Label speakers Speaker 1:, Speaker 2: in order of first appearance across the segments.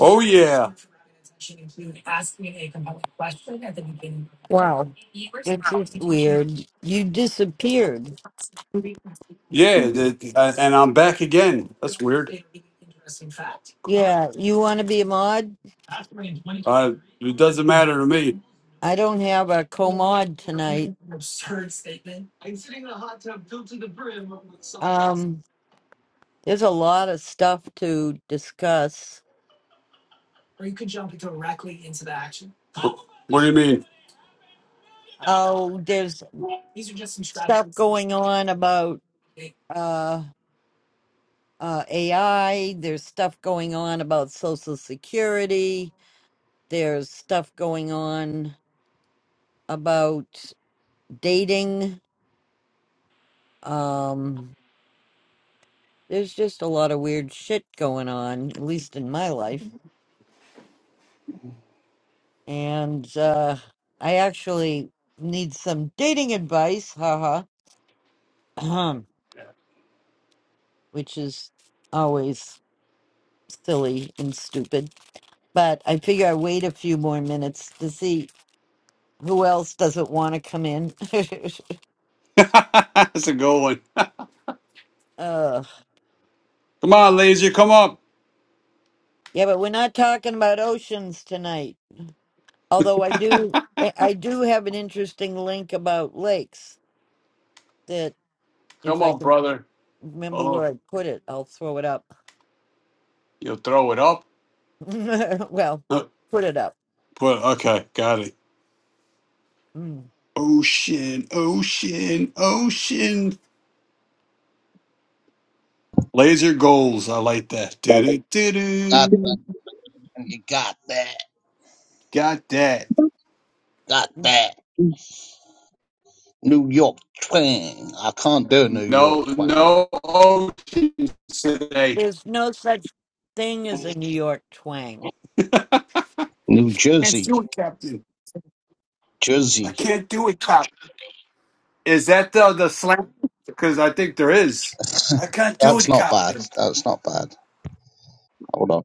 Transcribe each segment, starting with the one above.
Speaker 1: Oh yeah,
Speaker 2: Wow. It's just weird. You disappeared.
Speaker 1: yeah. The, uh, and I'm back again. That's weird.
Speaker 2: Yeah. You want to be a mod?
Speaker 1: Uh, it doesn't matter to me.
Speaker 2: I don't have a co mod tonight. Um, there's a lot of stuff to discuss.
Speaker 1: What do you mean?
Speaker 2: Oh, there's stuff going on about uh, uh, AI. There's stuff going on about Social Security. There's stuff going on about dating. Um, there's just a lot of weird shit going on, at least in my life. And uh, I actually need some dating advice, haha, ahem, which is always silly and stupid. But I figure I wait a few more minutes to see who else doesn't want to come in.
Speaker 1: That's a good one.
Speaker 2: uh,
Speaker 1: Come on, laser. Come up.
Speaker 2: yeah, but we're not talking about oceans tonight. Although I do, I I do have an interesting link about lakes that if
Speaker 1: Come
Speaker 2: I
Speaker 1: on,
Speaker 2: can
Speaker 1: brother.
Speaker 2: remember where
Speaker 1: Oh,
Speaker 2: I put it. I'll throw it up.
Speaker 1: you'll throw it up.
Speaker 2: well,
Speaker 1: Uh,
Speaker 2: put it up.
Speaker 1: put okay. Got it.
Speaker 2: Mm.
Speaker 1: Ocean, ocean, ocean. Laser goals. I like that. Do
Speaker 3: Got
Speaker 1: do do
Speaker 3: that.
Speaker 1: do.
Speaker 3: And you got that.
Speaker 1: Got that.
Speaker 3: Got that. New York twang. I can't do New
Speaker 1: No,
Speaker 3: York twang.
Speaker 1: no oceans today.
Speaker 2: There's no such thing as a New York twang.
Speaker 1: I
Speaker 3: New
Speaker 1: Can't
Speaker 3: Jersey.
Speaker 1: do it, Captain. I
Speaker 3: Jersey.
Speaker 1: can't do it, Cap. Is that the the slam? Because I think there is. I can't do
Speaker 3: That's
Speaker 1: it,
Speaker 3: not bad.
Speaker 1: Captain.
Speaker 3: That's not bad. Hold on.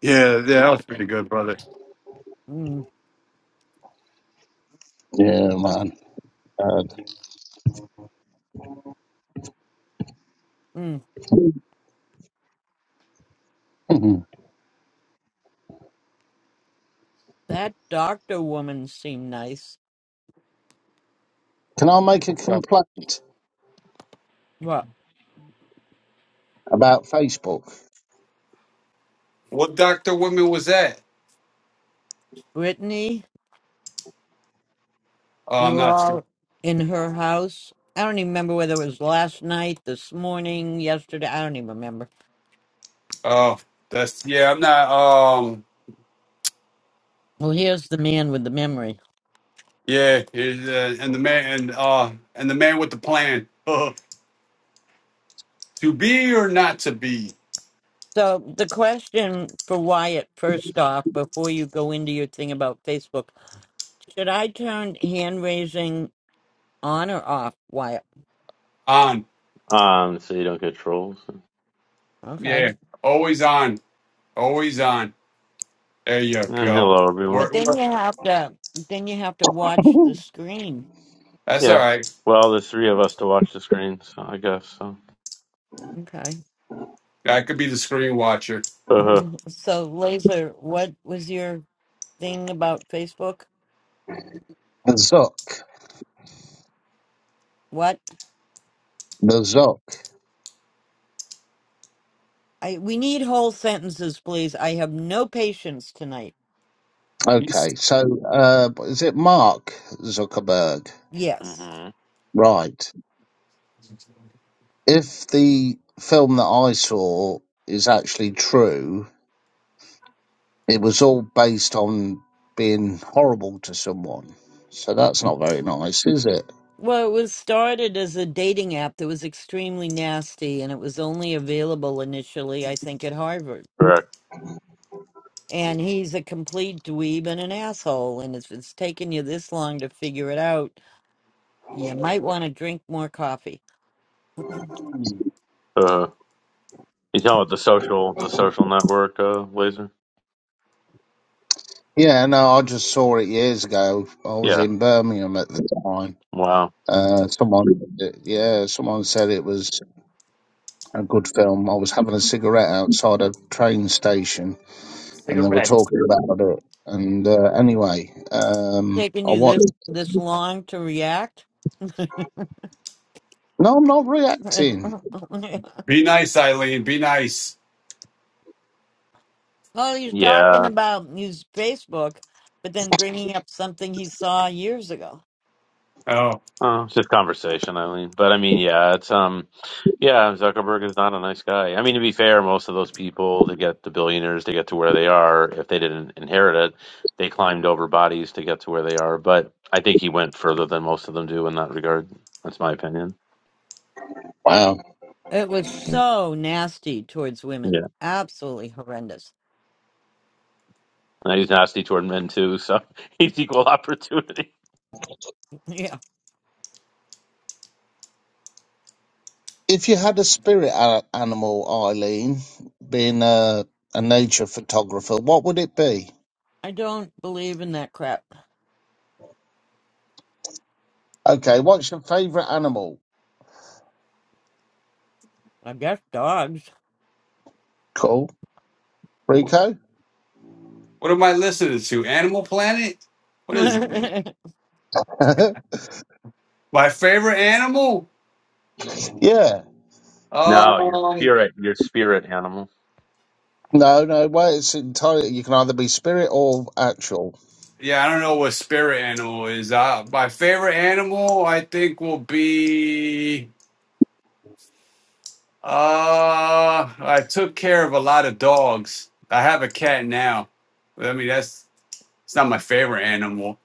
Speaker 1: Yeah, yeah, that was pretty good, brother.
Speaker 2: Mm.
Speaker 3: Yeah, man. Bad.
Speaker 2: Mm. That doctor woman seemed nice.
Speaker 3: Can I make a
Speaker 1: Okay.
Speaker 3: complaint
Speaker 2: What,
Speaker 3: about Facebook?
Speaker 1: What Doctor Women was that?
Speaker 2: Brittany?
Speaker 1: Oh,
Speaker 2: We
Speaker 1: I'm
Speaker 2: were
Speaker 1: not sure.
Speaker 2: all in her house. I don't even remember whether it was last night, this morning, yesterday. I don't even remember.
Speaker 1: Oh, that's yeah. I'm not. Um,
Speaker 2: Well, here's the man with the memory.
Speaker 1: yeah, it, uh, and the man and uh and the man with the plan to be or not to be
Speaker 2: So, the question for Wyatt, first off, before you go into your thing about Facebook, should I turn hand raising? on or off why
Speaker 1: on.
Speaker 4: Um, so you don't get trolls.
Speaker 1: Yeah,
Speaker 2: okay
Speaker 1: always on, always on. There you
Speaker 4: And
Speaker 1: go.
Speaker 4: hello, everyone.
Speaker 2: but
Speaker 1: We're,
Speaker 2: then
Speaker 1: we're-
Speaker 2: you have to then you have to watch the
Speaker 3: the
Speaker 2: screen
Speaker 1: that's all
Speaker 4: Yeah.
Speaker 1: right.
Speaker 4: Well, there's three of us to watch the screen, so I guess so.
Speaker 2: okay
Speaker 1: I could be the screen watcher.
Speaker 4: Uh-huh.
Speaker 2: so laser what was your thing about facebook
Speaker 3: Zuck.
Speaker 2: what
Speaker 3: The Zuck.
Speaker 2: i we need whole sentences please i have no patience tonight
Speaker 1: Be
Speaker 3: Okay. So, uh, is it Mark Zuckerberg?
Speaker 2: yes
Speaker 4: hmm
Speaker 3: Right. if the film that I saw is actually true, it was all based on being horrible to someone. So that's not very nice, is it?
Speaker 2: well it was started as a dating app that was extremely nasty and it was only available initially i think at harvard
Speaker 4: Correct.
Speaker 2: and he's a complete dweeb and an asshole and if it's taken you this long to figure it out You might want to drink more coffee.
Speaker 4: Uh-huh. You talking about the social, the social network, uh, laser?
Speaker 3: Yeah, no, I just saw it years ago. I was
Speaker 4: Yeah.
Speaker 3: in Birmingham at the time.
Speaker 4: Wow.
Speaker 3: Uh, someone, yeah, someone said it was a good film. I was having a cigarette outside a train station, and they were talking about it. And uh, anyway, um,
Speaker 2: Taking
Speaker 3: I
Speaker 2: you this
Speaker 3: watched.
Speaker 2: this long to react?
Speaker 3: No, I'm not reacting.
Speaker 1: nice, Eileen. Be nice.
Speaker 2: All he's talking
Speaker 4: Yeah.
Speaker 2: about his Facebook, but then bringing up something he saw years ago.
Speaker 1: Oh,
Speaker 4: Oh, it's just conversation, I mean. But I mean, yeah, it's um. Yeah, Zuckerberg is not a nice guy. I mean, to be fair, most of those people to get the billionaires to get to where they are, if they didn't inherit it, they climbed over bodies to get to where they are. But I think he went further than most of them do in that regard. That's my opinion.
Speaker 3: Wow.
Speaker 2: It was so nasty towards women.
Speaker 4: Yeah,
Speaker 2: Absolutely horrendous.
Speaker 4: and he's nasty toward men too, so he's equal opportunity.
Speaker 2: Yeah,
Speaker 3: If you had a spirit a- animal, Eileen, being a, a nature photographer, what would it be?
Speaker 2: I don't believe in that crap.
Speaker 3: Okay, what's your favourite animal?
Speaker 2: I guess dogs.
Speaker 3: Cool. Rico?
Speaker 1: what am I listening to? Animal Planet? What is it?
Speaker 2: oh
Speaker 3: yeah.
Speaker 1: my favorite animal?
Speaker 4: No, your
Speaker 1: Um,
Speaker 4: spirit, your spirit animal.
Speaker 3: No, no, well, it's entirely, you can either be spirit or actual.
Speaker 1: yeah, I don't know what spirit animal is. Uh, my favorite animal, I think, will be. Uh, I took care of a lot of dogs. I have a cat now. I mean, that's it's not my favorite animal.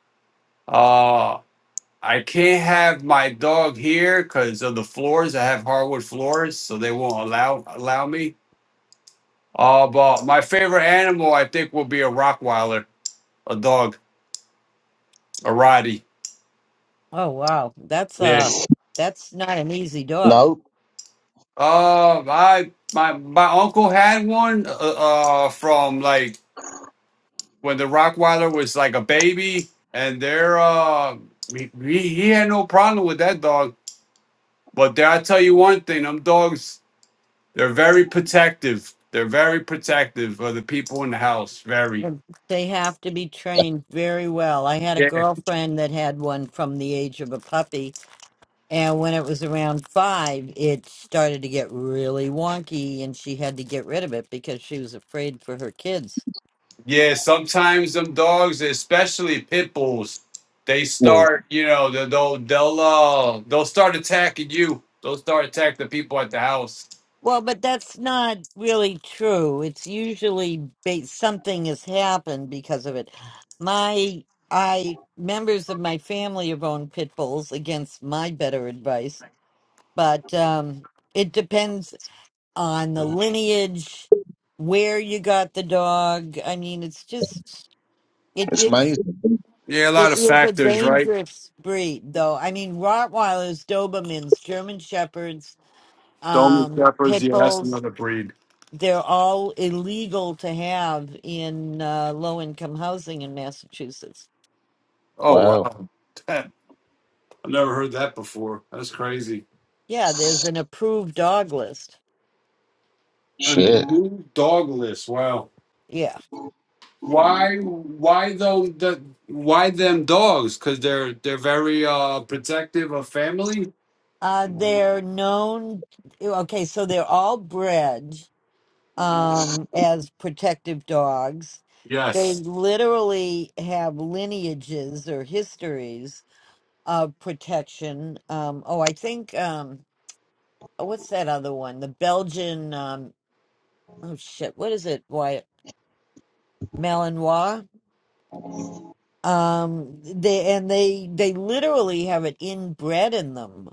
Speaker 1: Uh. I can't have my dog here because of the floors. I have hardwood floors, so they won't allow allow me. Uh, but my favorite animal, I think, will be a Rottweiler, a dog, a Rottie.
Speaker 2: wow, that's
Speaker 1: Yeah.
Speaker 2: uh, that's not an easy dog.
Speaker 3: No.
Speaker 1: Uh, I my my uncle had one. Uh, uh from like when the Rottweiler was like a baby, and they're uh, he, he he had no problem with that dog. But there, I tell you one thing, them dogs They're very protective. They're very protective of the people in the house. Very.
Speaker 2: Mm. They have to be trained very well. I had a
Speaker 1: Yeah.
Speaker 2: girlfriend that had one from the age of a puppy, and when it was around five, it started to get really wonky, and she had to get rid of it because she was afraid for her kids.
Speaker 1: Yeah. Sometimes them dogs, especially pit bulls, they
Speaker 3: Well,
Speaker 1: start. You know, they'll they'll they'll, uh, they'll start attacking you. They'll start attacking the people at the house.
Speaker 2: Well, but that's not really true. It's usually ba- something has happened because of it. My, I members of my family have owned pit bulls against my better advice, but um, it depends on the lineage, where you got the dog. I mean, it's just it
Speaker 3: it's
Speaker 2: is
Speaker 3: amazing.
Speaker 1: Yeah, a lot
Speaker 2: it
Speaker 1: of
Speaker 2: is a
Speaker 1: factors, right?
Speaker 2: dangerous breed, though. I mean, Rottweilers, Dobermans, German Shepherds,
Speaker 1: Dolman
Speaker 2: um,
Speaker 1: shepherds.
Speaker 2: pit
Speaker 1: Yeah, that's
Speaker 2: bulls.
Speaker 1: another breed.
Speaker 2: They're all illegal to have in uh, low income housing in Massachusetts.
Speaker 1: Oh
Speaker 3: Wow.
Speaker 1: wow, I've never heard that before. That's crazy.
Speaker 2: Yeah, there's an approved dog list.
Speaker 1: An
Speaker 3: Shit.
Speaker 1: approved dog list. Wow.
Speaker 2: Yeah.
Speaker 1: Why? Why though? The, why them dogs? Because they're they're very uh protective of family.
Speaker 2: Uh, they're known. Okay, so they're all bred um, as protective dogs. They
Speaker 1: Yes.
Speaker 2: literally have lineages or histories of protection. Um, oh, I think um, oh, what's that other one? The Belgian. Um, oh shit, what is it? Wyatt Malinois. Um, they and they they literally have it inbred in them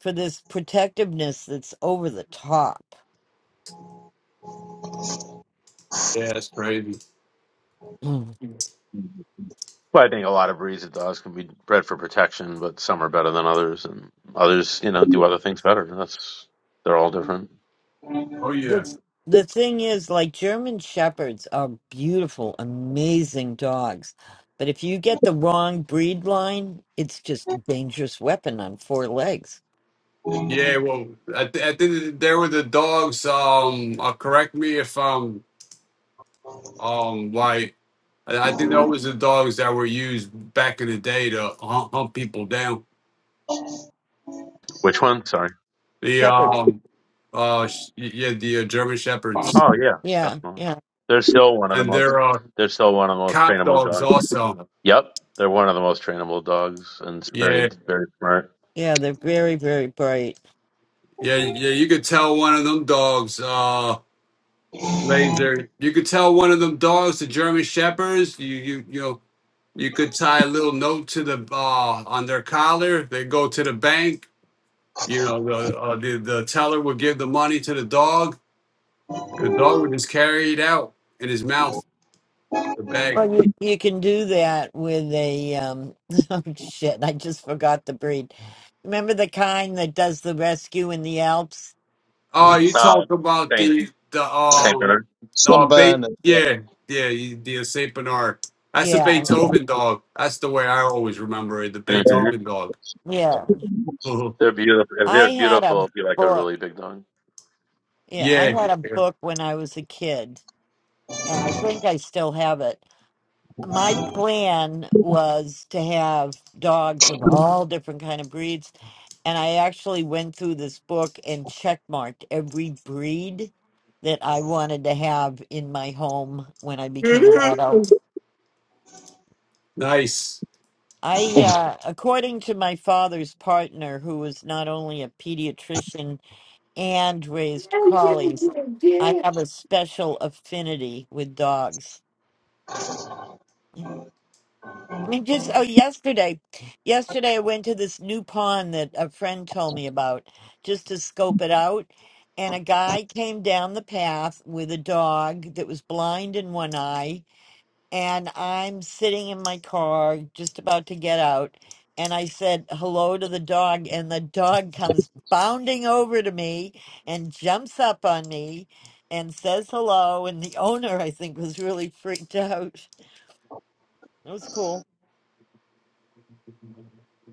Speaker 2: for this protectiveness that's over the top.
Speaker 1: Yeah, it's crazy.
Speaker 4: Well, I think a lot of breeds of dogs can be bred for protection, but some are better than others, and others, you know, do other things better. That's they're all different.
Speaker 1: Oh yeah.
Speaker 2: the the thing is like german shepherds are beautiful amazing dogs but if you get the wrong breed line it's just a dangerous weapon on four legs
Speaker 1: Yeah. Well, I, th- I think there were the dogs. Um, uh, correct me if I'm um like I I think that was the dogs that were used back in the day to hump, hump people down.
Speaker 4: Which one? Sorry.
Speaker 1: The
Speaker 2: shepherds
Speaker 1: um, uh, sh- yeah, the uh, German shepherds,
Speaker 4: Oh yeah,
Speaker 2: yeah
Speaker 4: definitely.
Speaker 2: yeah
Speaker 4: They're still one of the
Speaker 1: and
Speaker 4: most.
Speaker 1: they're uh,
Speaker 4: They're still one of the most
Speaker 1: cop
Speaker 4: trainable
Speaker 1: dogs
Speaker 4: dogs.
Speaker 1: also.
Speaker 4: Yep, they're one of the most trainable dogs, and it's
Speaker 1: Yeah.
Speaker 4: very, very smart.
Speaker 2: yeah they're very very bright
Speaker 1: Yeah, yeah, you could tell one of them dogs, uh, laser. You could tell one of them dogs, the German Shepherds. You, you, you know, you could tie a little note to the uh on their collar. They go to the bank. You know, the uh, the, the teller would give the money to the dog. The dog would just carry it out in his mouth, the bag.
Speaker 2: well you, you can do that with a um oh shit i just forgot the breed remember the kind that does the rescue in the alps
Speaker 1: Oh, you
Speaker 4: Uh,
Speaker 1: talk about
Speaker 4: Saint
Speaker 1: the the
Speaker 4: Saint
Speaker 1: um
Speaker 4: Bernard.
Speaker 1: uh bait?
Speaker 3: Sunburner. Yeah.
Speaker 1: Yeah, yeah, you- the Saint Bernard. That's the
Speaker 2: yeah
Speaker 1: Beethoven dog. That's the way I always remember it. The
Speaker 4: hmm
Speaker 3: yeah.
Speaker 1: Beethoven dog.
Speaker 2: yeah
Speaker 1: Mhm.
Speaker 4: They're beautiful. If
Speaker 2: i
Speaker 4: they're
Speaker 2: had a
Speaker 4: beautiful, it'd be like a
Speaker 2: book
Speaker 4: really big dog.
Speaker 2: yeah i
Speaker 1: Yeah.
Speaker 2: had a
Speaker 1: yeah.
Speaker 2: book when i was a kid and I think I still have it. My plan was to have dogs of all different kind of breeds, and I actually went through this book and checkmarked every breed that I wanted to have in my home when I became an adult.
Speaker 1: Nice.
Speaker 2: I, uh, according to my father's partner, who was not only a pediatrician and raised collies, I have a special affinity with dogs I mean, just oh, yesterday, yesterday I went to this new pond that a friend told me about just to scope it out, and a guy came down the path with a dog that was blind in one eye, and I'm sitting in my car just about to get out, and I said hello to the dog, and the dog comes bounding over to me and jumps up on me and says hello, and the owner I think was really freaked out. It was cool.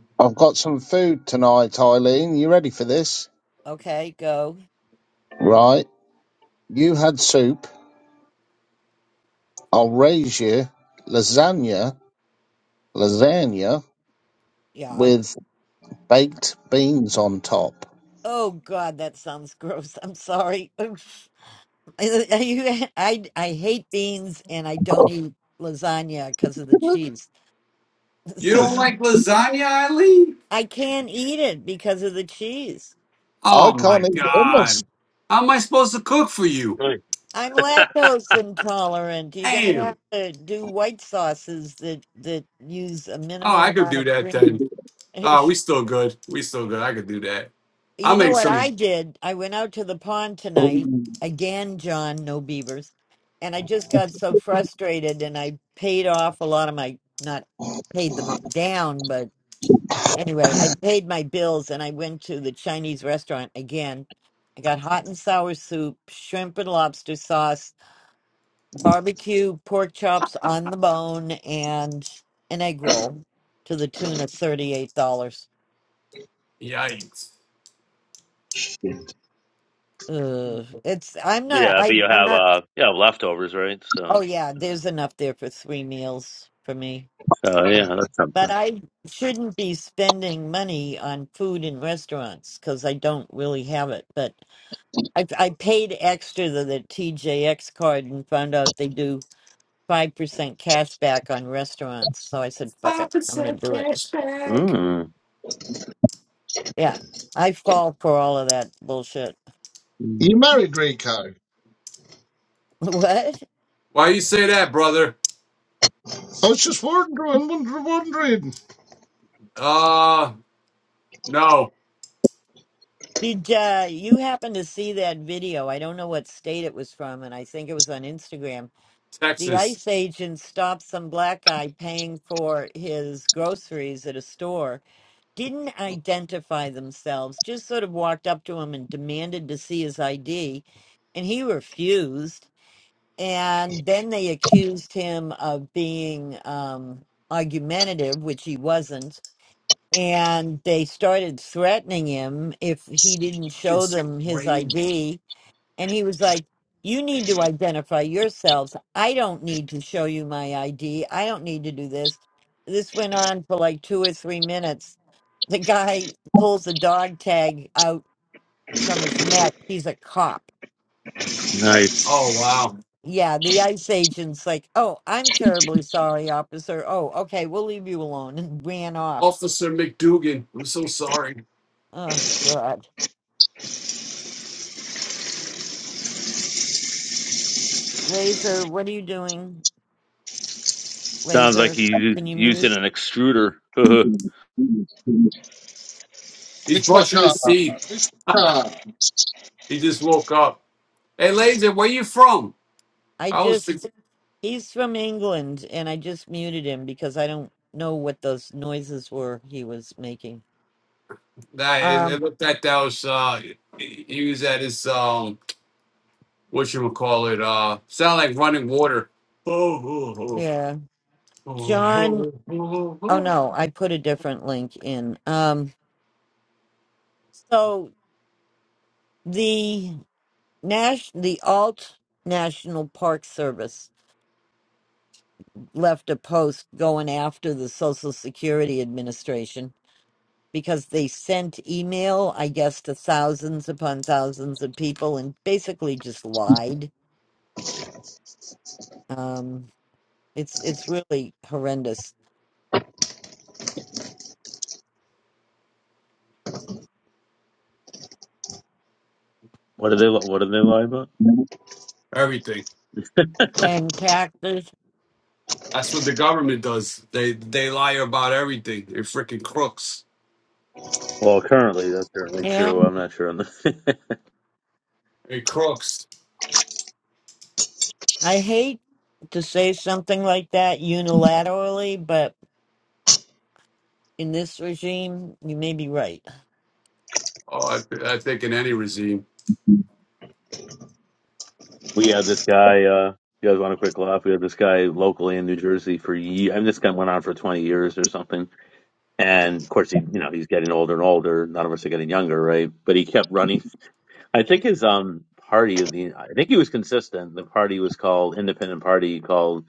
Speaker 3: I've got some food tonight, Eileen. You ready for this?
Speaker 2: Okay, go.
Speaker 3: Right. You had soup. I'll raise you lasagna lasagna
Speaker 2: Yeah.
Speaker 3: with baked beans on top.
Speaker 2: Oh God, that sounds gross. I'm sorry. Oof. I, I, I I hate beans and I don't eat lasagna because of the cheese.
Speaker 1: You
Speaker 2: So
Speaker 1: don't like lasagna, Eileen?
Speaker 2: I can't eat it because of the cheese.
Speaker 3: I
Speaker 1: Oh my
Speaker 3: can't eat Emma's.
Speaker 1: God. How am I supposed to cook for you?
Speaker 4: Really?
Speaker 2: I'm lactose intolerant. You're gonna have
Speaker 1: Damn.
Speaker 2: to do white sauces that that use a
Speaker 1: Oh,
Speaker 2: minimal
Speaker 1: I could
Speaker 2: amount
Speaker 1: do
Speaker 2: of
Speaker 1: that
Speaker 2: cream.
Speaker 1: then. Oh, we still good. We still good. I could do that. I'll
Speaker 2: You know
Speaker 1: make
Speaker 2: what
Speaker 1: some.
Speaker 2: I did? I went out to the pond tonight. Again, John, no beavers. And I just got so frustrated and I paid off a lot of my, not paid them up- down, but anyway, I paid my bills and I went to the Chinese restaurant again. I got hot and sour soup, shrimp and lobster sauce, barbecue pork chops on the bone, and an egg roll to the tune of $38.
Speaker 1: Yikes.
Speaker 2: Ugh, it's I'm not
Speaker 4: Yeah, but
Speaker 2: I
Speaker 4: you
Speaker 2: I'm
Speaker 4: have
Speaker 2: not
Speaker 4: uh, you have leftovers, right?
Speaker 2: Oh
Speaker 4: So,
Speaker 2: yeah, there's enough there for three meals for me.
Speaker 4: so yeah, that's
Speaker 2: But
Speaker 4: something.
Speaker 2: I shouldn't be spending money on food in restaurants because I don't really have it. But I, I paid extra to the TJX card and found out they do five percent cash back on restaurants. So I said, "Fuck it, I'm gonna do it."
Speaker 4: Mm.
Speaker 2: Yeah, I fall for all of that bullshit.
Speaker 4: Mm.
Speaker 3: You married Rico?
Speaker 2: What
Speaker 1: Why you say that, brother?
Speaker 3: I was just wondering, wondering, wondering.
Speaker 1: Uh, no.
Speaker 2: did uh, you happen to see that video? I don't know what state it was from, and I think it was on Instagram the
Speaker 1: Texas.
Speaker 2: ICE agent stopped some black guy paying for his groceries at a store, didn't identify themselves, just sort of walked up to him and demanded to see his ID, and he refused. And then they accused him of being um, argumentative, which he wasn't. And they started threatening him if he didn't show
Speaker 1: It's
Speaker 2: them his
Speaker 1: crazy.
Speaker 2: ID and he was like, You need to identify yourselves. I don't need to show you my ID. I don't need to do this. This went on for like two or three minutes. The guy pulls the dog tag out from his neck. He's a cop.
Speaker 4: Nice.
Speaker 1: Oh, wow.
Speaker 2: Yeah, the ICE agent's like, Oh, I'm terribly sorry, officer. Oh, okay, we'll leave you alone and ran off.
Speaker 1: Officer McDougan. I'm so sorry.
Speaker 2: Oh, God. Laser, what are you doing?
Speaker 4: Sounds like
Speaker 2: Laser,
Speaker 4: he's
Speaker 2: can you mute?
Speaker 4: using an extruder. what
Speaker 1: He's
Speaker 3: It's my
Speaker 1: brushing
Speaker 3: car.
Speaker 1: his teeth.
Speaker 3: It's my car.
Speaker 1: He just woke up. Hey, Laser, where you from?
Speaker 2: I
Speaker 1: I was
Speaker 2: just
Speaker 1: thinking
Speaker 2: He's from England, and I just muted him because I don't know what those noises were he was making.
Speaker 1: that it, it
Speaker 2: Um,
Speaker 1: looked like that was uh he he was at his um what you would call it uh sound like running water. Oh, oh, oh,
Speaker 2: yeah,
Speaker 1: oh.
Speaker 2: John. Oh no, I put a different link in. Um, so the Nash, the Alt National Park Service left a post going after the Social Security Administration because they sent email, I guess, to thousands upon thousands of people and basically just lied. Um. It's it's really horrendous.
Speaker 4: do they? What do they lie about?
Speaker 1: everything.
Speaker 2: And taxes.
Speaker 1: That's what the government does. They they lie about everything. They're freaking crooks.
Speaker 4: Well, currently that's certainly
Speaker 2: Yeah,
Speaker 4: true. I'm not sure on the.
Speaker 1: They crooks.
Speaker 2: I hate to say something like that unilaterally, but in this regime, you may be right.
Speaker 1: Oh, I, I think in any regime.
Speaker 4: We had this guy. Uh, you guys want a quick laugh? We had this guy locally in New Jersey for years. I mean, this guy went on for 20 years or something. And of course, he, you know, he's getting older and older. None of us are getting younger, right? But he kept running. I think his um party of the. I think he was consistent. The party was called Independent Party, called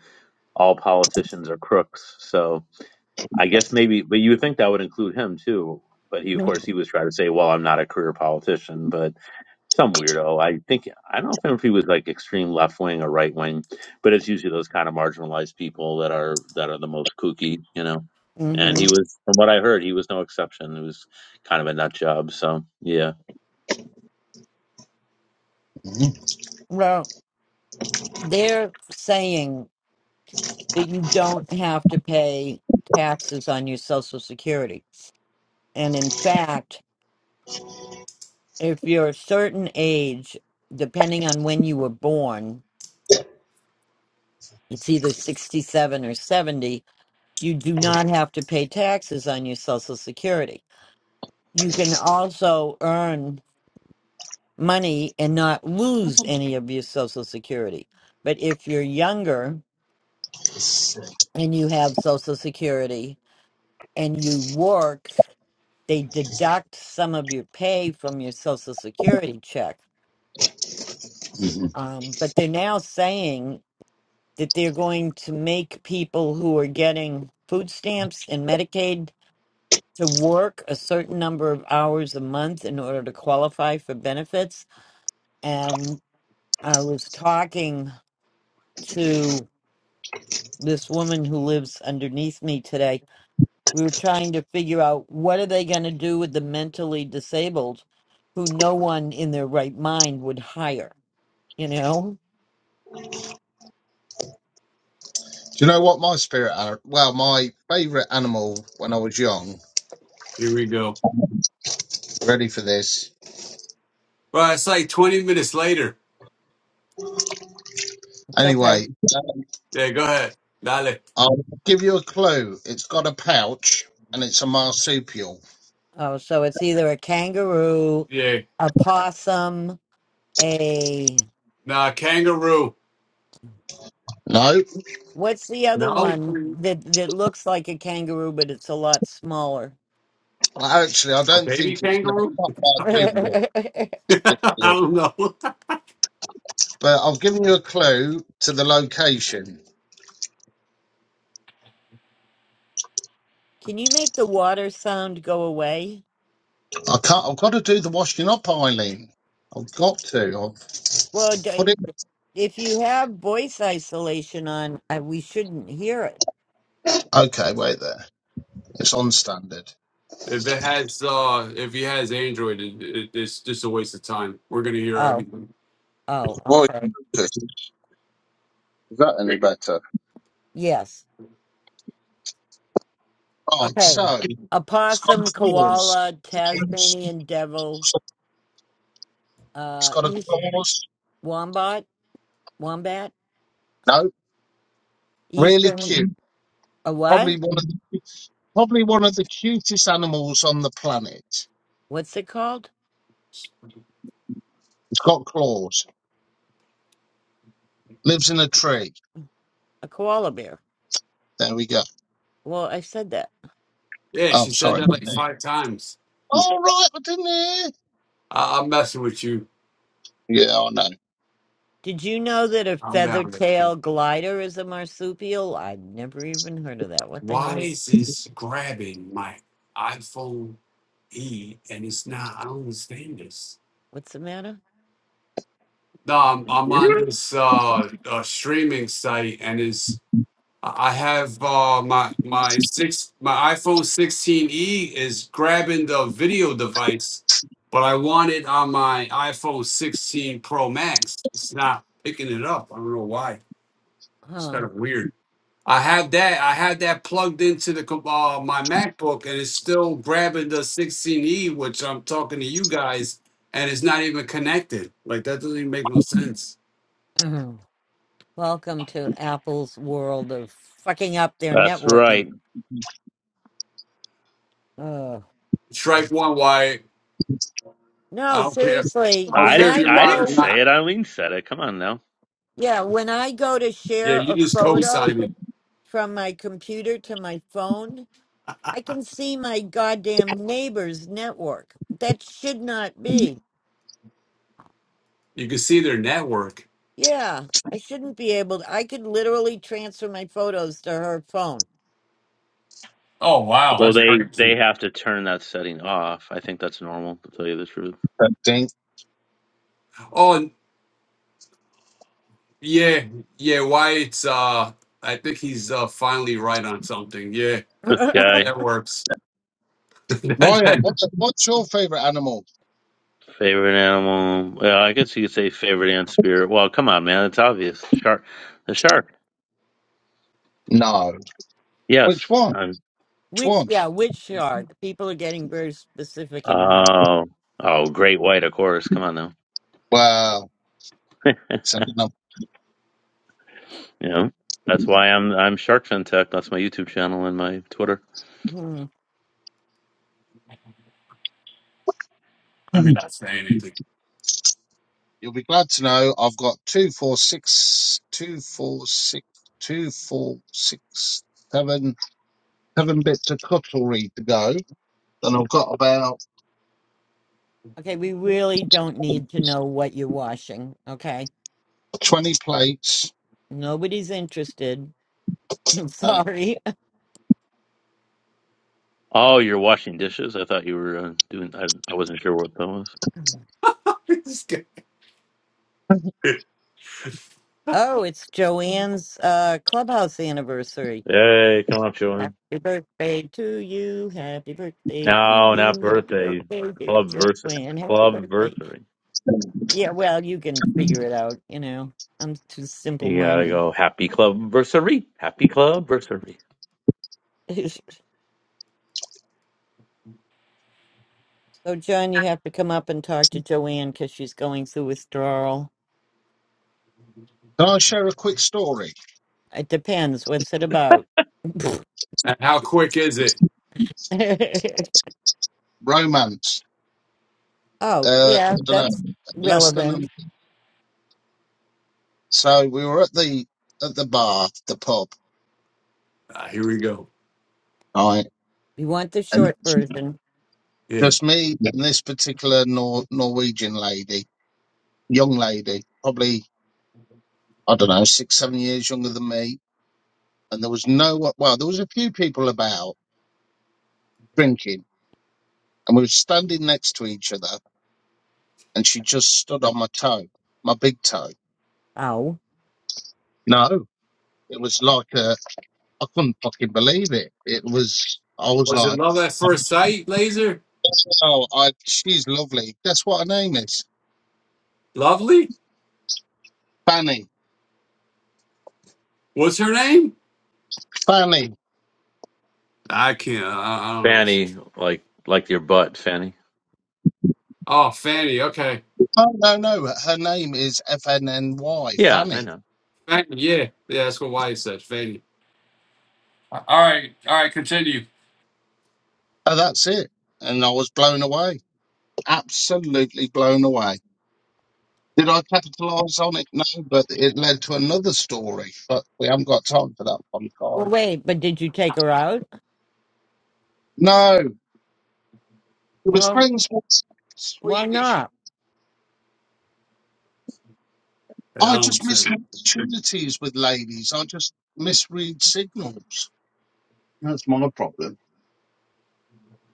Speaker 4: All Politicians Are Crooks. So I guess maybe, but you would think that would include him too. But he, of course, he was trying to say, "Well, I'm not a career politician," but some weirdo. I think I don't know if he was like extreme left wing or right wing, but it's usually those kind of marginalized people that are that are the most kooky, you know. And
Speaker 2: hmm
Speaker 4: he was, from what I heard, he was no exception. He was kind of a nut job. So yeah,
Speaker 2: Well, they're saying that you don't have to pay taxes on your Social Security, and in fact, if you're a certain age, depending on when you were born, it's either sixty-seven or seventy You do not have to pay taxes on your Social Security. You can also earn money and not lose any of your Social Security. But if you're younger and you have Social Security and you work, they deduct some of your pay from your Social Security check.
Speaker 3: Do
Speaker 2: Um, but they're now saying that they're going to make people who are getting food stamps and Medicaid to work a certain number of hours a month in order to qualify for benefits. And I was talking to this woman who lives underneath me today. We were trying to figure out what are they going to do with the mentally disabled who no one in their right mind would hire, you know?
Speaker 3: you know what my spirit animal? Well, my favourite animal when I was young.
Speaker 1: Here we go.
Speaker 3: Ready for this?
Speaker 1: Well, it's like twenty minutes later.
Speaker 2: It's okay.
Speaker 3: Anyway,
Speaker 1: Yeah, go ahead. Dale.
Speaker 3: I'll give you a clue. It's got a pouch and it's a marsupial.
Speaker 2: Oh, so it's either a kangaroo,
Speaker 1: Yeah.
Speaker 2: a possum, a.
Speaker 1: Nah, kangaroo.
Speaker 3: No.
Speaker 2: What's the other
Speaker 1: No,
Speaker 2: one that that looks like a kangaroo but it's a lot smaller?
Speaker 3: Well, Actually, I
Speaker 1: a
Speaker 3: don't
Speaker 1: baby
Speaker 3: think it's no, it's
Speaker 1: kangaroo.
Speaker 3: not
Speaker 1: I don't know.
Speaker 3: marsupial,
Speaker 2: Can
Speaker 3: it's
Speaker 1: I
Speaker 3: marsupial,
Speaker 1: don't know.
Speaker 3: but I've given you a clue to the location.
Speaker 2: you make the water sound go away?
Speaker 3: I can't. I've got to do the washing up, Eileen. I've got to.
Speaker 2: Well,
Speaker 3: I've put
Speaker 2: d-
Speaker 3: it.
Speaker 2: if you have voice isolation on, I, we shouldn't hear it.
Speaker 3: Okay, wait there. It's on standard.
Speaker 1: If it has, uh, if he has Android, it, it, it's just a waste of time. We're gonna hear
Speaker 2: Oh,
Speaker 1: everything.
Speaker 2: oh,
Speaker 3: Roy
Speaker 2: okay.
Speaker 3: Is that any better?
Speaker 2: Yes.
Speaker 3: Right.
Speaker 1: Um,
Speaker 2: Okay.
Speaker 3: So it's got a
Speaker 2: Opossum,
Speaker 3: claws.
Speaker 2: koala, Tasmanian devil,
Speaker 3: It's
Speaker 2: uh,
Speaker 3: got a
Speaker 2: east
Speaker 3: claws.
Speaker 2: wombat, wombat,
Speaker 3: No, really
Speaker 2: eastern,
Speaker 3: cute.
Speaker 2: a
Speaker 3: Probably
Speaker 2: what?
Speaker 3: one of the, probably one of the cutest animals on the planet. It's
Speaker 2: What's it called?
Speaker 3: got claws. Lives in a tree.
Speaker 2: A koala bear.
Speaker 3: There we go.
Speaker 2: Well, I said that.
Speaker 1: yeah,
Speaker 3: Oh,
Speaker 1: she said
Speaker 3: sorry.
Speaker 1: that like five times.
Speaker 3: All right, I didn't hear.
Speaker 1: I, I'm messing with you.
Speaker 3: Yeah, I know.
Speaker 2: Did you know that a
Speaker 1: I'm
Speaker 2: feather
Speaker 1: down there.
Speaker 2: tail glider is a marsupial? I've never even heard of that. What the hell
Speaker 1: Why
Speaker 2: is
Speaker 1: is this grabbing my iPhone E and it's not? I don't understand this.
Speaker 2: what's the matter?
Speaker 1: No, I'm, I'm on this uh, uh streaming site and it's I I have uh, my my six my iPhone 16e is grabbing the video device, but I want it on my iPhone 16 Pro Max. It's not picking it up. I don't know why. It's
Speaker 2: Huh.
Speaker 1: kind of weird. I have that I have that plugged into the com- uh, my MacBook and it's still grabbing the 16e, which I'm talking to you guys, and it's not even connected. Like that doesn't even make no sense.
Speaker 2: Welcome to Apple's world of fucking up their
Speaker 4: that's
Speaker 2: networking.
Speaker 4: right.
Speaker 2: Ugh.
Speaker 1: Strike one, why
Speaker 2: no,
Speaker 1: I don't care.
Speaker 2: seriously,
Speaker 1: I don't
Speaker 4: I
Speaker 2: when
Speaker 1: care if
Speaker 2: I
Speaker 4: didn't.
Speaker 1: you're
Speaker 4: I
Speaker 1: mod or
Speaker 4: didn't
Speaker 2: go
Speaker 1: not.
Speaker 4: say it. Eileen said it. Come on now.
Speaker 2: yeah, when I go to
Speaker 1: Yeah,
Speaker 2: share
Speaker 1: you
Speaker 2: a
Speaker 1: just
Speaker 2: photo
Speaker 1: co-sign it.
Speaker 2: from my computer to my phone, I can see my goddamn neighbor's network. That should not be.
Speaker 1: You can see their network.
Speaker 2: Yeah, I shouldn't be able to. I could literally transfer my photos to her phone.
Speaker 1: Oh wow,
Speaker 4: Well,
Speaker 1: that's
Speaker 4: they they
Speaker 1: crazy.
Speaker 4: have to turn that setting off. I think that's normal. To tell you the truth,
Speaker 3: That Dink.
Speaker 1: Oh, and yeah, yeah. Why it's uh, I think he's uh finally right on something. Yeah,
Speaker 4: this guy
Speaker 1: that works. Let
Speaker 3: Wyatt, what's, what's your favourite animal?
Speaker 4: favorite animal. Well, I guess you could say favorite and spirit. Well, come on, man. It's obvious. Shark. The shark.
Speaker 3: No. Which
Speaker 4: Yes.
Speaker 3: one?
Speaker 4: I'm,
Speaker 3: Which
Speaker 2: Which,
Speaker 3: one?
Speaker 2: yeah, which shark? People are getting very specific in here.
Speaker 4: uh, oh, great white, of course. Come on now.
Speaker 3: Well,
Speaker 4: you
Speaker 3: it's another-
Speaker 4: know, that's why I'm I'm Shark Fin Tech. That's my YouTube channel and my Twitter.
Speaker 2: Hmm.
Speaker 1: me not say anything.
Speaker 3: you'll be glad to know I've got two, four, six, two, four, six, two, four, six, seven, seven bits of cutlery to go. and I've got about
Speaker 2: Okay, we really don't need to know what you're washing. Okay,
Speaker 3: 20 plates.
Speaker 2: nobody's interested. I'm
Speaker 3: Okay.
Speaker 2: sorry.
Speaker 4: Oh, you're washing dishes. I thought you were uh, doing. I, I wasn't sure what that was.
Speaker 1: This guy. and
Speaker 2: Oh, it's Joanne's uh, clubhouse anniversary.
Speaker 4: Hey, come on, Joanne.
Speaker 2: Happy birthday to you. Happy birthday to
Speaker 4: No, not
Speaker 2: you. Happy
Speaker 4: birthday.
Speaker 2: birthday,
Speaker 4: Club
Speaker 2: dear
Speaker 4: versary.
Speaker 2: Joanne. Happy
Speaker 4: Club
Speaker 2: birthday
Speaker 4: versary.
Speaker 2: Yeah, well, you can figure it out, you know. I'm too simple
Speaker 4: You gotta
Speaker 2: minded.
Speaker 4: go. Happy club versary. Happy club versary.
Speaker 2: so, John, you have to come up and talk to Joanne because she's going through withdrawal.
Speaker 3: Can I share a quick story?
Speaker 2: It depends. What's it about?
Speaker 1: how quick is it?
Speaker 3: Romance.
Speaker 2: oh,
Speaker 3: Uh, I
Speaker 2: yeah,
Speaker 3: don't know.
Speaker 2: that's
Speaker 3: Less than a
Speaker 2: relevant.
Speaker 3: So we were at the at the bar, the pub,
Speaker 1: Ah, here we go.
Speaker 3: right?
Speaker 2: You want the
Speaker 3: And
Speaker 2: short version.
Speaker 1: Yeah.
Speaker 3: just me and this particular Nor- Norwegian lady, young lady, probably I don't know, six seven years younger than me. And there was no well, there was a few people about drinking, and we were standing next to each other, and she just stood on my toe, my big toe.
Speaker 2: Ow.
Speaker 3: No, it was like a, I couldn't fucking believe it. It was I was
Speaker 1: Was it
Speaker 3: like,
Speaker 1: love at first sight, Laser?
Speaker 3: oh, I she's lovely. Guess what her name is?
Speaker 1: Lovely?
Speaker 3: Fanny.
Speaker 1: What's her name?
Speaker 3: Fanny.
Speaker 1: I can't. I, I don't know.
Speaker 4: Fanny, like like your butt, Fanny.
Speaker 1: Oh, Fanny. Okay.
Speaker 3: Oh no, no, her name is FNNY,
Speaker 4: Yeah, I
Speaker 3: Fanny.
Speaker 4: know.
Speaker 1: Fanny. Yeah. Yeah, that's what Wyatt said. Fanny. All right, all right, continue.
Speaker 3: Oh, that's it. And I was blown away, absolutely blown away. Did I capitalise on it? No, but it led to another story. But we haven't got time for that one,
Speaker 2: Well,
Speaker 3: guys.
Speaker 2: wait, but did you take her out?
Speaker 3: No, it was
Speaker 2: Well,
Speaker 3: friends with
Speaker 2: why
Speaker 3: Swedish.
Speaker 2: not?
Speaker 1: I
Speaker 3: I
Speaker 1: don't
Speaker 3: just miss
Speaker 1: think.
Speaker 3: opportunities with ladies. I just misread signals. That's my problem,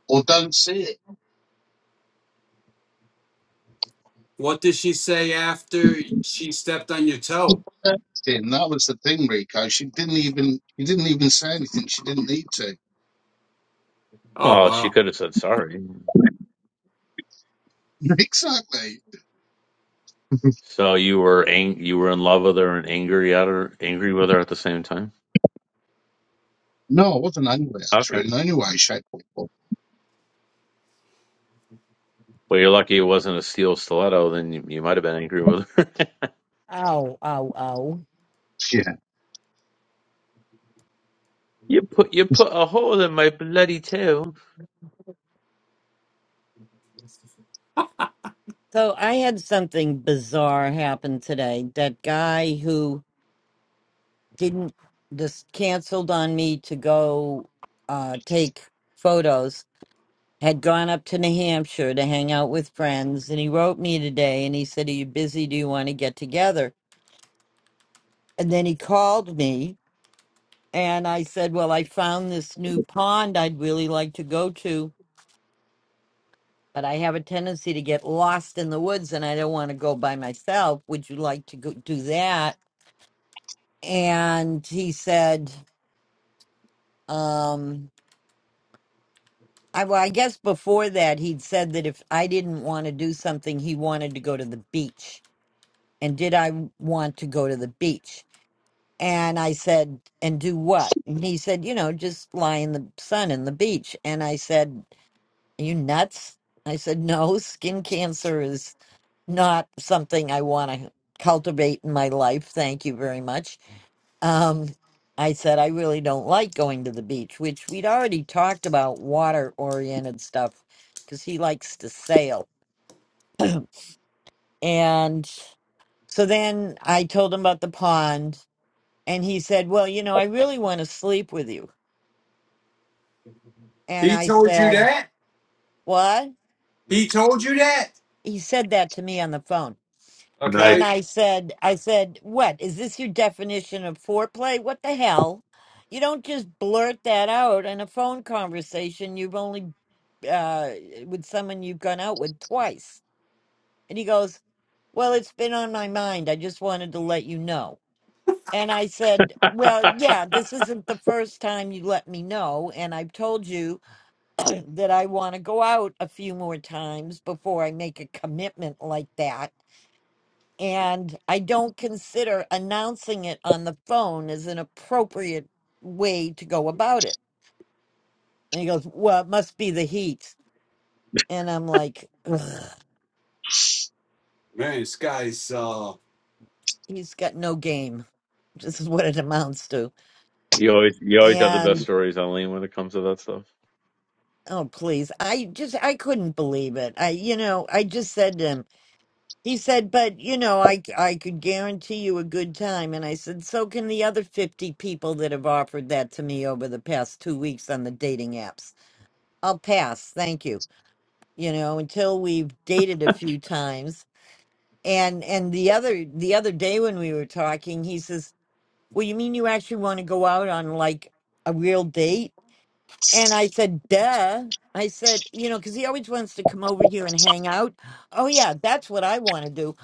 Speaker 3: or don't see it.
Speaker 1: What did she say after she stepped on your toe?
Speaker 3: That's it. And that was the thing, Rico. She didn't even. She didn't even say anything. She didn't need to.
Speaker 1: Oh
Speaker 4: Well, she
Speaker 1: wow.
Speaker 4: could have said sorry.
Speaker 3: Exactly.
Speaker 4: So you were ang- you were in love with her and angry at her, angry with her at the same time.
Speaker 3: No, it wasn't angry
Speaker 4: Okay.
Speaker 3: actually in any way, shape, or form.
Speaker 4: Well, you're lucky it wasn't a steel stiletto. Then you, you might have been angry with her.
Speaker 2: Ow, ow, ow.
Speaker 3: Yeah.
Speaker 4: you put you put a hole in my bloody tail.
Speaker 2: So, I had something bizarre happen today. That guy who didn't this canceled on me to go uh take photos had gone up to new hampshire to hang out with friends and he wrote me today and he said are you busy do you want to get together and then he called me and i said well i found this new pond i'd really like to go to but i have a tendency to get lost in the woods and i don't want to go by myself would you like to go do that and he said "Um." I, well, I guess before that, he'd said that if I didn't want to do something, he wanted to go to the beach. And did I want to go to the beach? And I said, and do what? And he said, you know, just lie in the sun in the beach. And I said, are you nuts? I said, no, skin cancer is not something I want to cultivate in my life. Thank you very much. Um, I said, I really don't like going to the beach, which we'd already talked about water oriented stuff because he likes to sail. and so then I told him about the pond, and he said, Well, you know, I really want to sleep with you. And
Speaker 1: He
Speaker 2: I
Speaker 1: told you
Speaker 2: said,
Speaker 1: that?
Speaker 2: What?
Speaker 1: He told you that?
Speaker 2: He said that to me on the phone.
Speaker 4: Nice.
Speaker 2: And
Speaker 1: Okay.
Speaker 2: I said, I said, what? Is this your definition of foreplay? What the hell? You don't just blurt that out in a phone conversation you've only uh with someone you've gone out with twice. And he goes, Well, it's been on my mind. I just wanted to let you know. And I said, Well, yeah, this isn't the first time you let me know. And I've told you that I want to go out a few more times before I make a commitment like that and I don't consider announcing it on the phone as an appropriate way to go about it. And he goes, Well, it must be the heat. And I'm like, "Ugh,
Speaker 1: Man, this guy's uh
Speaker 2: He's got no game. This is what it amounts to.
Speaker 4: you always you always have the best
Speaker 2: And
Speaker 4: stories, Eileen, when it comes to that stuff.
Speaker 2: oh, please. I just, I couldn't believe it. I, you know, I just said to him, he said, but you know, I, I could guarantee you a good time. And I said, so can the other 50 people that have offered that to me over the past two weeks on the dating apps. I'll pass. Thank you. you know until we've dated a few times and and the other the other day when we were talking he says well you mean you actually want to go out on like a real date and i said duh i said you know because he always wants to come over here and hang out oh yeah that's what i want to do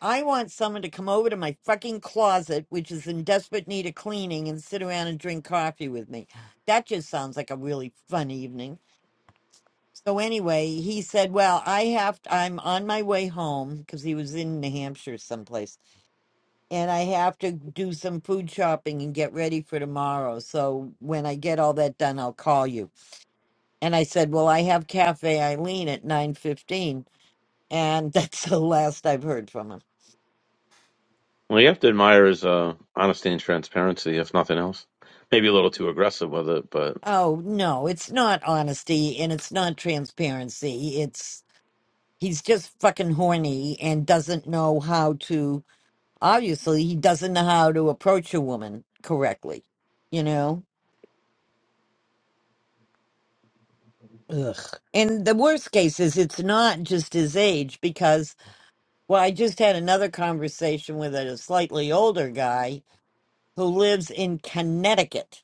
Speaker 2: i want someone to come over to my fucking closet which is in desperate need of cleaning and sit around and drink coffee with me that just sounds like a really fun evening so anyway, he said, "Well, I have to, I'm on my way home because he was in New Hampshire someplace, and I have to do some food shopping and get ready for tomorrow. So when I get all that done, I'll call you." And I said, "Well, I have Cafe Eileen at 9:15, and that's the last I've heard from him."
Speaker 4: Well, you have to admire his uh, honesty and transparency, if nothing else. Maybe a little too aggressive with it, but
Speaker 2: Oh, no, it's not honesty and it's not transparency. It's he's just fucking horny and doesn't know how to Obviously, he doesn't know how to approach a woman correctly, you know? Ugh. And the worst case is it's not just his age because, well, I just had another conversation with a slightly older guy who lives in Connecticut.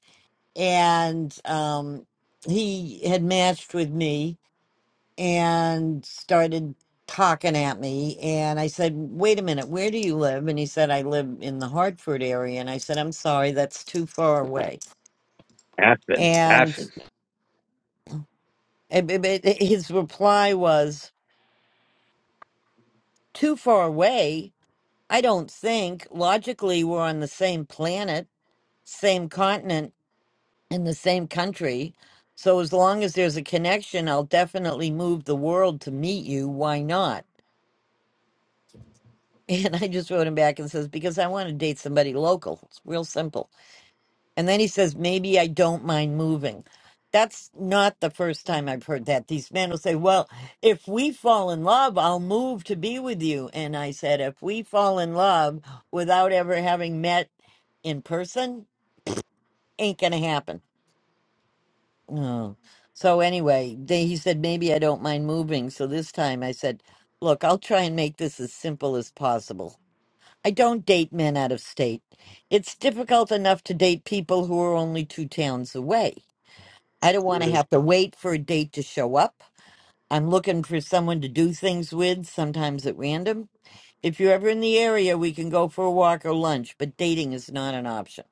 Speaker 2: And um, he had matched with me and started talking at me. And I said, wait a minute, where do you live? And he said, I live in the Hartford area. And I said, I'm sorry, that's too far away.
Speaker 4: Athens,
Speaker 2: And
Speaker 4: Athens.
Speaker 2: And b- b- His reply was, too far away. I don't think. Logically, we're on the same planet, same continent, in the same country. So as long as there's a connection, I'll definitely move the world to meet you. Why not? And I just wrote him back and says, because I want to date somebody local. It's real simple. And then he says, maybe I don't mind moving. That's not the first time I've heard that. These men will say, well, if we fall in love, I'll move to be with you. And I said, if we fall in love without ever having met in person, ain't going to happen. Oh. So anyway, they, he said, maybe I don't mind moving. So this time I said, look, I'll try and make this as simple as possible. I don't date men out of state. It's difficult enough to date people who are only two towns away. I don't want to
Speaker 1: yeah.
Speaker 2: have to wait for a date to show up. I'm looking for someone to do things with, sometimes at random. If you're ever in the area, we can go for a walk or lunch, but dating is not an option.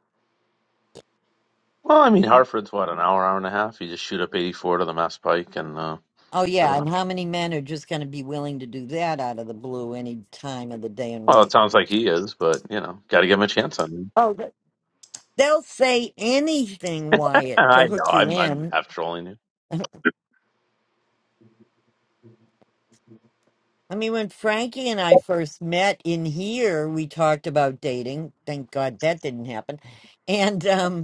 Speaker 4: Well, I mean, Hartford's what an hour, hour and a half. You just shoot up 84 to the Mass Pike, and uh,
Speaker 2: Oh,
Speaker 4: I don't
Speaker 2: yeah,
Speaker 4: know.
Speaker 2: and how many men are just going to be willing to do that out of the blue any time of the day or
Speaker 4: Well, it
Speaker 2: night?
Speaker 4: sounds like he is, but you know, got to give him a chance on him.
Speaker 2: Oh, th- they'll say anything, Wyatt, to
Speaker 4: I know.
Speaker 2: hook you
Speaker 4: I'm I'm
Speaker 2: in.
Speaker 4: half trolling you.
Speaker 2: I mean, when Frankie and I first met in here, we talked about dating. Thank God that didn't happen. And, um,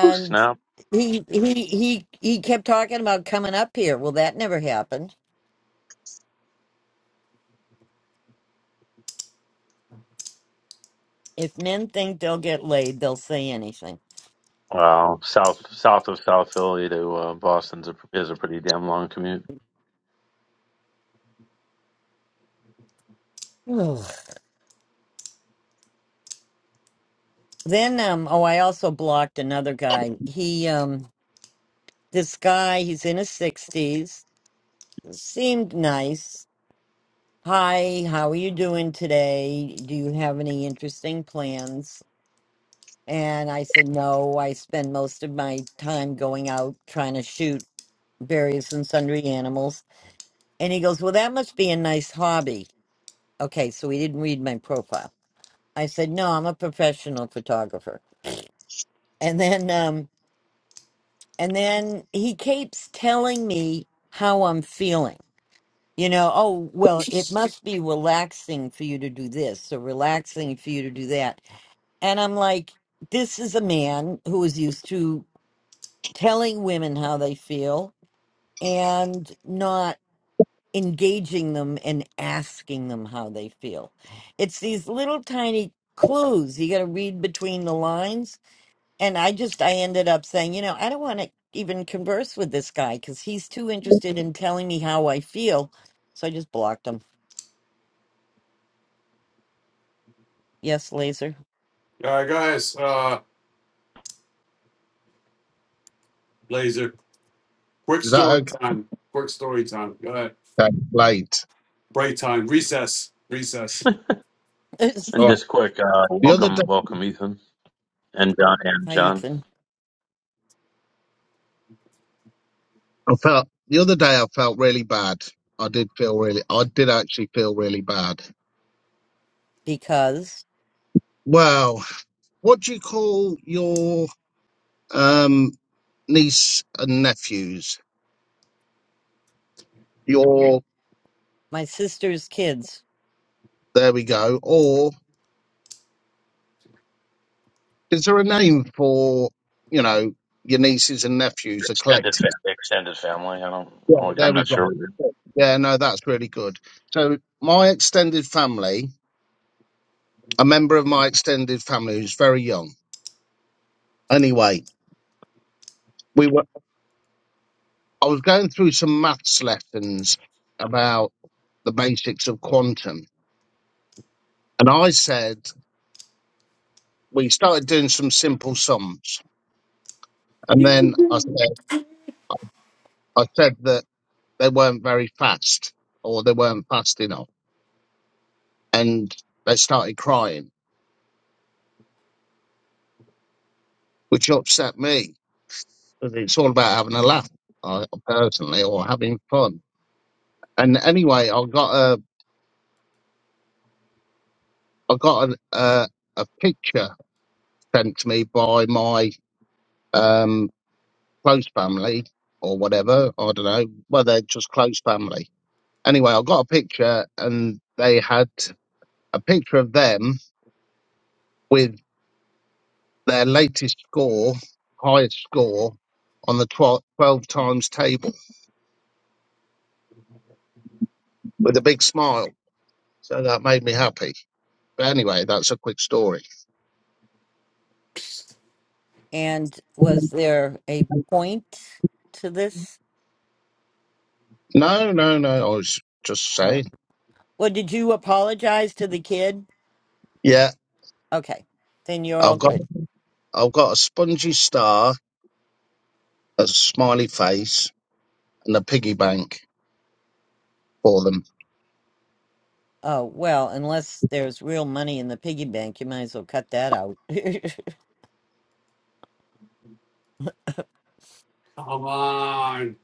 Speaker 4: Ooh, snap!
Speaker 2: he he he he kept talking about coming up here. Well, that never happened. If men think they'll get laid, they'll say anything.
Speaker 4: Wow, south south of South Philly to uh, Boston's a, is a pretty damn long commute.
Speaker 2: Ugh. then um oh, I also blocked another guy. He um this guy, he's in his 60s, seemed nice. Hi, how are you doing today? Do you have any interesting plans? And I said, No, I spend most of my time going out trying to shoot various and sundry animals And he goes, Well, that must be a nice hobby. Okay, so he didn't read my profile. I said, No, I'm a professional photographer. And then um and then he keeps telling me how I'm feeling. You know, oh well, it must be relaxing for you to do this, so relaxing for you to do that. And I'm like, this is a man who is used to telling women how they feel and not engaging them and asking them how they feel. It's these little tiny clues you got to read between the lines. And I just, I ended up saying, you know, I don't want to even converse with this guy because he's too interested in telling me how I feel. So I just blocked him. Yes, laser.
Speaker 1: All right, guys, uh laser. Quick
Speaker 3: Is that
Speaker 1: story
Speaker 3: okay?
Speaker 1: time. Quick story time. Go ahead.
Speaker 3: That's late.
Speaker 1: Break time. Recess. Recess.
Speaker 2: Hi,
Speaker 4: And
Speaker 3: All right.
Speaker 4: just quick, uh,
Speaker 3: The other day
Speaker 4: welcome, welcome, Ethan and John and John
Speaker 2: Ethan.
Speaker 3: I felt the other day I felt really bad. I did feel really I did actually feel really bad.
Speaker 2: Because
Speaker 3: Well, what do you call your um niece and nephews? Your
Speaker 2: my sister's kids.
Speaker 3: there we go. Or is there a name for, you know, your nieces and nephews, a collective?
Speaker 4: extended family. Extended family. I don't
Speaker 3: Yeah,
Speaker 4: know.
Speaker 3: there
Speaker 4: I'm
Speaker 3: we
Speaker 4: not
Speaker 3: go.
Speaker 4: sure what you're-
Speaker 3: Yeah, no, that's really good. So, my extended family, a member of my extended family who's very young. Anyway, we were. I was going through some maths lessons about the basics of quantum, and I said we started doing some simple sums, and then I said I said that they weren't very fast or they weren't fast enough, and they started crying, which upset me 'Cause It's all about having a laugh, uh, personally, or having fun. And anyway, I got a I got a a, a picture sent to me by my um close family or whatever. I don't know. Well, they're just close family. Anyway, I got a picture, and they had a picture of them with their latest score, highest score on the 12 12 times table with a big smile. So that made me happy. But anyway, that's a quick story.
Speaker 2: And was there a point to this?
Speaker 3: No, no, no. I was just
Speaker 2: Oh.
Speaker 3: saying.
Speaker 2: Well, did you apologize to the kid?
Speaker 3: Yeah,
Speaker 2: Okay. Then you're all
Speaker 3: I've got
Speaker 2: good.
Speaker 3: I've got a spongy star, a smiley face, and a piggy bank for them.
Speaker 2: Oh, well, unless there's real money in the piggy bank, you might as well cut that out. mm,
Speaker 1: Come on.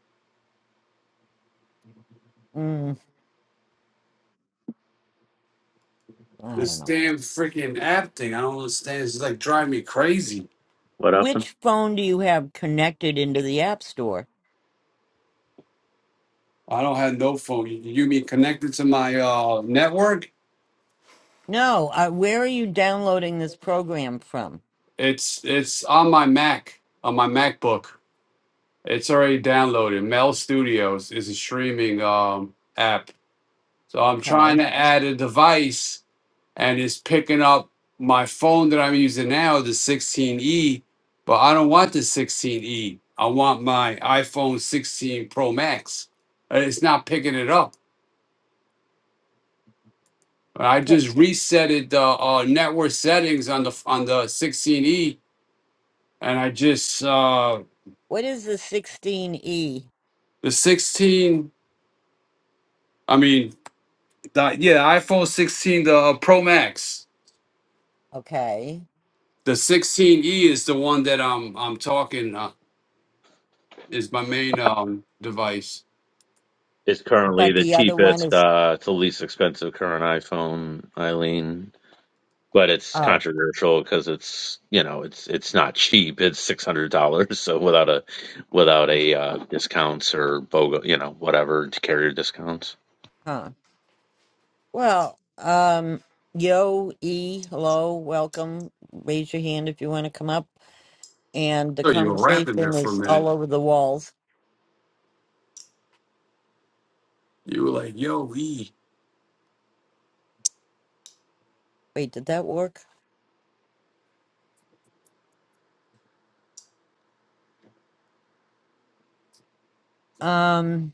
Speaker 2: I don't
Speaker 1: This
Speaker 2: know.
Speaker 1: damn freaking app thing. I don't understand. It's like driving me crazy.
Speaker 4: what happened.
Speaker 2: Which phone do you have connected into the App Store?
Speaker 1: I don't have no phone. You you mean connected to my uh network?
Speaker 2: No, uh, where are you downloading this program from?
Speaker 1: It's it's on my Mac, on my MacBook. It's already downloaded. Mel Studios is a streaming um, app. So I'm
Speaker 2: Okay.
Speaker 1: trying to add a device and it's picking up my phone that I'm using now, the 16E, but I don't want the 16E. I want my iPhone 16 Pro Max. And It's not picking it up. And I
Speaker 2: Wh-
Speaker 1: just resetted the uh, uh, network settings on the on the 16E and I just uh,
Speaker 2: What is the 16E?
Speaker 1: the 16 I mean, the, yeah, iPhone 16, the uh, Pro Max,
Speaker 2: Okay.
Speaker 1: the 16e is the one that I'm I'm talking uh, is my main um device.
Speaker 4: It's currently
Speaker 2: But
Speaker 4: the
Speaker 2: the other one
Speaker 4: cheapest.
Speaker 2: is,
Speaker 4: Uh, it's the least expensive current iPhone, Eileen. but it's
Speaker 2: oh,
Speaker 4: controversial because it's you know it's it's not cheap. It's six hundred dollars, so without a without a uh, discounts or BOGO, you know whatever carrier discounts.
Speaker 2: huh. Well, um, yo, E, hello, welcome. Raise your hand if you want to come up. And the
Speaker 1: So you were rapping there
Speaker 2: conversation
Speaker 1: for a
Speaker 2: is
Speaker 1: minute.
Speaker 2: all over the walls.
Speaker 1: You were like, "Yo, E."
Speaker 2: Wait, did that work? Um,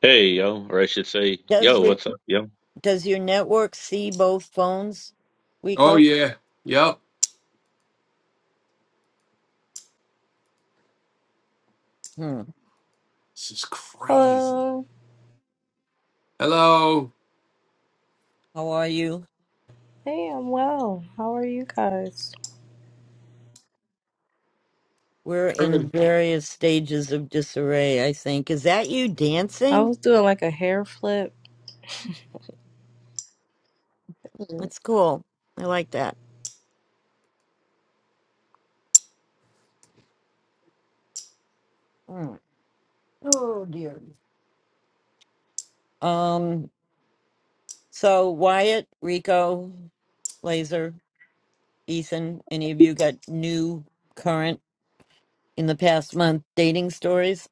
Speaker 4: Hey yo, or I should say
Speaker 2: does
Speaker 4: yo,
Speaker 2: your
Speaker 4: what's up yo?
Speaker 2: does your network see both phones,
Speaker 1: Oh
Speaker 2: Wico?
Speaker 1: yeah, yep.
Speaker 2: Hmm.
Speaker 1: This is crazy.
Speaker 5: Hello.
Speaker 1: Hello.
Speaker 2: How are you?
Speaker 5: Hey, I'm well. How are you guys?
Speaker 2: We're in
Speaker 1: Good.
Speaker 2: various stages of disarray, I think. Is that you
Speaker 5: I
Speaker 2: dancing?
Speaker 5: was doing like a hair flip. Mm.
Speaker 2: That's cool. I like that. Hmm. Oh dear. Um, so Wyatt, Rico, Laser, Ethan, any of you got new current in the past month dating stories?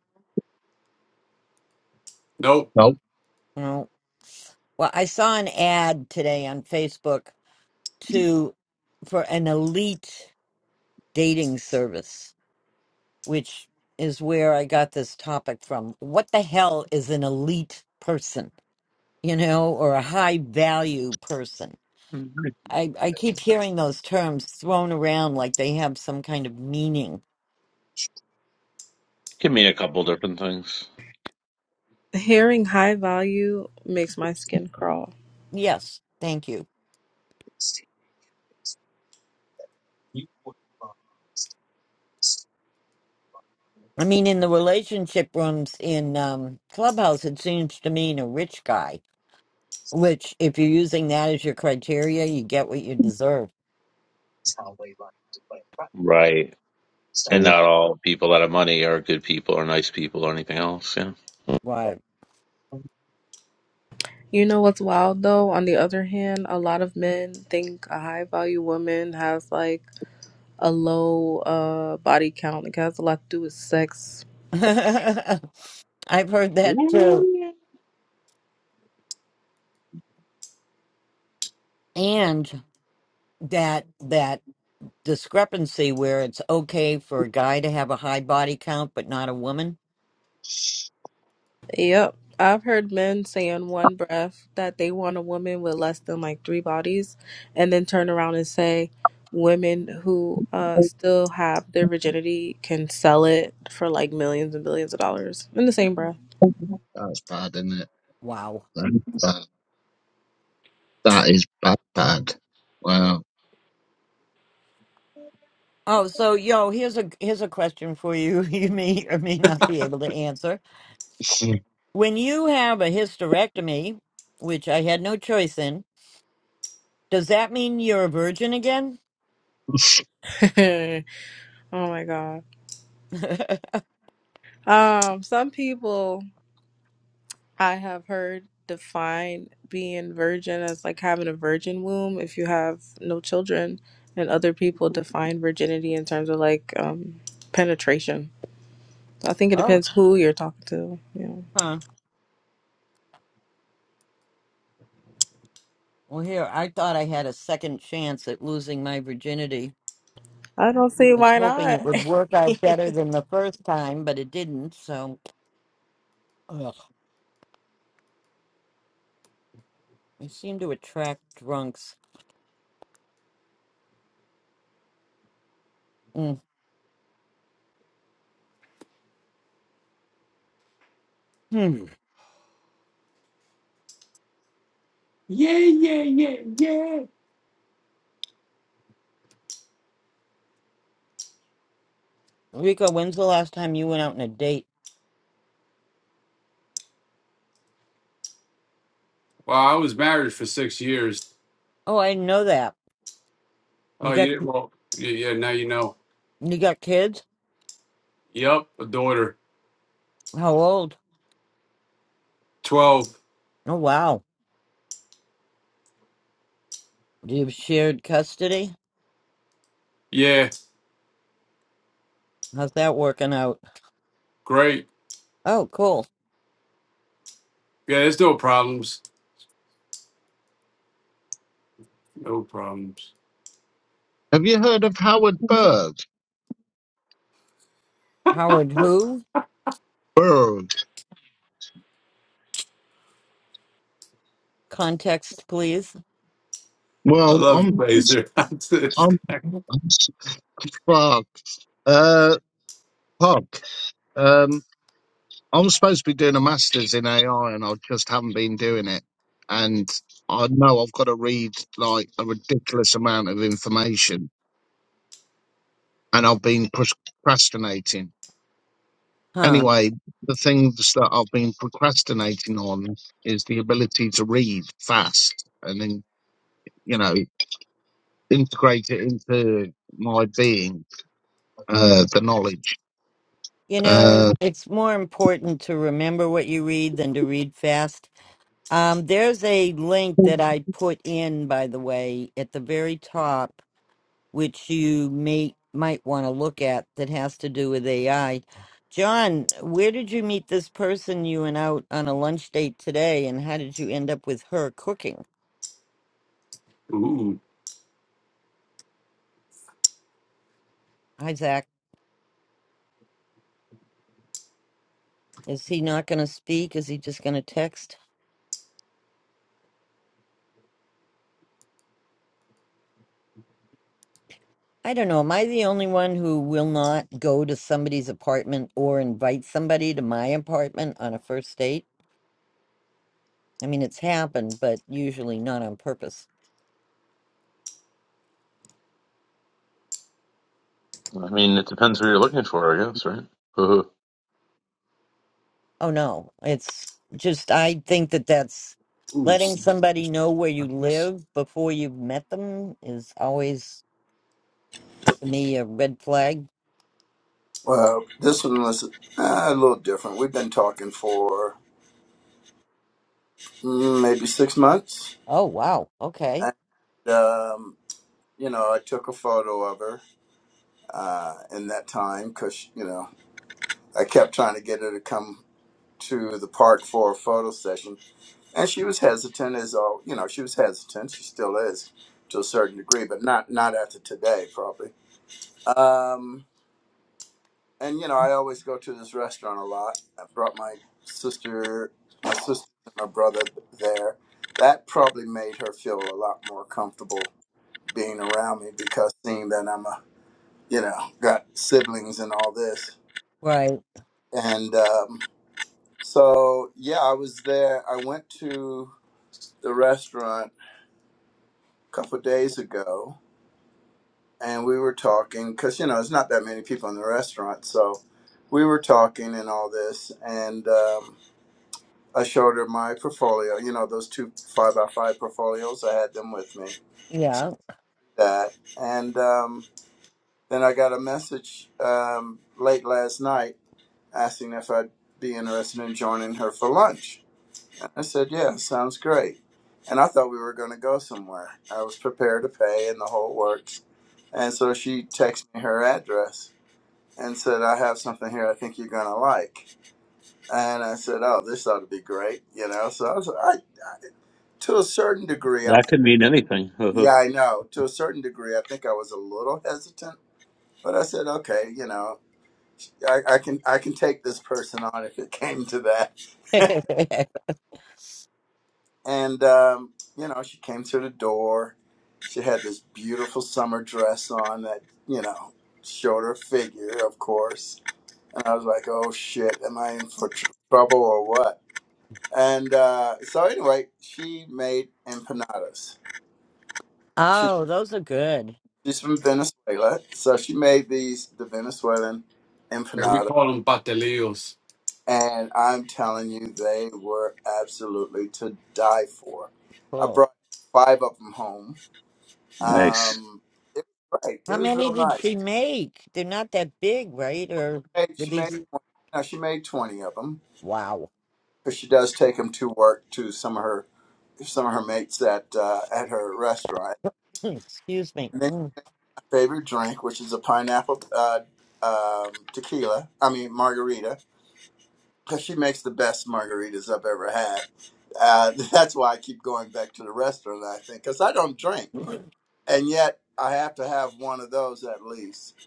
Speaker 1: Nope.
Speaker 3: No,
Speaker 2: No. Well, I saw an ad today on Facebook to for an elite dating service, which is where I got this topic from. What the hell is an elite person, you know, or a high value person?
Speaker 4: Mhm.
Speaker 2: I, I keep hearing those terms thrown around like they have some kind of meaning.
Speaker 4: Can mean a couple different things,
Speaker 5: Hearing high value makes my skin crawl.
Speaker 2: Yes, thank you. I mean, in the relationship rooms in um, Clubhouse, it seems to mean a rich guy, which, if you're using that as your criteria, you get what you deserve.
Speaker 4: right? And
Speaker 3: oh,
Speaker 4: not all people that have money are good people or nice people or anything else. Yeah,
Speaker 2: Right.
Speaker 5: You know what's wild though? On the other hand, a lot of men think a high value woman has like a low uh body count. Like it has a lot to do with sex
Speaker 2: I've heard that too. And that that discrepancy where it's okay for a guy to have a high body count but not a woman.
Speaker 5: Yep. I've heard men say in one breath that they want a woman with less than like three bodies and then turn around and say women who uh, still have their virginity can sell it for like millions and billions of dollars in the same breath.
Speaker 3: that's bad, isn't it?
Speaker 2: Wow.
Speaker 3: That's bad. That is bad, bad. Wow.
Speaker 2: Oh, so yo, here's a here's a question for you you may or may not be able to answer. When you have a hysterectomy, which I had no choice in, does that mean you're a virgin again?
Speaker 5: oh my God. Um, some people I have heard define being virgin as like having a virgin womb if you have no children, and other people define virginity in terms of like um, penetration I think it
Speaker 2: oh.
Speaker 5: depends who you're talking to. Yeah.
Speaker 2: Huh. Well here, I thought I had a second chance at losing my virginity.
Speaker 5: I don't see
Speaker 2: was
Speaker 5: why
Speaker 2: hoping
Speaker 5: not.
Speaker 2: it would work out better than the first time, but it didn't. So, ugh, I seem to attract drunks. Mm. Hmm.
Speaker 1: Yeah, yeah, yeah, yeah.
Speaker 2: Rico, when's the last time you went out on a date?
Speaker 1: Well, I was married for six years.
Speaker 2: Oh, I didn't know that.
Speaker 1: Oh,
Speaker 2: You
Speaker 1: you
Speaker 2: got
Speaker 1: didn't. Well, yeah, yeah. Now you know.
Speaker 2: you got kids?
Speaker 1: Yep, a daughter,
Speaker 2: How old?
Speaker 1: twelve.
Speaker 2: Oh, wow. Do you have shared custody?
Speaker 1: Yeah,
Speaker 2: How's that working out?
Speaker 1: great.
Speaker 2: Oh, cool.
Speaker 1: Yeah, there's no problems. No problems.
Speaker 3: Have you heard of Howard Berg?
Speaker 2: Howard, who?
Speaker 3: Berg.
Speaker 2: Context, please.
Speaker 1: I
Speaker 3: Well,
Speaker 1: love
Speaker 3: I'm
Speaker 1: Blazer. this
Speaker 3: I'm,
Speaker 1: guy.
Speaker 3: I'm fuck. Uh, fuck. I'm supposed to be doing a master's in AI and I just haven't been doing it. And I know I've got to read like a ridiculous amount of information and I've been procrastinating.
Speaker 2: Huh.
Speaker 3: Anyway, the things that I've been procrastinating on is the ability to read fast and then, you know, integrate it into my being, uh, the knowledge.
Speaker 2: You know,
Speaker 3: Uh,
Speaker 2: it's more important to remember what you read than to read fast. Um, there's a link that I put in, by the way, at the very top, which you may might want to look at that has to do with AI. John, where did you meet this person you went out on a lunch date today, and how did you end up with her cooking?
Speaker 1: Ooh,
Speaker 2: Hi, Zach. Is he not going to speak? Is he just going to text? I don't know. Am I the only one who will not go to somebody's apartment or invite somebody to my apartment on a first date? I mean, it's happened, but usually not on purpose.
Speaker 4: I mean it depends what you're looking for, I guess, right?
Speaker 2: Oh no, it's just I think that that's
Speaker 1: ooh.
Speaker 2: letting somebody know where you live before you've met them is always to me a red flag.
Speaker 6: Well, this one was uh, a little different. We've been talking for mm, maybe six months,
Speaker 2: Oh wow, okay,
Speaker 6: and um, you know, I took a photo of her uh, in that time because you know I kept trying to get her to come to the park for a photo session, and she was hesitant. As all you know, she was hesitant. She still is to a certain degree, but not not after today, probably. Um, and you know, I always go to this restaurant a lot. I brought my sister, my sister and my brother there. That probably made her feel a lot more comfortable being around me because seeing that I'm a, you know, got siblings and all this.
Speaker 2: right,
Speaker 6: And um, so, yeah, I was there. I went to the restaurant a couple of days ago, and we were talking because you know, it's not that many people in the restaurant, so we were talking and all this, and. Um, I showed her my portfolio, you know, those two five by five portfolios. I had them with me. So
Speaker 2: yeah.
Speaker 6: that. And um, then I got a message um, late last night asking if I'd be interested in joining her for lunch. And I said, yeah, sounds great. And I thought we were going to go somewhere. I was prepared to pay and the whole works. And so she texted me her address and said, I have something here I think you're going to like. And I said, oh, this ought to be great, you know. So I was, I to a certain degree, I
Speaker 4: that could mean anything.
Speaker 6: Yeah, I know. To a certain degree, I think I was a little hesitant, but I said, okay, you know, I, I can I can take this person on if it came to that. And um, you know, she came to the door. She had this beautiful summer dress on that you know showed her figure, of course. And I was like, oh shit, am I in for tr- trouble or what? And uh, so anyway, she made empanadas.
Speaker 2: oh, those are good.
Speaker 6: She's from Venezuela, so she made these the Venezuelan
Speaker 1: Yeah, we
Speaker 6: empanada,
Speaker 1: call them patelillos.
Speaker 6: and I'm telling you, they were absolutely to die for. I
Speaker 2: Cool.
Speaker 6: brought five of them home.
Speaker 4: nice.
Speaker 6: Um, it was great.
Speaker 2: How
Speaker 6: It was
Speaker 2: many
Speaker 6: real
Speaker 2: did
Speaker 6: nice.
Speaker 2: she make? They're not that big, right? Or
Speaker 6: Hey,
Speaker 2: did
Speaker 6: she made
Speaker 2: these?
Speaker 6: no, she made twenty of them
Speaker 2: Wow.
Speaker 6: because she does take them to work to some of her some of her mates at uh, at her restaurant.
Speaker 2: Excuse me.
Speaker 6: And then
Speaker 2: Mm.
Speaker 6: my favorite drink, which is a pineapple uh, um, tequila. I mean margarita because she makes the best margaritas I've ever had. Uh, that's why I keep going back to the restaurant, I think, because I don't drink. And yet I have to have one of those at least.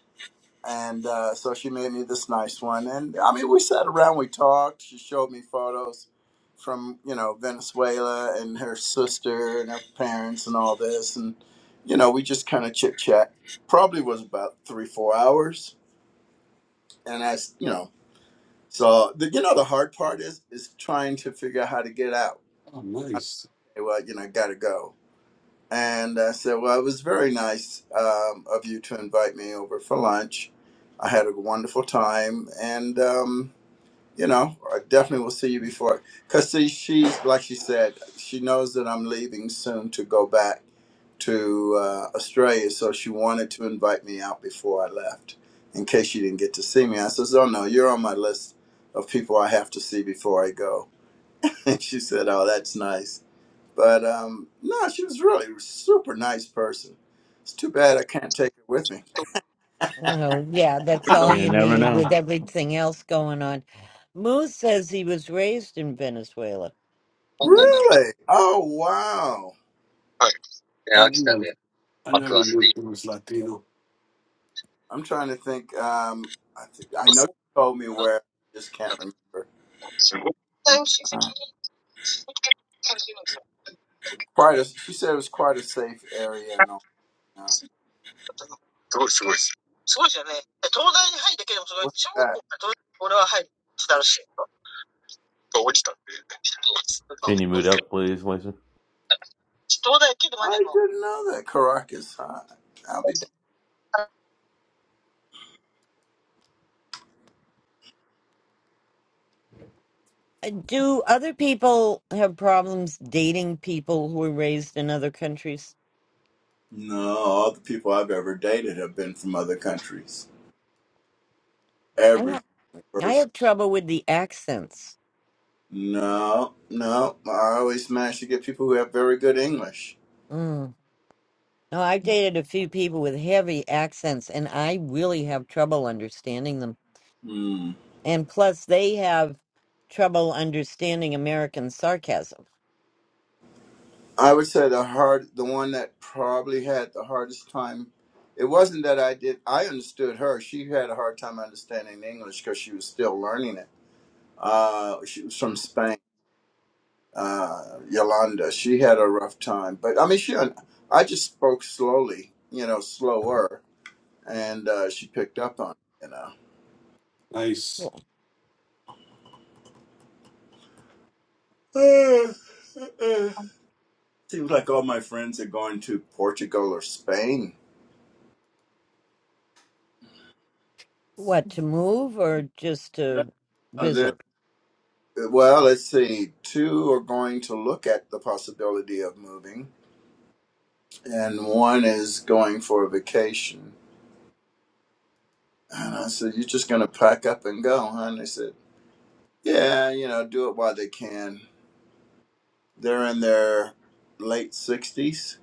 Speaker 6: And uh, so she made me this nice one. And I mean, we sat around, we talked. She showed me photos from, you know, Venezuela and her sister and her parents and all this. And, you know, we just kind of chit chat. Probably was about three, four hours. And as, you know, so the, you know the hard part is is trying to figure out how to get out.
Speaker 1: Oh,
Speaker 6: Okay,
Speaker 1: nice.
Speaker 6: well you know gotta go. And I said, well it was very nice um, of you to invite me over for lunch. I had a wonderful time, and um, you know I definitely will see you before. Cause see she's like she said she knows that I'm leaving soon to go back to uh, Australia, so she wanted to invite me out before I left, in case she didn't get to see me. I says, "Oh no, you're on my list of people I have to see before I go." And she said, "Oh, that's nice." But um, no, she was really a super nice person. It's too bad I can't take her with me.
Speaker 2: Oh yeah, that's all
Speaker 4: You
Speaker 2: you
Speaker 4: never
Speaker 2: need with
Speaker 4: know.
Speaker 2: everything else going on. Moose says he was raised in Venezuela.
Speaker 6: Really? Oh wow!
Speaker 1: I never, I never knew he was Latino.
Speaker 6: I'm trying to think. Um, I think I know she told me where. I just can't remember. Uh, quite a. She said it was quite a safe area and all. You know. What's that?
Speaker 3: そう親戚に感じるんですよ。すごいすごいです。すごいですよね。え東大に入るだけでもすごい。小学校から東大俺は入ってたらしいよ。あ本当に東大けどまでも、
Speaker 4: Can you mute up, please, Lisa?
Speaker 6: I didn't know that Caracas hot. I'll be. damned.
Speaker 2: Do other people have problems dating people who were raised in other countries?
Speaker 6: No, all the people I've ever dated have been from other countries.
Speaker 2: I
Speaker 6: Every
Speaker 2: know I
Speaker 6: person.
Speaker 2: have trouble with the accents.
Speaker 6: No, no. I always manage to get people who have very good English.
Speaker 2: Mm. No, I've dated a few people with heavy accents, and I really have trouble understanding them.
Speaker 6: Hmm.
Speaker 2: And plus, they have trouble understanding American sarcasm.
Speaker 6: I would say the hard, the one that probably had the hardest time. It wasn't that I did. I understood her. She had a hard time understanding English because she was still learning it. Uh, she was from Spain. uh, Yolanda. She had a rough time, but I mean, she. I just spoke slowly, you know, slower, and uh, she picked up on it,
Speaker 1: Nice.
Speaker 2: Wh-
Speaker 6: you know. Uh, uh, uh. Seems like all my friends are going to Portugal or Spain.
Speaker 2: What to move or just to
Speaker 6: No, they're-
Speaker 2: visit?
Speaker 6: well, let's see. Two are going to look at the possibility of moving, and one is going for a vacation. And I said, "You're just going to pack up and go, huh?" And they said, "Yeah, you know, do it while they can." They're in their late 60s,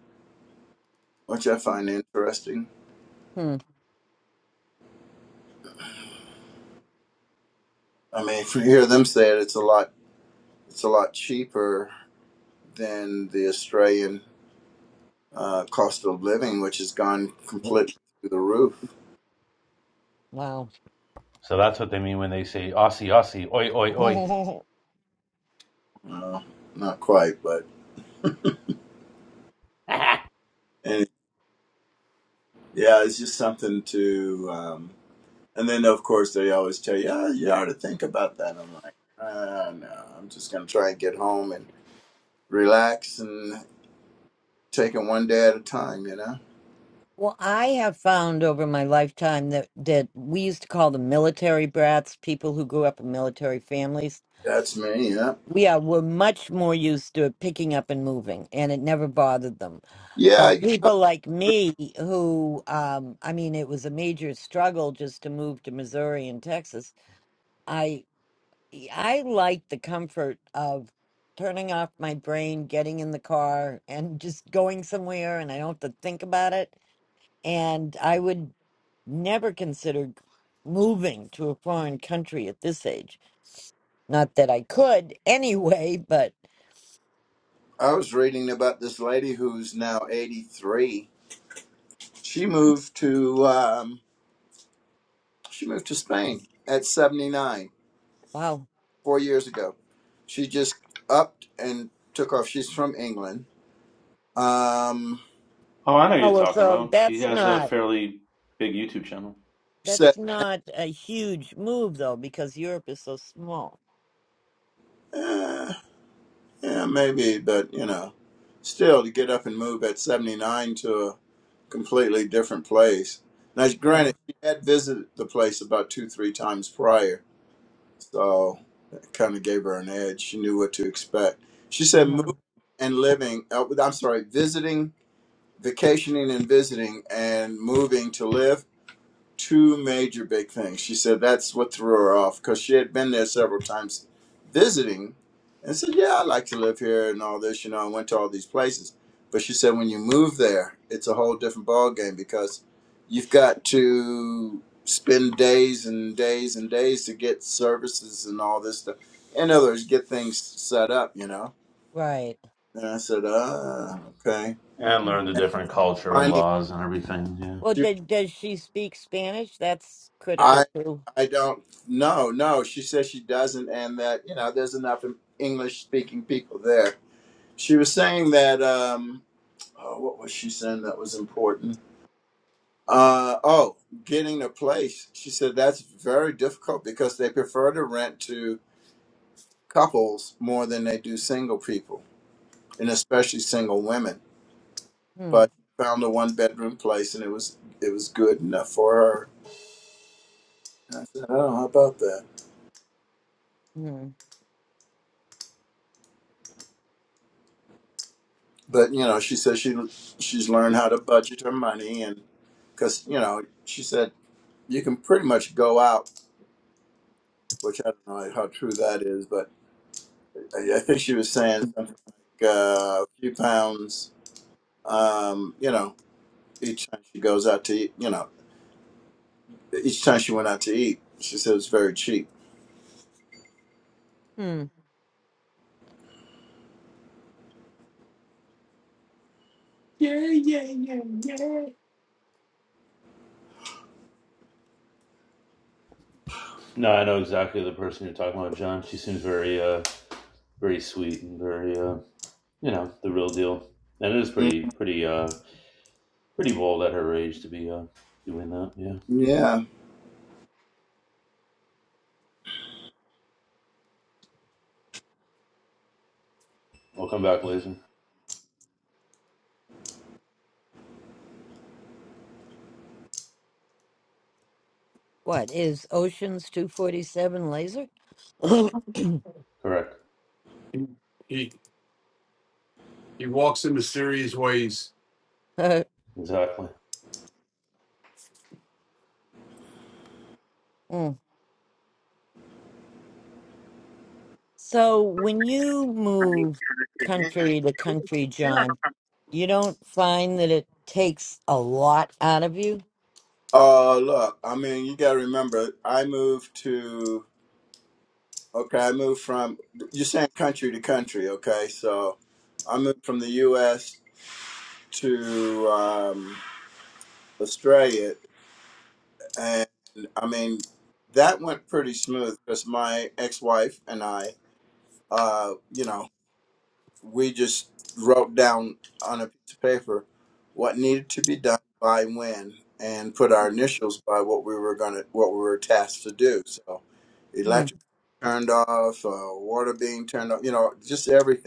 Speaker 6: which I find interesting.
Speaker 2: Hmm.
Speaker 6: I mean, if you hear them say it, it's a lot it's a lot cheaper than the Australian uh, cost of living, which has gone completely through the roof.
Speaker 2: Wow.
Speaker 4: So that's what they mean when they say Aussie, Aussie, oi, oi, oi.
Speaker 6: No, not quite, but and yeah, it's just something to. Um, and then of course they always tell you, oh, you ought to think about that. I'm like, uh, no, I'm just gonna try and get home and relax and take it one day at a time. You know,
Speaker 2: Well, I have found over my lifetime that that we used to call them military brats, people who grew up in military families.
Speaker 6: that's me. Yeah.
Speaker 2: We are were much more used to picking up and moving, and it never bothered them.
Speaker 6: Yeah,
Speaker 2: But
Speaker 6: you know,
Speaker 2: people like me, who um, I mean, it was a major struggle just to move to Missouri and Texas. I I like the comfort of turning off my brain, getting in the car, and just going somewhere, and I don't have to think about it and I would never consider moving to a foreign country at this age. Not that I could anyway, but
Speaker 6: I was reading about this lady who's now 83. She moved to um, she moved to Spain at 79,
Speaker 2: wow.
Speaker 6: four years ago. She just upped and took off. She's from England. Um,
Speaker 4: oh, I know
Speaker 2: Oh
Speaker 4: you're
Speaker 2: well,
Speaker 4: talking
Speaker 2: so
Speaker 4: about. She
Speaker 2: that's
Speaker 4: has a
Speaker 2: not
Speaker 4: fairly big YouTube channel.
Speaker 6: said,
Speaker 2: that's not a huge move though, because Europe is so small.
Speaker 6: eh, yeah, maybe, but you know, still to get up and move at 79 to a completely different place. Now,
Speaker 2: Yeah.
Speaker 6: granted, she had visited the place about two, three times prior So it kind of gave her an edge. She knew what to expect. She said, "Move
Speaker 2: Uh-huh.
Speaker 6: and living. Uh, I'm sorry, visiting, vacationing, and visiting, and moving to live." two major big things. She said that's what threw her off because she had been there several times visiting and said, Yeah, I like to live here and all this, you know, I went to all these places. But she said when you move there, it's a whole different ballgame because you've got to spend days and days and days to get services and all this stuff. In other words, get things set up, you know.
Speaker 2: Right.
Speaker 6: And I said, Ah, okay.
Speaker 4: And
Speaker 2: Mm.
Speaker 4: learn the different culture and
Speaker 6: Finding
Speaker 4: laws and everything. Yeah.
Speaker 2: Well,
Speaker 6: she,
Speaker 2: did, does she speak Spanish? That's critical too.
Speaker 6: I don't. No, no. She says she doesn't, and that you know there's enough English speaking people there. She was saying that. Um, oh, what was she saying that was important? Uh, oh, getting a place. She said that's very difficult because they prefer to rent to couples more than they do single people, and especially single women.
Speaker 2: Hmm.
Speaker 6: But found a one bedroom place, and it was it was good enough for her. And I said, oh, how about that?
Speaker 2: Hmm.
Speaker 6: but you know she says she she's learned how to budget her money and because you know she said you can pretty much go out which i don't know how true that is but i, I think she was saying something like uh, a few pounds um, you know each time she goes out to eat you know each time she went out to eat she said it was very cheap
Speaker 2: Hmm.
Speaker 4: No, I know exactly the person you're talking about, John. She seems very, uh, very sweet and very, uh, you know, the real deal. And it is
Speaker 6: Mm,
Speaker 4: pretty, pretty, uh, pretty bold at her age to be uh, doing that. Yeah.
Speaker 6: yeah
Speaker 4: We'll come back later.
Speaker 2: What is Oceans two forty seven laser?
Speaker 4: Correct.
Speaker 1: He, he he walks in mysterious ways.
Speaker 4: Exactly.
Speaker 2: Hmm. So when you move
Speaker 7: Thank
Speaker 2: country to country, John, you don't find that it takes a lot out of you?
Speaker 6: Oh, look i mean you gotta remember i moved to Okay, I moved from you're saying country to country. Okay, so I moved from the U.S. to um, Australia, and I mean that went pretty smooth because my ex-wife and I, uh, you know, we just wrote down on a piece of paper what needed to be done by when, and put our initials by what we were gonna what we were tasked to do. So,
Speaker 2: Mm,
Speaker 6: electric turned off, uh, water being turned off, you know, just everything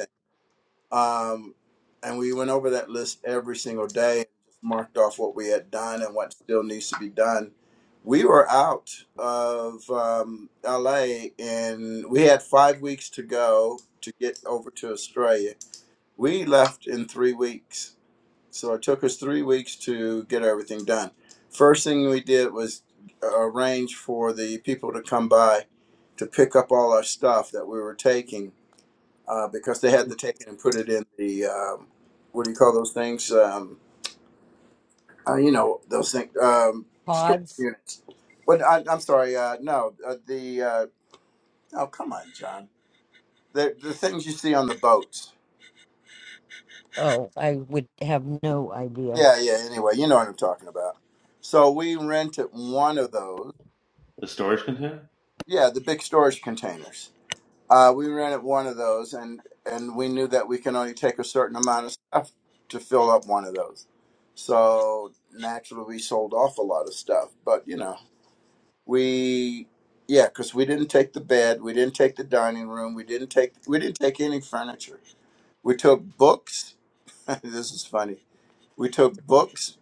Speaker 6: Um, and we went over that list every single day and just marked off what we had done and what still needs to be done. We were out of um, LA and we had five weeks to go to get over to Australia. We left in three weeks. So it took us three weeks to get everything done. First thing we did was arrange for the people to come by to pick up all our stuff that we were taking uh, because they had to take it and put it in the um, what do you call those things? Um, uh, you know those things um, storage
Speaker 2: pods?
Speaker 6: units. But I, I'm sorry, uh, no, uh, the uh, oh come on, John, the the things you see on the boats.
Speaker 2: Oh, I would have no idea.
Speaker 6: Yeah, yeah. Anyway, you know what I'm talking about. So we rented one of those.
Speaker 4: The storage container.
Speaker 6: Yeah, the big storage containers Uh, we rented one of those, and and we knew that we can only take a certain amount of stuff to fill up one of those. So naturally, we sold off a lot of stuff. But you know, we yeah, because we didn't take the bed, we didn't take the dining room, we didn't take we didn't take any furniture. We took books. this is funny. We took books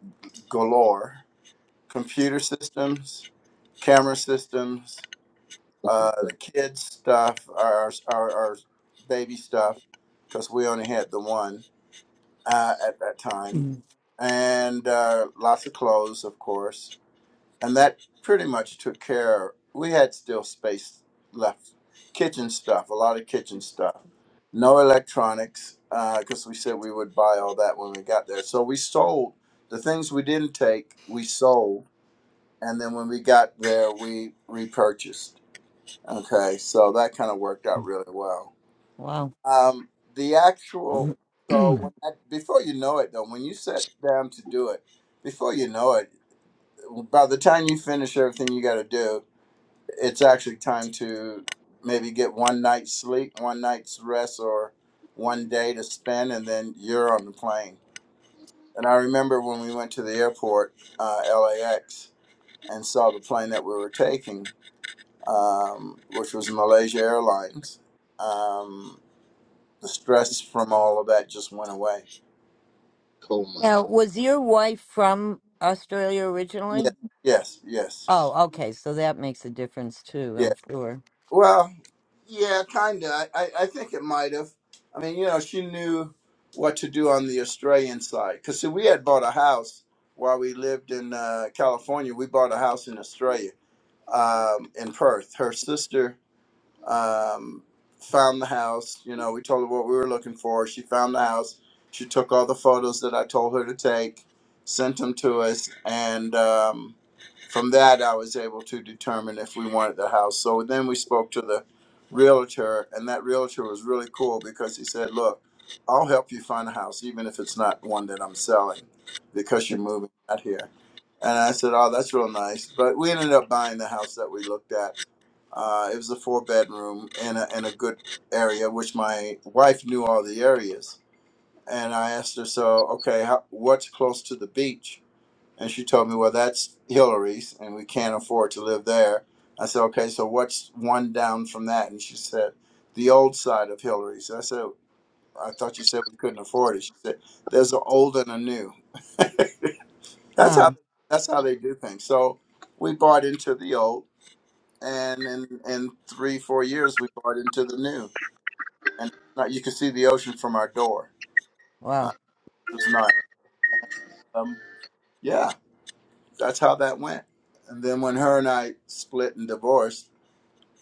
Speaker 6: galore, computer systems, camera systems, Uh, the kids stuff, our our, our baby stuff, because we only had the one uh, at that time,
Speaker 2: Mm,
Speaker 6: and uh, lots of clothes, of course, and that pretty much took care. We had still space left, kitchen stuff, a lot of kitchen stuff, no electronics, because we said we would buy all that when we got there. So we sold the things we didn't take, we sold, and then when we got there, we repurchased. Okay, so that kind of worked out really well.
Speaker 2: Wow.
Speaker 6: Um, the actual so
Speaker 2: now,
Speaker 6: when I, before you know it though, when you sit down to do it, before you know it, by the time you finish everything you got to do, it's actually time to maybe get one night's sleep, one night's rest, or one day to spend, and then you're on the plane. And I remember when we went to the airport, uh, LAX, and saw the plane that we were taking, um, which was Malaysia Airlines. Um, the stress from all of that just went away.
Speaker 2: was your wife from Australia
Speaker 6: Yes,
Speaker 2: originally?
Speaker 6: yes, yes,
Speaker 2: Oh, okay. So that makes a difference too,
Speaker 6: yeah.
Speaker 2: I'm sure.
Speaker 6: Well, yeah, kinda. I, I, I think it might have. I mean, you know, she knew what to do on the Australian side because see, we had bought a house while we lived in uh, California. We bought a house in Australia, um, in Perth. Her sister um, found the house. You know, we told her what we were looking for. She found the house. She took all the photos that I told her to take, sent them to us, and. Um, from that, I was able to determine if we wanted the house. So then we spoke to the realtor, and that realtor was really cool because he said, "Look, I'll help you find a house, even if it's not one that I'm selling, because you're moving out here." And I said, "Oh, that's real nice." But we ended up buying the house that we looked at. Uh, it was a four bedroom in a in a good area, which my wife knew all the areas. And I asked her, "So, okay, how, what's close to the beach?" And she told me, well, that's Hillary's, and we can't afford to live there. I said, okay, so what's one down from that? And she said, the old side of Hillary's. I said, I thought you said we couldn't afford it. She said, there's an old and a new. that's how
Speaker 2: Huh.
Speaker 6: that's how they do things. So we bought into the old, and in, in three four years we bought into the new, and now you can see the ocean from our door. Uh,
Speaker 2: Wow.
Speaker 6: it was nice. Um, yeah, that's how that went. And then when her and I split and divorced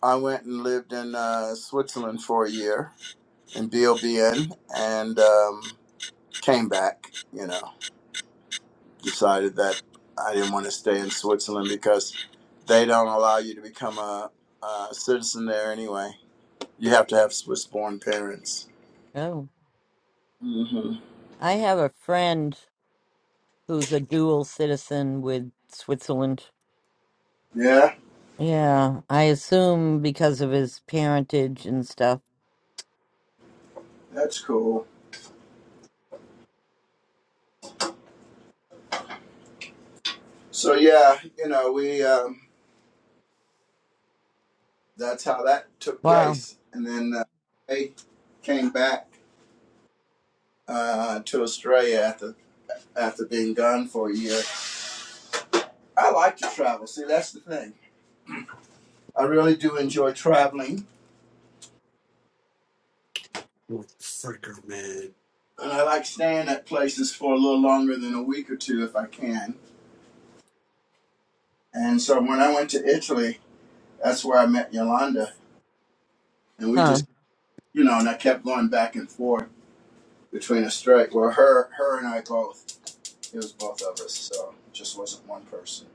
Speaker 6: I went and lived in uh, Switzerland for a year in BOBN and um, came back. You know, decided that I didn't want to stay in Switzerland because they don't allow you to become a, a citizen there anyway. You have to have Swiss born parents.
Speaker 2: Oh.
Speaker 6: hmm
Speaker 2: I have a friend who's a dual citizen with Switzerland.
Speaker 6: Yeah,
Speaker 2: Yeah, I assume because of his parentage and stuff.
Speaker 6: that's cool. So, yeah, you know, we, um, that's how that took
Speaker 2: Wow.
Speaker 6: place. And then uh, I came back uh, to Australia after, after being gone for a year I like to travel. See, that's the thing. I really do enjoy traveling, and I like staying at places for a little longer than a week or two if I can. And so when I went to Italy, that's where I met Yolanda, and we
Speaker 2: Huh.
Speaker 6: just, you know, and I kept going back and forth between us straight. Well, her, her and I both. It was both of us, so it just wasn't one person.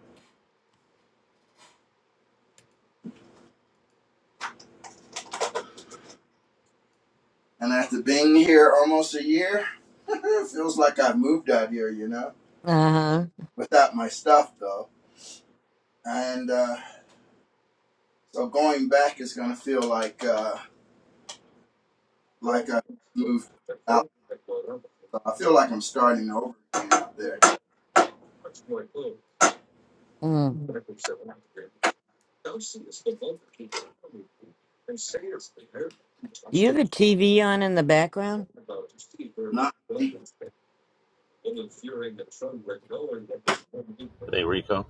Speaker 6: And after being here almost a year, it feels like I've moved out here, you know,
Speaker 2: Uh huh.
Speaker 6: without my stuff though. And uh, so going back is going to feel like. Uh, like I moved out. So I feel like I'm starting over again out there.
Speaker 2: Mm. Do you have a TV on in the background?
Speaker 6: Not
Speaker 4: The Rico.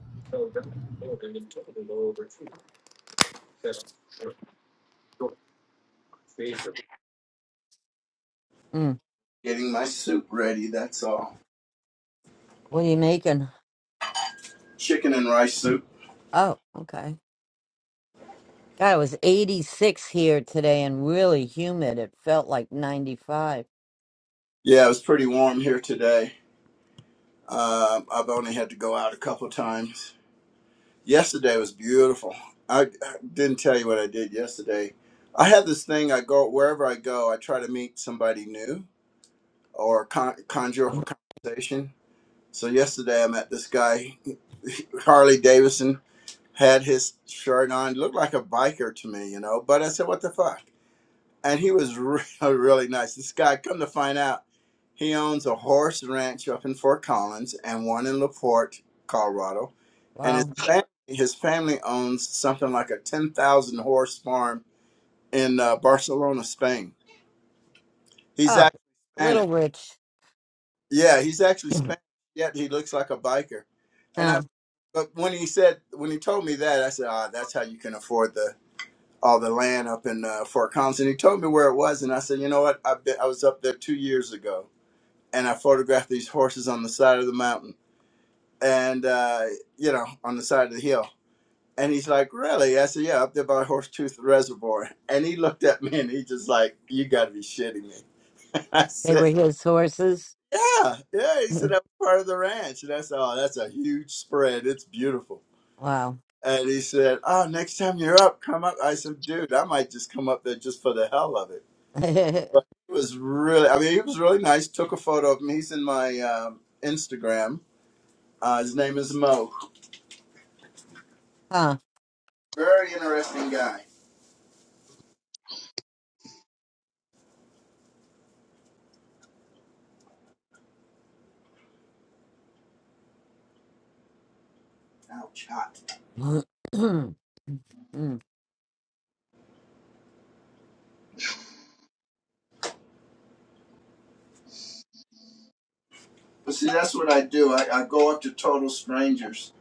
Speaker 2: Mm.
Speaker 6: getting my soup ready, that's all.
Speaker 2: What are you making?
Speaker 6: Chicken and rice soup.
Speaker 2: Oh, okay. God, it was 86 here today and really humid. It felt like 95.
Speaker 6: Yeah, it was pretty warm here today. Um, I've only had to go out a couple times. Yesterday was beautiful. I, I didn't tell you what I did yesterday. I had this thing. I go wherever I go. I try to meet somebody new or con- conjure up a conversation. So yesterday I met this guy, Harley Davidson had his shirt on, looked like a biker to me, you know. But I said, what the fuck? And he was really, really nice. This guy, come to find out, he owns a horse ranch up in Fort Collins and one in LaPorte, Colorado. And his
Speaker 2: Wow.
Speaker 6: family, his family owns something like a 10,000 horse farm in uh, Barcelona, Spain. He's
Speaker 2: Oh,
Speaker 6: actually
Speaker 2: little
Speaker 6: Spanish.
Speaker 2: rich.
Speaker 6: Yeah, he's actually Spanish, yet he looks like a biker. And I,
Speaker 2: Huh.
Speaker 6: but when he said, when he told me that, I said, ah, that's how you can afford the all the land up in uh, Fort Collins, and he told me where it was. And I said, you know what? i been, I was up there two years ago, and I photographed these horses on the side of the mountain, and uh, you know, on the side of the hill. And he's like, really? I said, yeah, up there by Horse Tooth Reservoir. And he looked at me, and he just like, you got to be shitting me. I
Speaker 2: They were
Speaker 6: said,
Speaker 2: his horses.
Speaker 6: yeah, yeah. He said that was part of the ranch, and I said, oh, that's a huge spread. It's beautiful.
Speaker 2: Wow.
Speaker 6: And he said, oh, next time you're up, come up. I said, dude, I might just come up there just for the hell of it But
Speaker 2: huh.
Speaker 6: he was really, I mean, he was really nice. Took a photo of him. He's in my um Instagram. Uh, his name is Mo. Very interesting guy. Ouch, hot.
Speaker 2: Mm.
Speaker 6: But see, that's what I do. I, I go up to total strangers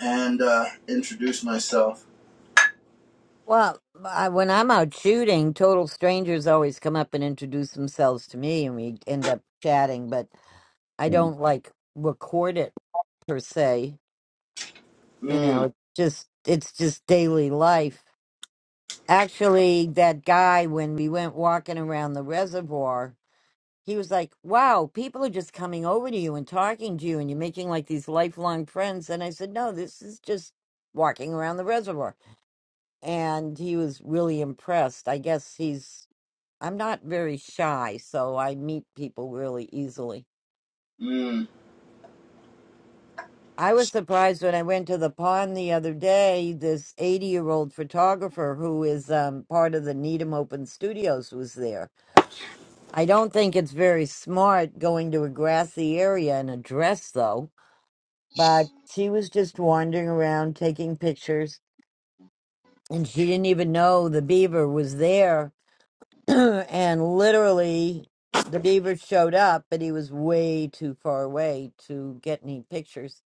Speaker 6: and uh, introduce myself.
Speaker 2: Well, I, when I'm out shooting, total strangers always come up and introduce themselves to me, and we end up chatting. But I
Speaker 7: you.
Speaker 2: don't like record it per se. You know,
Speaker 6: Mm,
Speaker 2: it's just it's just daily life. Actually, that guy when we went walking around the reservoir, he was like, "Wow, people are just coming over to you and talking to you, and you're making like these lifelong friends." And I said, "No, this is just walking around the reservoir." and he was really impressed. I guess he's I'm not very shy, so I meet people really easily.
Speaker 6: mm.
Speaker 2: I was surprised when I went to the pond the other day. This 80 year old photographer who is um, part of the Needham Open Studios was there. I don't think it's very smart going to a grassy area in a dress, though, but she was just wandering around taking pictures and she didn't even know the beaver was there and literally the beaver showed up but he was way too far away to get any pictures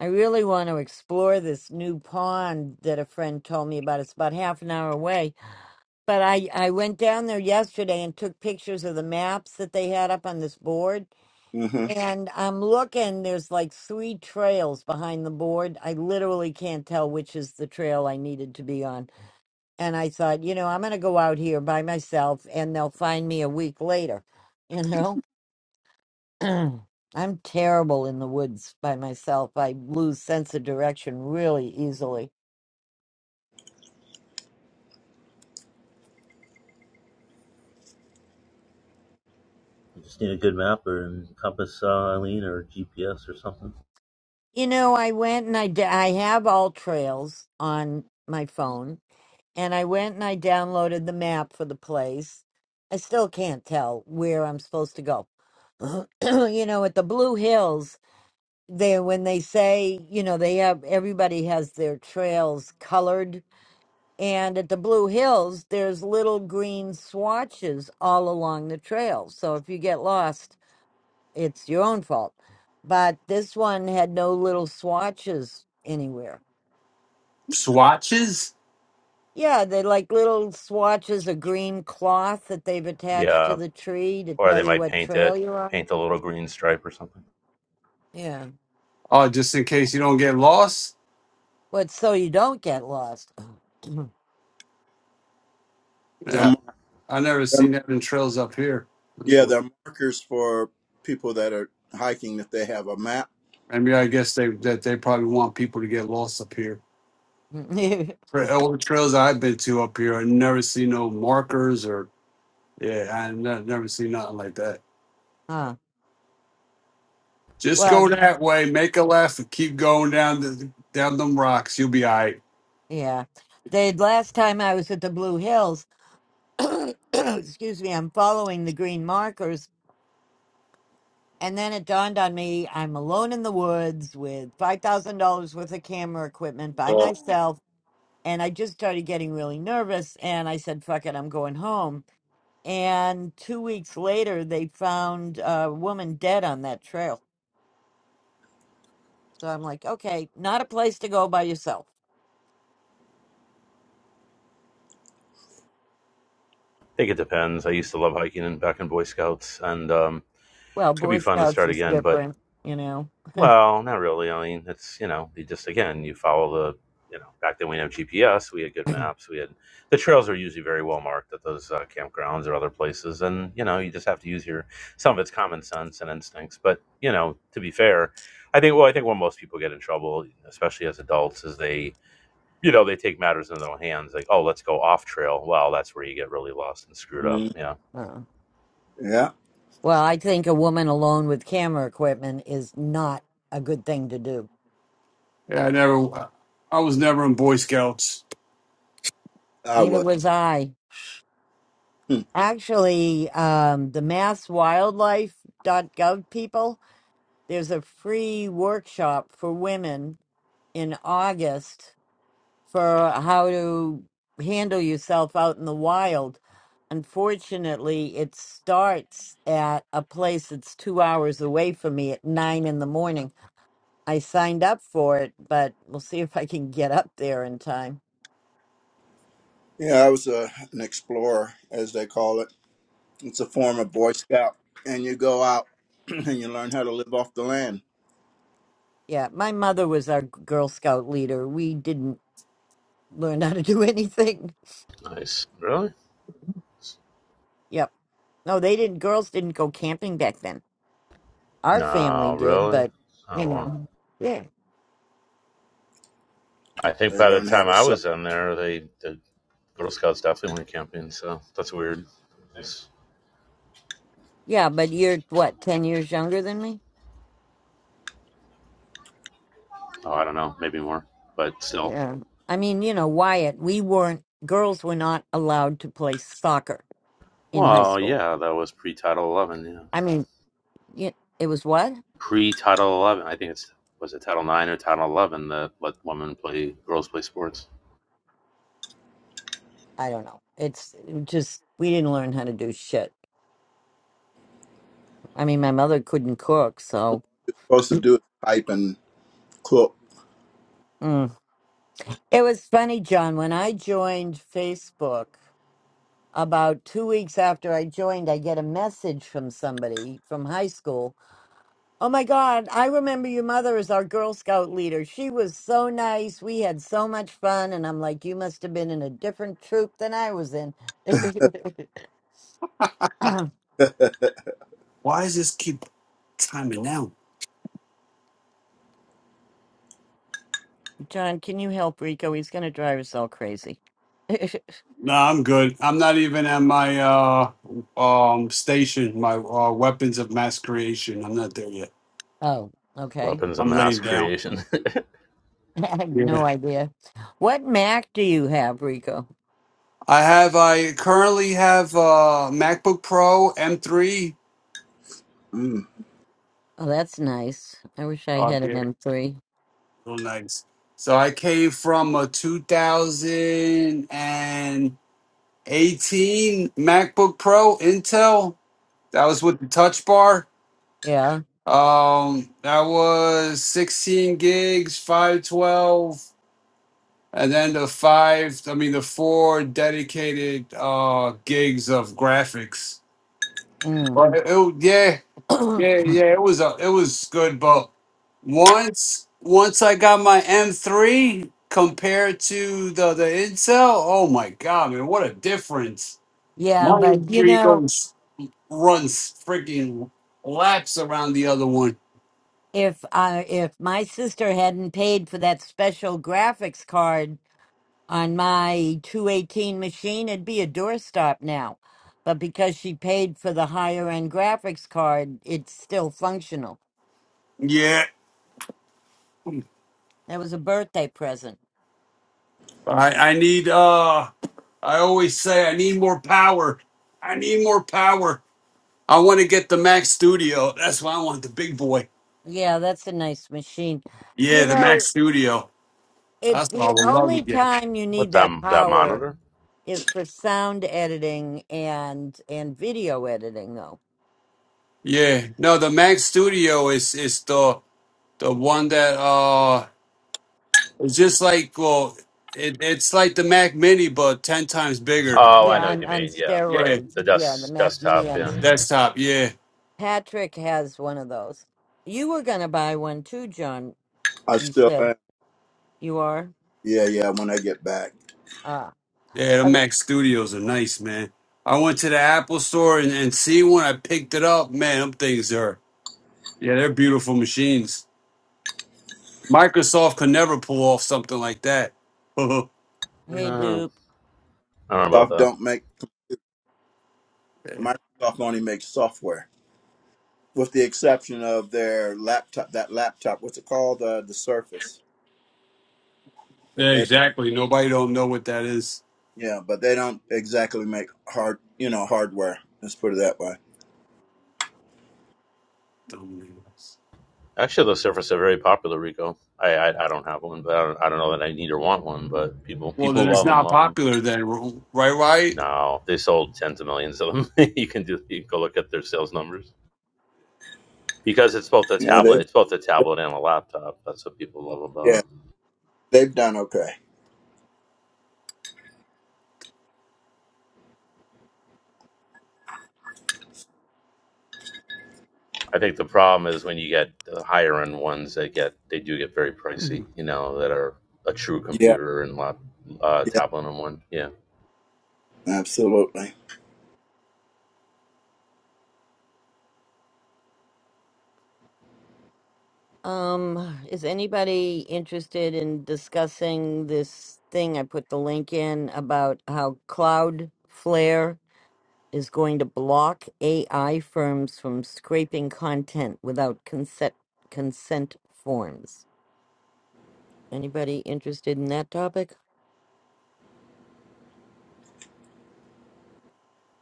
Speaker 2: i really want to explore this new pond that a friend told me about it's about half an hour away but i i went down there yesterday and took pictures of the maps that they had up on this board
Speaker 6: Mm-hmm.
Speaker 2: and i'm looking there's like three trails behind the board i literally can't tell which is the trail i needed to be on and I thought, you know, I'm going to go out here by myself and they'll find me a week later. You know, I'm terrible in the woods by myself. I lose sense of direction really easily.
Speaker 4: You just need a good map or and compass, uh, Eileen, or GPS or something.
Speaker 2: You know, I went and I d- I have all trails on my phone and I went and I downloaded the map for the place. I still can't tell where I'm supposed to go. you know, at the Blue Hills they when they say you know they have everybody has their trails colored and at the blue hills there's little green swatches all along the trail so if you get lost it's your own fault but this one had no little swatches anywhere
Speaker 1: Swatches?
Speaker 2: yeah they like little swatches of green cloth that they've attached to
Speaker 4: Yeah,
Speaker 2: the tree to
Speaker 4: or
Speaker 2: tell
Speaker 4: they
Speaker 2: you
Speaker 4: might
Speaker 2: what
Speaker 4: paint it,
Speaker 2: trail you're on
Speaker 4: paint a little green stripe or something.
Speaker 2: yeah
Speaker 1: Oh, just in case you don't get lost.
Speaker 2: but so you don't get lost
Speaker 6: They're,
Speaker 1: Yeah,
Speaker 6: mar-
Speaker 1: I never
Speaker 6: they're,
Speaker 1: seen that in trails up here. That's
Speaker 6: yeah,
Speaker 1: weird.
Speaker 6: they're markers for people that are hiking if they have a map.
Speaker 1: Maybe I guess they that they probably want people to get lost up here. For all the trails I've been to up here, I never see no markers or yeah, I ne- never see nothing like that.
Speaker 2: huh.
Speaker 1: Just
Speaker 2: well.
Speaker 1: go that way, make a left, and keep going down the, down them rocks. You'll be all right.
Speaker 2: Yeah. The last time I was at the Blue Hills, excuse me, I'm following the green markers. And then it dawned on me I'm alone in the woods with $5,000 worth of camera equipment by myself. And I just started getting really nervous. And I said, fuck it, I'm going home. And two weeks later, they found a woman dead on that trail. So I'm like, okay, not a place to go by yourself.
Speaker 4: I think it depends. I used to love hiking and back in Boy Scouts, and um,
Speaker 2: Well,
Speaker 4: it could
Speaker 2: Boy
Speaker 4: be fun to
Speaker 2: Scouts
Speaker 4: start
Speaker 2: is
Speaker 4: again. But
Speaker 2: different, you know.
Speaker 4: Well, not really. I mean, it's you know, you just again, you follow the you know, back then we didn't have GPS, we had good maps, we had the trails are usually very well marked at those uh, campgrounds or other places, and you know, you just have to use your some of it's common sense and instincts. But you know, to be fair, I think well, I think where most people get in trouble, especially as adults, is they you know they take matters in their own hands, like oh, let's go off trail. Well, that's where you get really lost and screwed up.
Speaker 6: Mm.
Speaker 4: Yeah,
Speaker 2: Uh.
Speaker 6: Yeah,
Speaker 2: Well, I think a woman alone with camera equipment is not a good thing to do.
Speaker 1: Yeah, I never, I was never in Boy Scouts.
Speaker 6: I
Speaker 2: Neither
Speaker 6: was.
Speaker 2: was I.
Speaker 6: Hmm.
Speaker 2: Actually, um, the masswildlife.gov people, there's a free workshop for women in August for how to handle yourself out in the wild. Unfortunately, it starts at a place that's two hours away from me at nine in the morning I signed up for it, but we'll see if I can get up there in time.
Speaker 6: Yeah, I was a, an explorer, as they call it. It's a form of Boy Scout. And you go out and you learn how to live off the land.
Speaker 2: Yeah, my mother was our Girl Scout leader. We didn't learn how to do anything.
Speaker 4: Nice. really?
Speaker 2: Yep. No, they didn't. Girls didn't go camping back then. Our family
Speaker 4: No,
Speaker 2: did,
Speaker 4: really?
Speaker 2: but you
Speaker 4: Oh well.
Speaker 2: know, yeah,
Speaker 4: I think
Speaker 6: They
Speaker 4: by the
Speaker 6: learn how
Speaker 4: time
Speaker 6: to
Speaker 4: I
Speaker 6: sew.
Speaker 4: was in there, they the Girl Scouts definitely went camping. So that's weird. It's-
Speaker 2: yeah. But you're what ten years younger than me.
Speaker 4: oh, I don't know, maybe more, but still.
Speaker 2: Yeah. I mean, you know, Wyatt. We weren't. Girls were not allowed to play soccer in high
Speaker 4: Well,
Speaker 2: school.
Speaker 4: yeah, that was pre Title Eleven. Yeah,
Speaker 2: I mean, y- it was what?
Speaker 4: pre Title Eleven. I think it's was it Title Nine or Title Eleven that let women play girls play sports.
Speaker 2: I don't know. It's just we didn't learn how to do shit. I mean, my mother couldn't cook, so
Speaker 6: You're supposed to do is pipe and cook.
Speaker 2: mm. it was funny, John. When I joined Facebook, about two weeks after I joined, I get a message from somebody from high school. Oh my God, I remember your mother as our Girl Scout leader. She was so nice. We had so much fun. And I'm like, you must have been in a different troop than I was in.
Speaker 1: Why does this keep timing out?
Speaker 2: John, can you help Rico? He's going to drive us all crazy.
Speaker 1: No, I'm good. I'm not even at my uh um station, my uh, weapons of mass creation. I'm not there yet.
Speaker 2: oh, okay.
Speaker 4: Weapons of
Speaker 1: I'm
Speaker 4: mass
Speaker 1: laying down.
Speaker 4: creation.
Speaker 2: I have no
Speaker 1: Yeah.
Speaker 2: idea. What Mac do you have, Rico?
Speaker 1: I have I currently have uh MacBook Pro M3
Speaker 6: Mm,
Speaker 2: Oh, that's nice. I wish I
Speaker 1: Oh,
Speaker 2: had an
Speaker 1: yeah.
Speaker 2: M3.
Speaker 1: so nice. So I came from a 2018 MacBook Pro Intel. That was with the touch bar.
Speaker 2: Yeah.
Speaker 1: Um, that was 16 gigs, 512, and then the five, I mean, the four dedicated uh gigs of graphics.
Speaker 2: Mm.
Speaker 1: Right. It- it- yeah. Yeah, yeah, it was a, it was good, but once once I got my M3 compared to the the Intel, oh my god, man, what a difference!
Speaker 2: yeah,
Speaker 1: My
Speaker 2: but you
Speaker 1: M3
Speaker 2: know,
Speaker 1: goes runs freaking laps around the other one.
Speaker 2: if I if my sister hadn't paid for that special graphics card on my 218 machine, it'd be a doorstop now. But because she paid for the higher end graphics card, it's still functional.
Speaker 1: Yeah,
Speaker 2: That was a birthday present.
Speaker 1: I I need uh, I always say I need more power. I need more power. I want to get the Mac Studio. That's why I want the big boy.
Speaker 2: Yeah, that's a nice machine.
Speaker 1: Yeah,
Speaker 2: You
Speaker 1: the
Speaker 2: know,
Speaker 1: Mac Studio.
Speaker 2: It's
Speaker 1: That's what I
Speaker 2: the
Speaker 1: would love to
Speaker 2: only
Speaker 1: get.
Speaker 2: time you
Speaker 4: what
Speaker 2: need
Speaker 4: that
Speaker 2: that
Speaker 4: that
Speaker 2: power
Speaker 4: monitor?
Speaker 2: is for sound editing and and video editing though.
Speaker 1: Yeah, no, the Mac Studio is is the the one that uh it's just like well, it, it's like the Mac Mini but ten times bigger.
Speaker 4: Oh, I
Speaker 2: Yeah,
Speaker 4: know what
Speaker 2: on,
Speaker 4: you
Speaker 2: on
Speaker 4: mean. Yeah,
Speaker 1: Yeah,
Speaker 4: right.
Speaker 2: steroids.
Speaker 4: The
Speaker 2: Yeah, the
Speaker 4: desk
Speaker 2: Mac
Speaker 4: desktop.
Speaker 2: Mini on
Speaker 4: Yeah.
Speaker 2: s-
Speaker 1: desktop. Yeah,
Speaker 2: Patrick has one of those. You were gonna buy one too, John.
Speaker 6: I
Speaker 2: You
Speaker 6: still
Speaker 2: said
Speaker 6: am.
Speaker 2: you are.
Speaker 6: Yeah, yeah, when I get back.
Speaker 2: Ah,
Speaker 1: yeah, the
Speaker 2: other-
Speaker 1: Mac Studios are nice, man. I went to the Apple store and, and see when I picked it up, man, them things are yeah, they're beautiful machines. Microsoft could never pull off something like that. yeah,
Speaker 2: hey,
Speaker 4: Uh,
Speaker 2: Dupe.
Speaker 4: I don't know about
Speaker 6: Soft
Speaker 4: that.
Speaker 6: don't make, Microsoft only makes software. With the exception of their laptop, that laptop, what's it called? The the Surface. But they,
Speaker 1: exactly. Nobody don't know what that is.
Speaker 6: yeah, but they don't exactly make hard, you know, hardware. Let's put it that way.
Speaker 1: Dumb names.
Speaker 4: Actually, those surfaces are very popular, Rico. I, I I don't have one, but I don't, I don't know that I need or want one. But people
Speaker 1: Well, then
Speaker 4: people
Speaker 1: it's
Speaker 4: love them,
Speaker 1: not
Speaker 4: love them.
Speaker 1: popular then, r- right? Right?
Speaker 4: No, they sold tens of millions of them. you can do you can go look at their sales numbers because it's both a
Speaker 6: Yeah,
Speaker 4: tablet,
Speaker 6: they,
Speaker 4: it's both a tablet and a laptop. That's what people love
Speaker 6: yeah,
Speaker 4: about it.
Speaker 6: they've done okay.
Speaker 4: I think the problem is when you get the higher end ones, they get they do get very pricey. You know that are a true
Speaker 6: Yeah,
Speaker 4: computer and lap uh,
Speaker 6: yeah,
Speaker 4: tablet and one. Yeah,
Speaker 6: absolutely.
Speaker 2: Um, is anybody interested in discussing this thing? I put the link in about how Cloudflare is going to block AI firms from scraping content without consent consent forms. Anybody interested in that topic?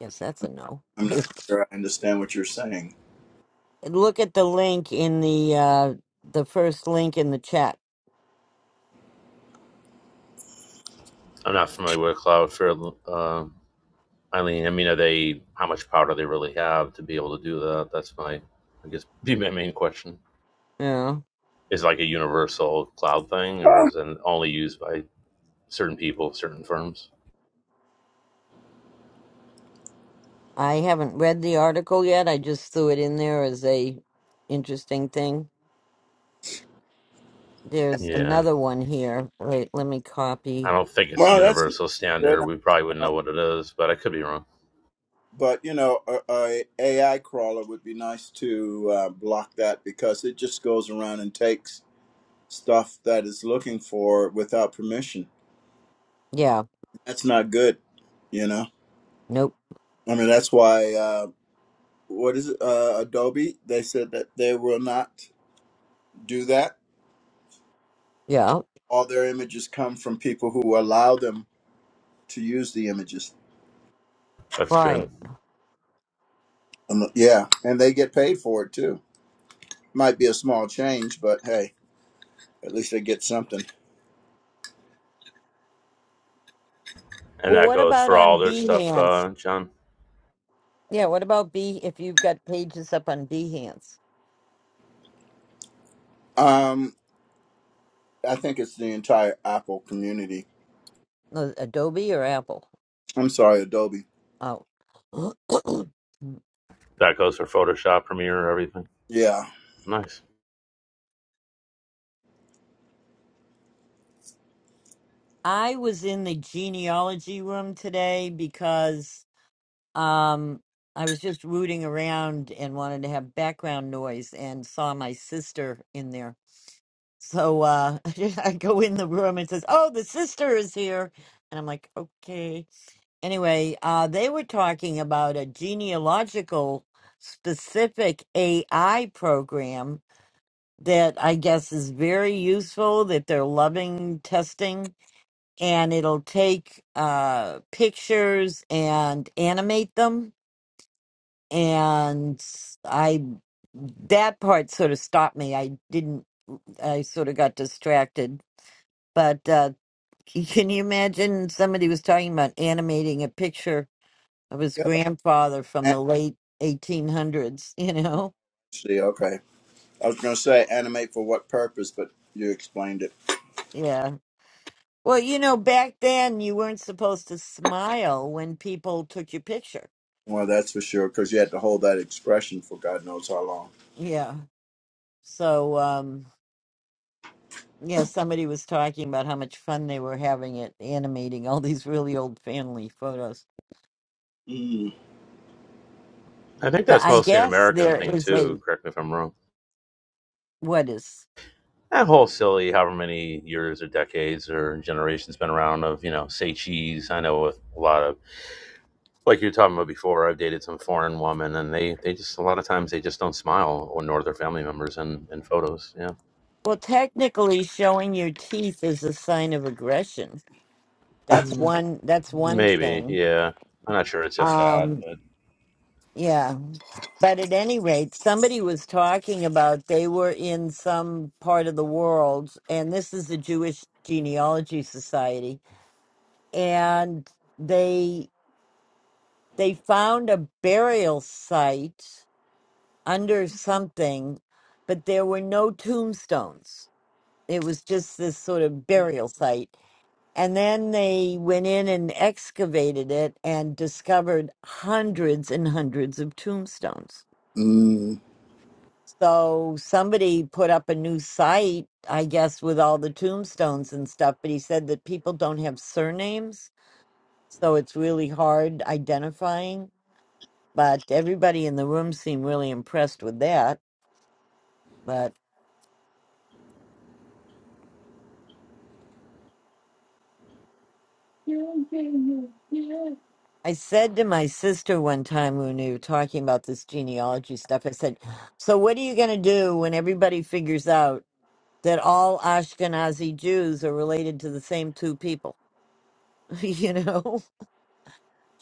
Speaker 2: Yes, that's a no.
Speaker 6: I'm not sure I understand what you're saying.
Speaker 2: Look at the link in the uh the first link in the chat.
Speaker 4: I'm not familiar with Cloudflare. Uh, I mean, I mean, are they? How much power do they really have to be able to do that? That's my, I guess, be my main question.
Speaker 2: Yeah.
Speaker 4: Is it like a universal cloud thing, or
Speaker 6: Oh,
Speaker 4: is it only used by certain people, certain firms?
Speaker 2: I haven't read the article yet. I just threw it in there as a interesting thing. There's
Speaker 4: Yeah,
Speaker 2: another one here. Wait, let me
Speaker 4: I
Speaker 2: copy.
Speaker 4: don't think it's a
Speaker 6: well, that's
Speaker 4: universal
Speaker 6: good.
Speaker 4: standard. We probably wouldn't know what it is, but I could be wrong.
Speaker 6: But, you know, a, a AI crawler would be nice to uh, block that because it just goes around and takes stuff that is looking for without permission.
Speaker 2: Yeah.
Speaker 6: That's not good, you know?
Speaker 2: Nope.
Speaker 6: I mean, that's why, uh, what is it, uh, Adobe? They said that they will not do that.
Speaker 2: Yeah.
Speaker 6: All their images come from people who allow them to use the images.
Speaker 4: That's good,
Speaker 2: Right.
Speaker 6: Um, yeah, and they get paid for it too. might be a small change, but hey, at least they get something.
Speaker 4: and
Speaker 2: Well,
Speaker 4: that
Speaker 2: what
Speaker 4: goes
Speaker 2: about
Speaker 4: for all
Speaker 2: on
Speaker 4: their stuff,
Speaker 2: Behance?
Speaker 4: uh, John.
Speaker 2: Yeah, what about B if you've got pages up on Behance?
Speaker 6: Um, I think it's the entire Apple community.
Speaker 2: No, Adobe or Apple?
Speaker 6: I'm sorry, Adobe.
Speaker 2: Oh.
Speaker 4: That goes for Photoshop, Premiere, everything.
Speaker 6: Yeah.
Speaker 4: Nice.
Speaker 2: I was in the genealogy room today because um I was just rooting around and wanted to have background noise and saw my sister in there. So uh I go in the room and says, "Oh, the sister is here." And I'm like, "Okay." Anyway, uh, they were talking about a genealogical specific AI program that I guess is very useful, that they're loving testing, and it'll take uh, pictures and animate them. And I, that part sort of stopped me. I didn't, I sort of got distracted. But uh, can you imagine somebody was talking about animating a picture? of his
Speaker 6: Yeah.
Speaker 2: grandfather from
Speaker 6: an-
Speaker 2: the late 1800s, you know?
Speaker 6: See, okay. I was going to say animate for what purpose, but you explained it.
Speaker 2: Yeah. Well, you know, back then you weren't supposed to smile when people took your picture.
Speaker 6: Well, that's for sure, because you had to hold that expression for God knows how long.
Speaker 2: Yeah. So, um, yeah, somebody was talking about how much fun they were having at animating all these really old family photos.
Speaker 6: Mm.
Speaker 4: I think
Speaker 2: But
Speaker 4: that's
Speaker 2: I
Speaker 6: So-
Speaker 4: mostly an
Speaker 2: guess
Speaker 4: American
Speaker 2: there
Speaker 4: thing
Speaker 2: is
Speaker 4: too.
Speaker 2: a,
Speaker 4: Correct me if I'm wrong.
Speaker 2: what is,
Speaker 4: that whole silly however many years or decades or generations been around of you know say cheese i know with a lot of like you were talking about before i've dated some foreign woman and they they just a lot of times they just don't smile or nor their family members in in photos yeah
Speaker 2: well, technically showing your teeth is a sign of aggression. That's
Speaker 4: mm,
Speaker 2: one, that's one
Speaker 4: maybe
Speaker 2: thing.
Speaker 4: yeah i'm not sure it's just that
Speaker 2: Um,
Speaker 4: but
Speaker 2: yeah. But at any rate, somebody was talking about they were in some part of the world, and this is the Jewish Genealogy Society, and they they found a burial site under something, but there were no tombstones. It was just this sort of burial site. And then they went in and excavated it and discovered hundreds and hundreds of tombstones
Speaker 6: Mm.
Speaker 2: So somebody put up a new site, I guess, with all the tombstones and stuff, but he said that people don't have surnames, so it's really hard identifying. But everybody in the room seemed really impressed with that. But I said to my sister one time when we were talking about this genealogy stuff, I said, So what are you going to do when everybody figures out that all Ashkenazi Jews are related to the same two people? you know?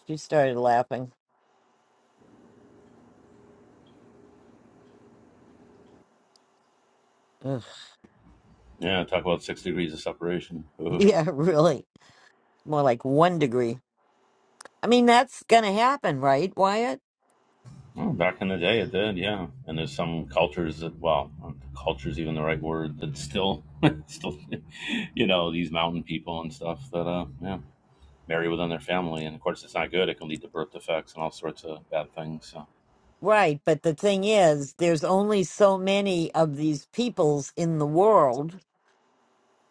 Speaker 2: She started laughing.
Speaker 4: yeah talk about six degrees of separation Ugh.
Speaker 2: Yeah, really. More like one degree. I mean, that's going to happen, right, Wyatt?
Speaker 4: Well, back in the day it did yeah and there's some cultures that well culture's even the right word that still still you know these mountain people and stuff that uh yeah marry within their family. And of course, it's not good. It can lead to birth defects and all sorts of bad things. So
Speaker 2: Right. But the thing is, there's only so many of these peoples in the world.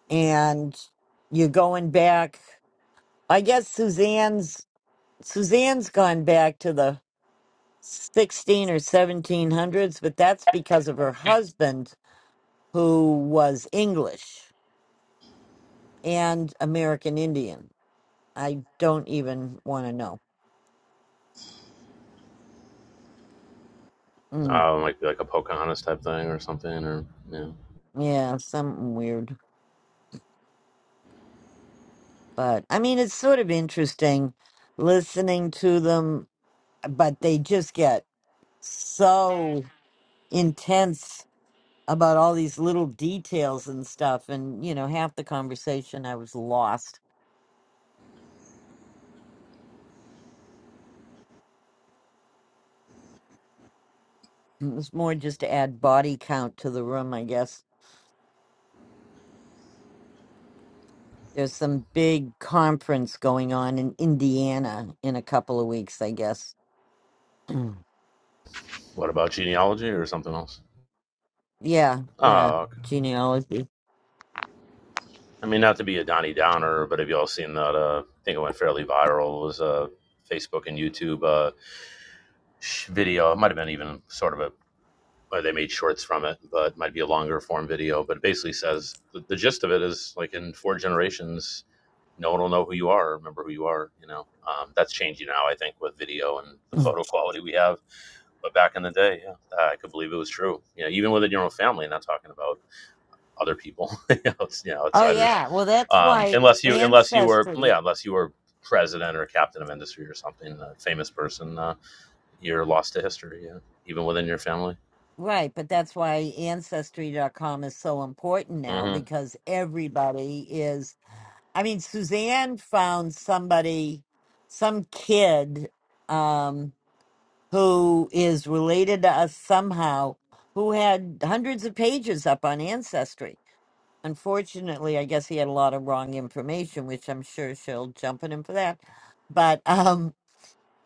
Speaker 2: And you're going back, I guess Suzanne's. Suzanne's gone back to the 16 or 1700s, but that's because of her husband, who was English and American Indian. I don't even want to know. Mm,
Speaker 4: uh, it might be like a Pocahontas type thing or something. Or you know,
Speaker 2: yeah, something weird. But I mean, it's sort of interesting listening to them, but they just get so intense about all these little details and stuff. And, you know, half the conversation I was lost. It was more just to add body count to the room, I guess. There's some big conference going on in Indiana in a couple of weeks, I guess. Mm.
Speaker 4: what about genealogy or something else?
Speaker 2: yeah, yeah,
Speaker 4: Oh, okay.
Speaker 2: genealogy.
Speaker 4: I mean, not to be a Donnie Downer, but have you all seen that? Uh, I think it went fairly viral. It was a Facebook and YouTube uh, video. It might have been even sort of a or they made shorts from it, but it might be a longer form video. But it basically says the, the gist of it is like in four generations, no one will know who you are or remember who you are. You know, um, that's changing now, I think, with video and the
Speaker 2: Mm.
Speaker 4: photo quality we have. But back in the day, yeah, I could believe it was true. You know, even within your own family, not talking about other people, you know, it's, you know
Speaker 2: oh,
Speaker 4: outsiders.
Speaker 2: yeah. Well, that's
Speaker 4: Um,
Speaker 2: why
Speaker 4: unless you, unless you were,
Speaker 2: ancestry
Speaker 4: yeah, unless you were president or captain of industry or something, a famous person, uh, you're lost to history. Yeah, even within your family.
Speaker 2: Right, but that's why ancestry.com is so important now
Speaker 4: hmm
Speaker 2: because everybody is I mean Suzanne found somebody some kid um who is related to us somehow who had hundreds of pages up on ancestry. Unfortunately, I guess he had a lot of wrong information, which I'm sure she'll jump at him for that. But um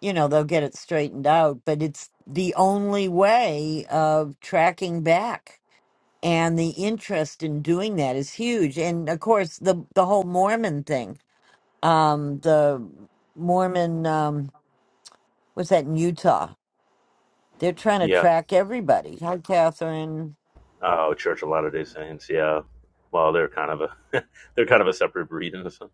Speaker 2: you know, they'll get it straightened out, but it's the only way of tracking back and the interest in doing that is huge and of course the the whole mormon thing um the mormon um what's that in utah they're trying to
Speaker 4: Yeah.
Speaker 2: track everybody hi catherine
Speaker 4: Oh, Church of Latter Day Saints. Yeah. Well, they're kind of a they're kind of a separate breed in a sense.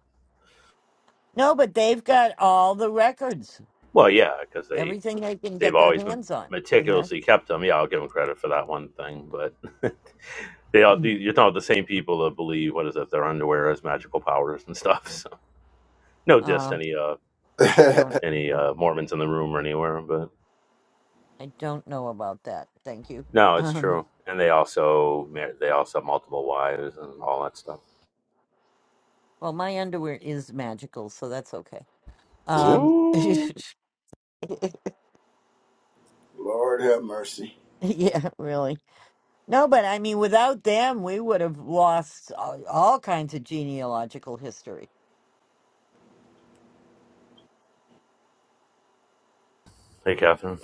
Speaker 2: no but they've got all the records
Speaker 4: Well, yeah, because they
Speaker 2: everything they can
Speaker 4: they've
Speaker 2: get their
Speaker 4: always
Speaker 2: hands on you know
Speaker 4: meticulously kept them. Yeah, I'll give them credit for that one thing. But they all the- you're talking about the same people that believe what is it? Their underwear has magical powers and stuff. So no diss
Speaker 2: uh
Speaker 4: any uh
Speaker 2: i don't
Speaker 4: any
Speaker 2: i,
Speaker 4: uh, Mormons in the room or anywhere, but
Speaker 2: I don't know about that thank you
Speaker 4: no, it's
Speaker 2: um
Speaker 4: true. And they also mar- they also have multiple wives and all that stuff.
Speaker 2: well my underwear is magical so that's okay um
Speaker 4: Ooh.
Speaker 6: Lord have mercy.
Speaker 2: yeah really No, but I mean, without them, we would have lost all, all kinds of genealogical history.
Speaker 4: Hey, Catherine.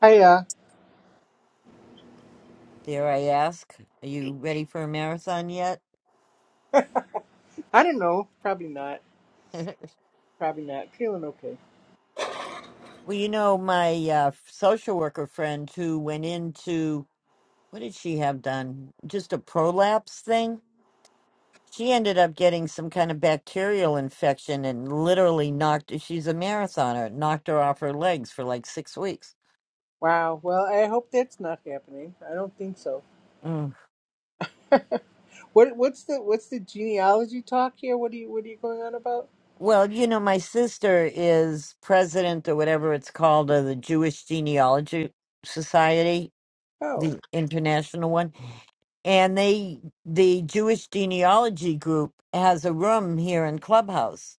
Speaker 8: I uh,
Speaker 2: Dare I ask, are you ready for a marathon yet?
Speaker 8: I don't know. Probably not.
Speaker 2: well,
Speaker 8: Probably not. Feeling okay.
Speaker 2: you know, my uh, social worker friend who went into what did she have done? Just a prolapse thing? She ended up getting some kind of bacterial infection and literally knocked, she's a marathoner, knocked her off her legs for like six weeks.
Speaker 8: Wow. Well, I hope that's not happening. I don't think so.
Speaker 2: Mm.
Speaker 8: What what's the what's the genealogy talk here? What are you what are you going on about?
Speaker 2: Well, you know, my sister is president or whatever it's called of the Jewish Genealogy Society,
Speaker 8: Oh,
Speaker 2: the international one, and they the Jewish Genealogy group has a room here in Clubhouse.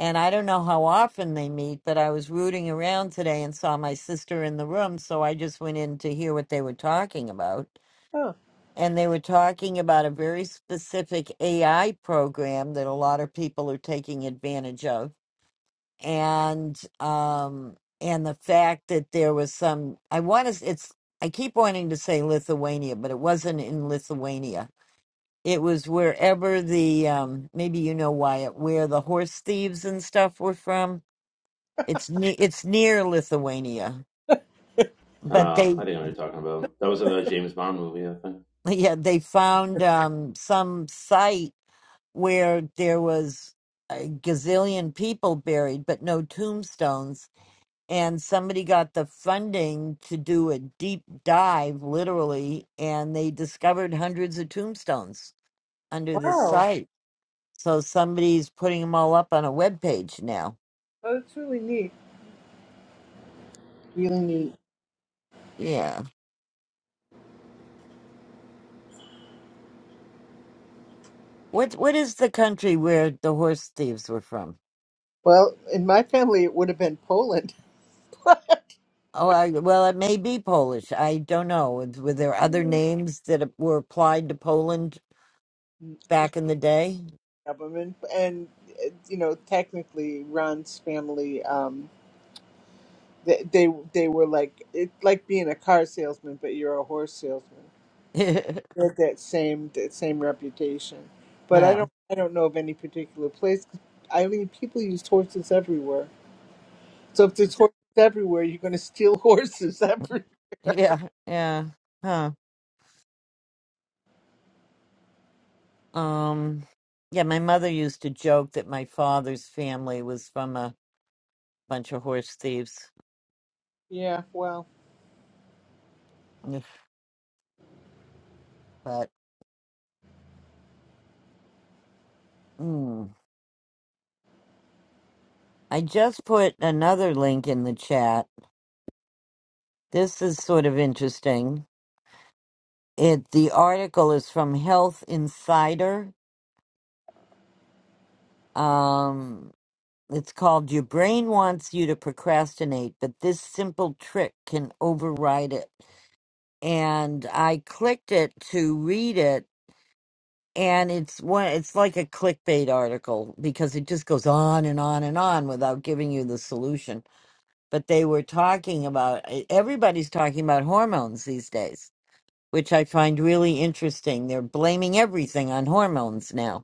Speaker 2: And I don't know how often they meet, but I was rooting around today and saw my sister in the room, so I just went in to hear what they were talking about.
Speaker 8: oh,
Speaker 2: And they were talking about a very specific AI program that a lot of people are taking advantage of and um and the fact that there was some i want to it's i keep wanting to say lithuania but it wasn't in lithuania it was wherever the um maybe you know wyatt where the horse thieves and stuff were from it's ne- it's near lithuania but
Speaker 4: Uh,
Speaker 2: they
Speaker 4: I didn't know what you're talking about. That was another James Bond movie, I think.
Speaker 2: yeah they found um some site where there was a gazillion people buried but no tombstones and somebody got the funding to do a deep dive literally and they discovered hundreds of tombstones under this
Speaker 8: wow.
Speaker 2: site so somebody's putting them all up on a web page now
Speaker 8: Oh, that's really neat. Really neat.
Speaker 2: yeah what what is the country where the horse thieves were from
Speaker 8: Well, in my family, it would have been Poland,
Speaker 2: oh I, well it may be polish i don't know It's- were there other names that were applied to poland back in the day
Speaker 8: government, and uh, you know, technically, Ron's family. Um, they they, they were like it's like being a car salesman, but you're a horse salesman.
Speaker 2: yeah
Speaker 8: with that same that same reputation. But I don't I don't know of any particular place. I mean, people use horses everywhere. So if there's horses everywhere, you're going to steal horses every.
Speaker 2: yeah yeah huh Um, yeah, my mother used to joke that my father's family was from a bunch of horse thieves.
Speaker 8: Yeah, well,
Speaker 2: Ugh, But mm. I just put another link in the chat. This is sort of interesting. It the article is from Health Insider. Um, it's called "Your Brain Wants You to Procrastinate, but this simple trick can override it." And I clicked it to read it and it's one it's like a clickbait article because it just goes on and on and on without giving you the solution but they were talking about e- everybody's talking about hormones these days which i find really interesting they're blaming everything on hormones now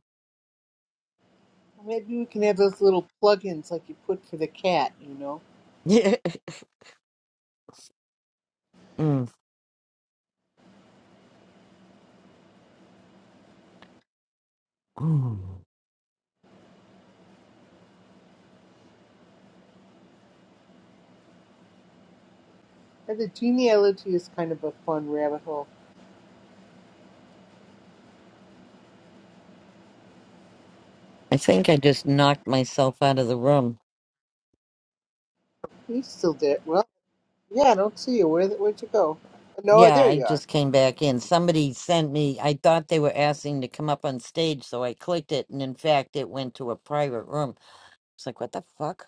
Speaker 8: maybe we can have those little plugins like you put for the cat. You know,
Speaker 2: Mm. Mm.
Speaker 8: and the genealogy is kind of a fun rabbit hole.
Speaker 2: i think i just knocked myself out of the room
Speaker 8: You still there? Well, yeah, I don't see you. Where where'd you go? Oh, No,
Speaker 2: yeah
Speaker 8: there
Speaker 2: i
Speaker 8: you are.
Speaker 2: just came back in somebody sent me i thought they were asking to come up on stage so i clicked it and in fact it went to a private room it's like what the fuck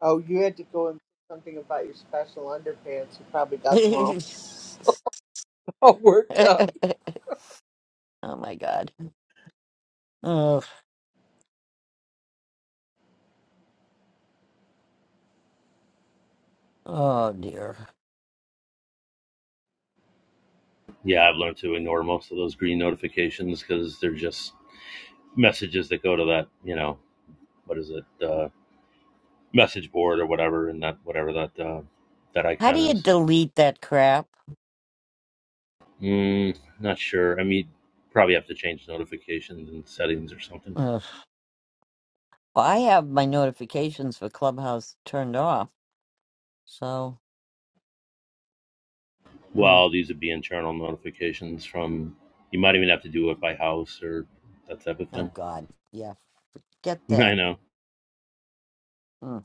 Speaker 8: Oh, you had to go and. put Something about your special underpants. You probably got them all,
Speaker 2: oh
Speaker 8: all worked up.
Speaker 2: my god. Oh, oh dear.
Speaker 4: Yeah, I've learned to ignore most of those green notifications because they're just messages that go to that, you know, what is it? uh, message board or whatever, and that whatever that uh, that
Speaker 2: How do
Speaker 4: icon
Speaker 2: you
Speaker 4: is.
Speaker 2: delete that crap?
Speaker 4: Mm, not sure. I mean, probably have to change notifications and settings or something.
Speaker 2: Ugh. Well, I have my notifications for Clubhouse turned off. So, mm.
Speaker 4: Well, these would be internal notifications from. You might even have to do it by house or that type of
Speaker 2: oh
Speaker 4: thing.
Speaker 2: god. Yeah, get that.
Speaker 4: I know.
Speaker 2: Mm.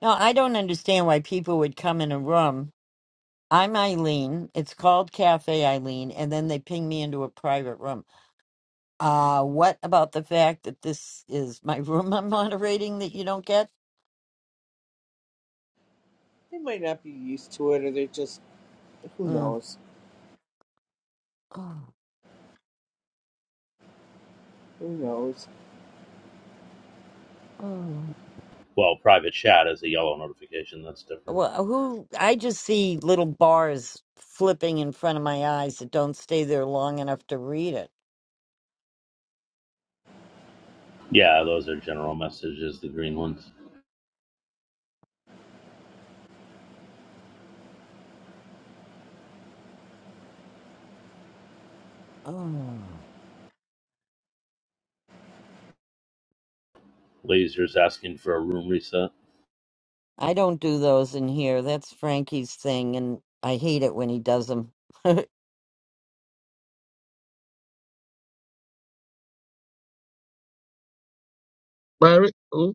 Speaker 2: No, I don't understand why people would come in a room. I'm Eileen. It's called Cafe Eileen, and then they ping me into a private room. Uh, what about the fact that this is my room I'm moderating that you don't get?
Speaker 8: They might not be used to it, or they're just who
Speaker 2: Mm.
Speaker 8: knows? Who knows?
Speaker 2: Oh,
Speaker 4: Well, private chat is a yellow notification. That's different.
Speaker 2: well, uh, who I just see little bars flipping in front of my eyes that don't stay there long enough to read it.
Speaker 4: Yeah, those are general messages. The green ones.
Speaker 2: Oh,
Speaker 4: Lasers asking for a room reset.
Speaker 2: I don't do those in here. That's Frankie's thing, and I hate it when he does them.
Speaker 3: oh,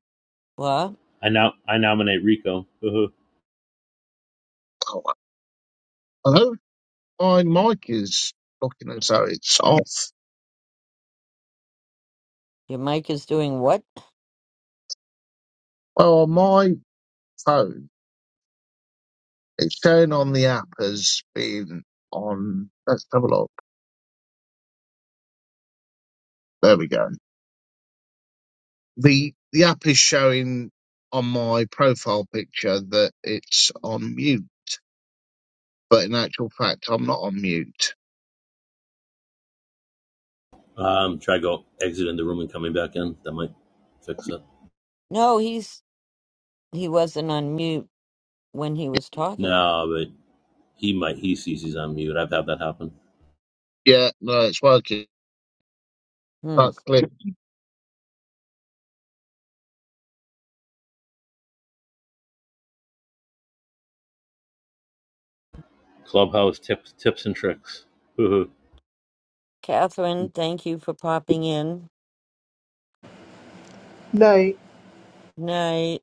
Speaker 2: What?
Speaker 4: I now I nominate Rico.
Speaker 3: oh, hello. My mic is looking as though it's off.
Speaker 2: Your mic is doing what?
Speaker 3: Well, on my phone, it's shown on the app as being on. Let's have a look. There we go. the the app is showing on my profile picture that it's on mute, but in actual fact, I'm not on mute.
Speaker 4: um, try go exiting the room and coming back in. That might fix it.
Speaker 2: No, he's he wasn't on mute when he was talking.
Speaker 4: No, but he might. He sees he's on mute. I've had that happen.
Speaker 3: Yeah, no, it's working.
Speaker 2: Hmm.
Speaker 3: That's clicked.
Speaker 4: Clubhouse tips, tips and tricks. Hoo-hoo.
Speaker 2: Catherine, thank you for popping in.
Speaker 8: Night.
Speaker 2: Night.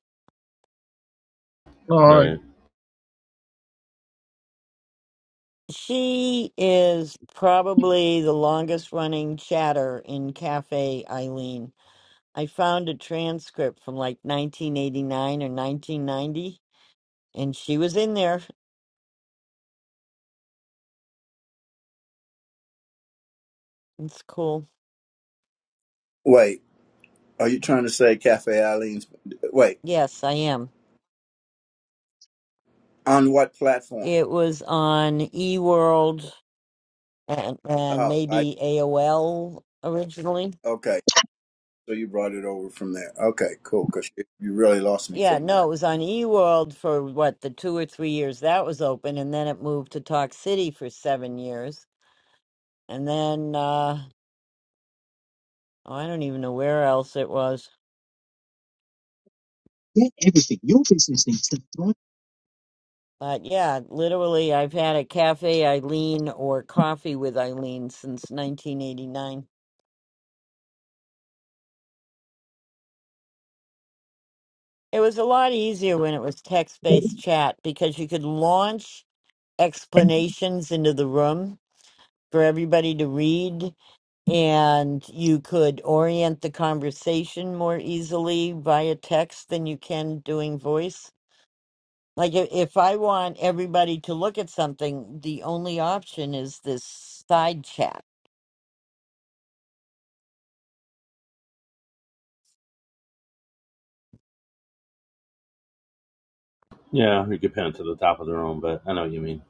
Speaker 3: All
Speaker 4: no,
Speaker 3: right,
Speaker 4: yeah,
Speaker 2: She is probably the longest running chatter in Cafe Eileen. I found a transcript from like 1989 or 1990, and she was in there. It's cool.
Speaker 6: Wait, are you trying to say Cafe Eileen's? Wait,
Speaker 2: Yes, I am.
Speaker 6: on what platform?
Speaker 2: It was on eWorld and, and
Speaker 6: Oh, I
Speaker 2: maybe AOL originally.
Speaker 6: okay. So you brought it over from there. Okay, cool. Because you you really lost me for
Speaker 2: Yeah,
Speaker 6: a
Speaker 2: no,
Speaker 6: minute.
Speaker 2: it was on eWorld for what, the two or three years that was open, and then it moved to Talk City for seven years. And then, uh, Oh, I don't even know where else it was. But yeah, literally, I've had a Cafe Eileen or Coffee with Eileen since 1989. It was a lot easier when it was text based chat because you could launch explanations into the room for everybody to read and you could orient the conversation more easily via text than you can doing voice. Like if, if I want everybody to look at something, the only option is this side chat,
Speaker 4: Yeah, you could pin it to the top of the room, but I know what you mean.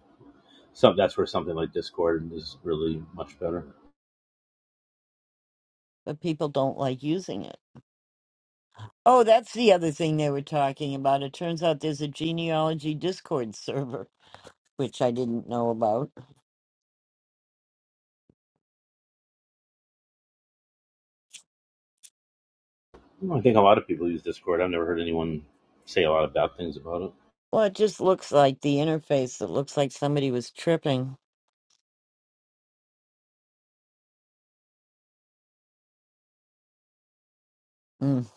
Speaker 4: Some that's where something like Discord is really much better.
Speaker 2: but people don't like using it. Oh, that's the other thing they were talking about. It turns out there's a genealogy Discord server, which I didn't know about.
Speaker 4: Well, I think a lot of people use Discord. I've never heard anyone say a lot of bad things about
Speaker 2: Well, it just looks like the interface. It looks like somebody was tripping. Mm.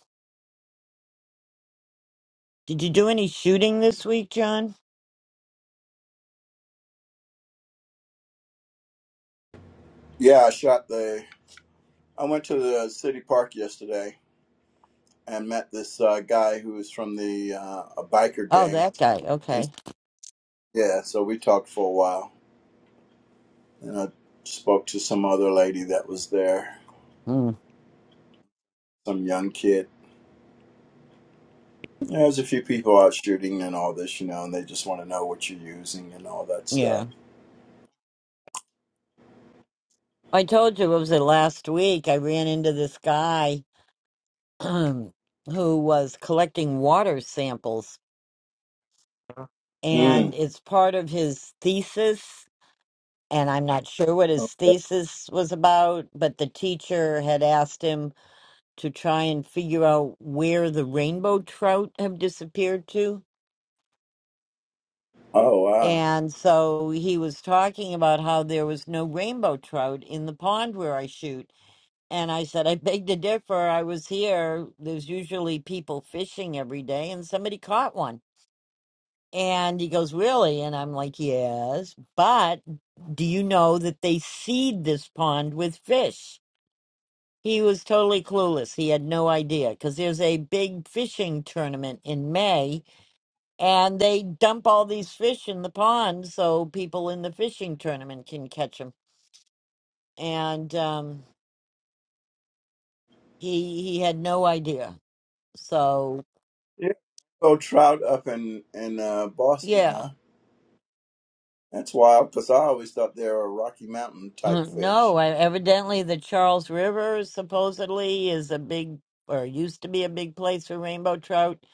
Speaker 2: Did you do any shooting this week, John?
Speaker 6: Yeah, I shot the. I went to the city park yesterday and met this uh, guy who was from the uh, a biker
Speaker 2: Oh,
Speaker 6: gang,
Speaker 2: that guy.
Speaker 6: and s-
Speaker 2: Okay.
Speaker 6: yeah, so we talked for a while, and I spoke to some other lady that was there,
Speaker 2: Mm.
Speaker 6: some young kid. Yeah, There's a few people out shooting and all this, you know, and they just want to know what you're using and all that
Speaker 2: Yeah.
Speaker 6: stuff.
Speaker 2: I told you, what was it last week? I ran into this guy who was collecting water samples,
Speaker 6: Mm.
Speaker 2: and it's part of his thesis. And I'm not sure what his
Speaker 6: Okay.
Speaker 2: thesis was about, but the teacher had asked him to try and figure out where the rainbow trout have disappeared to.
Speaker 6: Oh wow.
Speaker 2: And so he was talking about how there was no rainbow trout in the pond where I shoot. And I said, I beg to differ. I was here. There's usually people fishing every day, and somebody caught one And he goes, Really? And I'm like, Yes. But do you know that they seed this pond with fish? He was totally clueless. He had no idea because there's a big fishing tournament in May and they dump all these fish in the pond so people in the fishing tournament can catch them. And um, he he had no idea. So,
Speaker 6: Yeah. So trout up in in uh, Boston,
Speaker 2: yeah.
Speaker 6: huh? That's wild because I always thought they were Rocky Mountain type
Speaker 2: No,
Speaker 6: fish.
Speaker 2: I, evidently the Charles River supposedly is a big or used to be a big place for rainbow trout,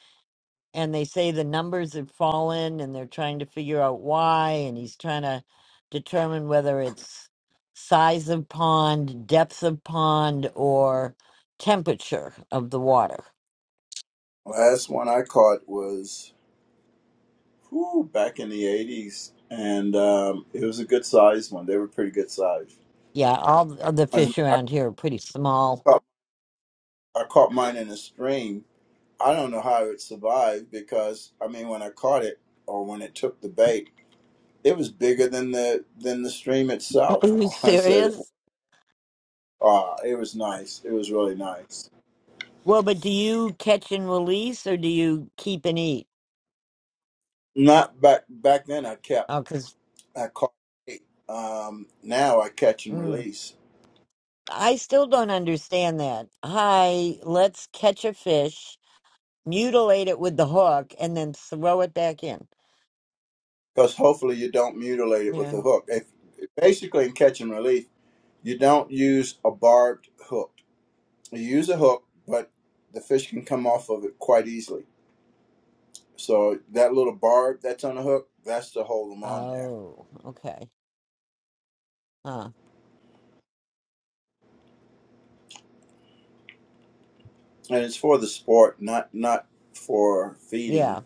Speaker 2: and they say the numbers have fallen and they're trying to figure out why, and he's trying to determine whether it's size of pond, depth of pond, or temperature of the water.
Speaker 6: Last one I caught was whew, back in the 80s, and um, it was a good sized one. They were pretty good sized.
Speaker 2: Yeah, all of the
Speaker 6: I,
Speaker 2: fish
Speaker 6: I,
Speaker 2: around here are pretty small.
Speaker 6: caught, I caught mine in a stream. I don't know how it survived because, I mean, when I caught it or when it took the bait, it was bigger than the than the stream
Speaker 2: Are
Speaker 6: itself.
Speaker 2: you
Speaker 6: I said,
Speaker 2: serious?
Speaker 6: "Ah, it was nice. It was really nice."
Speaker 2: Well, but do you catch and release or do you keep and eat?
Speaker 6: Not back back then. I kept.
Speaker 2: Oh, because.
Speaker 6: I caught eight. Um, now I catch and release
Speaker 2: I still don't understand that. Hi, let's catch a fish, mutilate it with the hook, and then throw it back in.
Speaker 6: because hopefully you don't mutilate it with
Speaker 2: Yeah.
Speaker 6: the hook. If basically in catch and release, you don't use a barbed hook. You use a hook, but the fish can come off of it quite easily. So that little barb that's on the hook, that's to hold them on there,
Speaker 2: Oh, okay. Huh.
Speaker 6: and it's for the sport, not not for feeding.
Speaker 2: Yeah.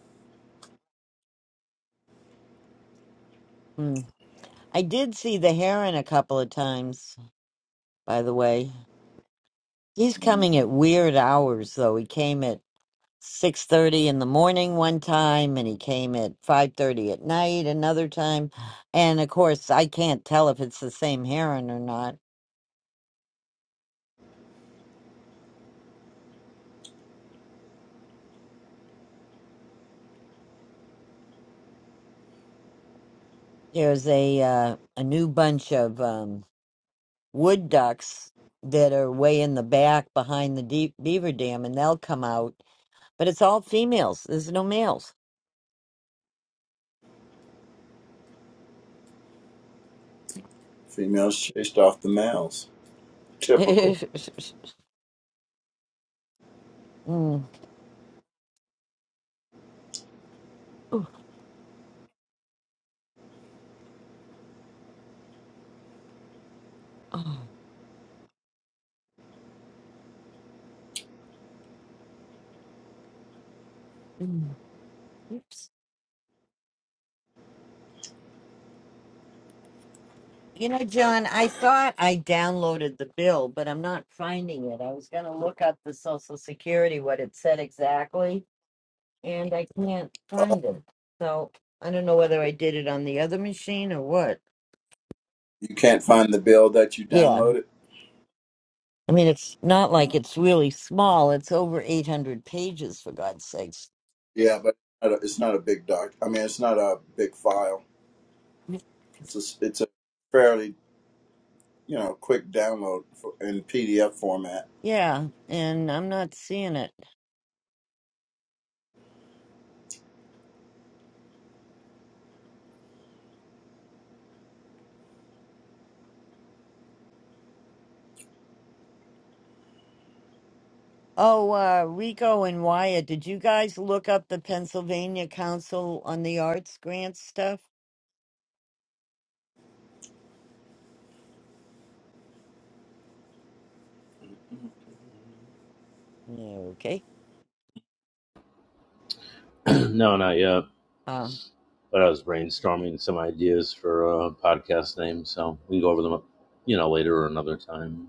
Speaker 2: Hmm. I did see the heron a couple of times, by the way. He's
Speaker 6: hmm
Speaker 2: coming at weird hours though. He came at 6:30 in the morning one time and he came at 5:30 at night another time. And of course, I can't tell if it's the same heron or not There's a uh, a new bunch of um, wood ducks that are way in the back behind the deep beaver dam, and they'll come out. But it's all females. There's no males.
Speaker 6: Females chased off the males. Typical.
Speaker 2: Mm. Ooh, oh, mm. Oops. You know, John, I thought I downloaded the bill, but I'm not finding it. I was going to look up the Social Security, what it said exactly, and I can't
Speaker 6: Uh,
Speaker 2: find it. So I don't know whether I did it on the other machine or what.
Speaker 6: you can't find the bill that you
Speaker 2: Yeah.
Speaker 6: downloaded.
Speaker 2: I mean, it's not
Speaker 6: Oh.
Speaker 2: like it's really small. It's over 800 pages, for God's sakes.
Speaker 6: Yeah, but it's not a, it's not a big doc. I mean, it's not a big file. It's a, it's a fairly you know quick download for, in PDF format.
Speaker 2: Yeah, and I'm not seeing it. Oh, uh, Rico and Wyatt, did you guys look up the Pennsylvania Council on the Arts grant stuff? No, okay.
Speaker 4: it. no, not yet.
Speaker 2: Um,
Speaker 4: But I was brainstorming some ideas for uh, podcast names, so we can go over them, you know, later or another time.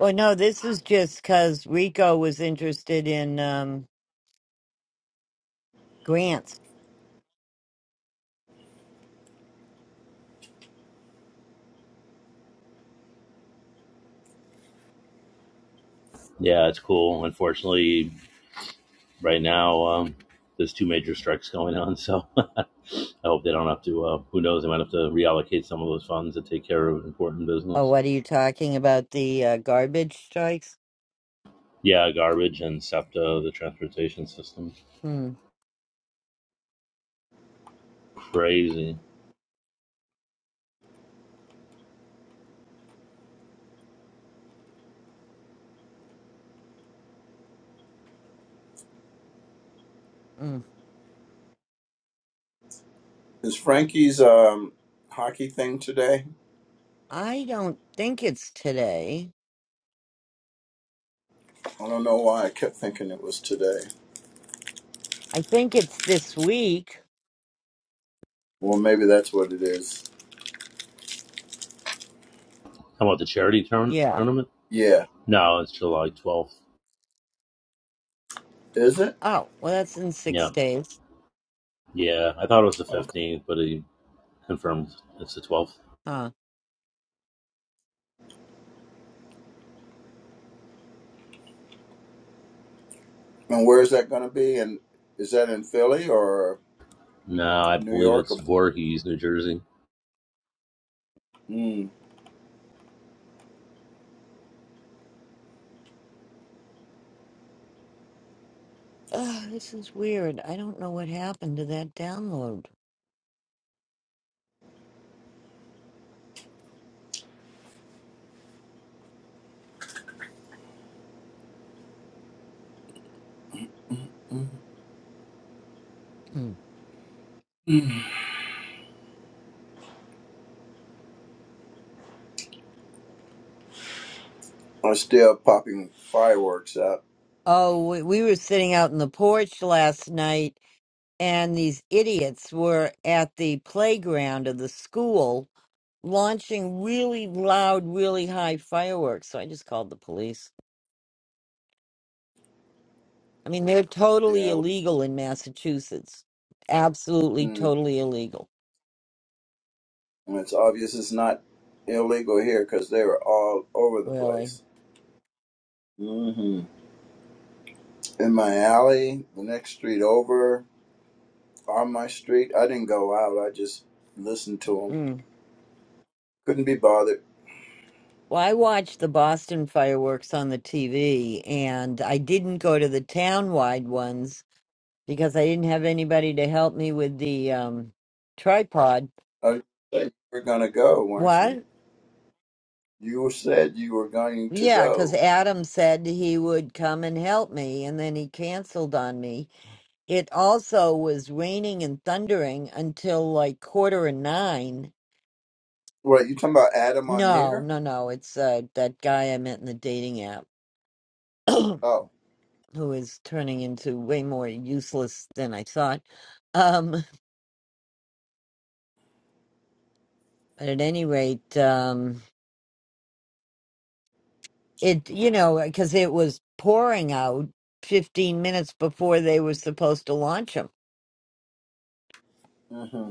Speaker 2: well, no, this is just because Rico was interested in um, grants.
Speaker 4: Yeah, it's cool. Unfortunately, right now um, there's two major strikes going on so i hope they don't have to uh, who knows they might have to reallocate some of those funds to take care of important
Speaker 2: Oh,
Speaker 4: business
Speaker 2: what are you talking about? The uh, garbage strikes?
Speaker 4: yeah garbage and septa the transportation system
Speaker 2: Hmm.
Speaker 4: crazy
Speaker 2: mm.
Speaker 6: Is Frankie's um, hockey thing today?
Speaker 2: I don't think it's today.
Speaker 6: I don't know why I kept thinking it was today.
Speaker 2: I think it's this week.
Speaker 6: Well, maybe that's what it is.
Speaker 4: how about the charity turn
Speaker 2: Yeah.
Speaker 4: tournament
Speaker 6: Yeah,
Speaker 4: no it's july 12th
Speaker 6: is it?
Speaker 2: Oh, well, that's in
Speaker 4: yeah
Speaker 2: six days.
Speaker 4: yeah i thought it was the
Speaker 6: Okay.
Speaker 4: 15th but he confirmed it's the 12th
Speaker 2: Huh.
Speaker 6: And where is that going to be? And is that in Philly or
Speaker 4: no i
Speaker 6: New
Speaker 4: believe
Speaker 6: York?
Speaker 4: it's
Speaker 6: Or,
Speaker 4: Voorhees, new jersey
Speaker 6: mm.
Speaker 2: Ugh, this is weird. I don't know what happened to that download.
Speaker 6: Mm.
Speaker 2: Hmm.
Speaker 6: Mm. I'm still popping fireworks up.
Speaker 2: Oh, we, we were sitting out in the porch last night, and these idiots were at the playground of the school launching really loud, really high fireworks. So I just called the police. I mean, they're totally
Speaker 6: Yeah.
Speaker 2: illegal in Massachusetts. Absolutely,
Speaker 6: Mm.
Speaker 2: totally illegal.
Speaker 6: It's obvious it's not illegal here because they were all over the
Speaker 2: Really.
Speaker 6: place. hmm In my alley, the next street over, on my street. I didn't go out. I just listened to them.
Speaker 2: Mm.
Speaker 6: Couldn't be bothered.
Speaker 2: Well, I watched the Boston fireworks on the TV, and I didn't go to the town-wide ones because I didn't have anybody to help me with the um, tripod.
Speaker 6: I said you were gonna go, weren't you?
Speaker 2: What?
Speaker 6: You said you were going to
Speaker 2: Yeah, because
Speaker 6: go.
Speaker 2: Adam said he would come and help me, and then he canceled on me. It also was raining and thundering until like quarter of nine.
Speaker 6: What you talking about, Adam on
Speaker 2: No,
Speaker 6: here?
Speaker 2: no, no. It's uh, that guy I met in the dating app.
Speaker 6: Oh.
Speaker 2: who is turning into way more useless than I thought. Um, but at any rate, um, it you know because it was pouring out 15 minutes before they were supposed to launch them.
Speaker 6: hmm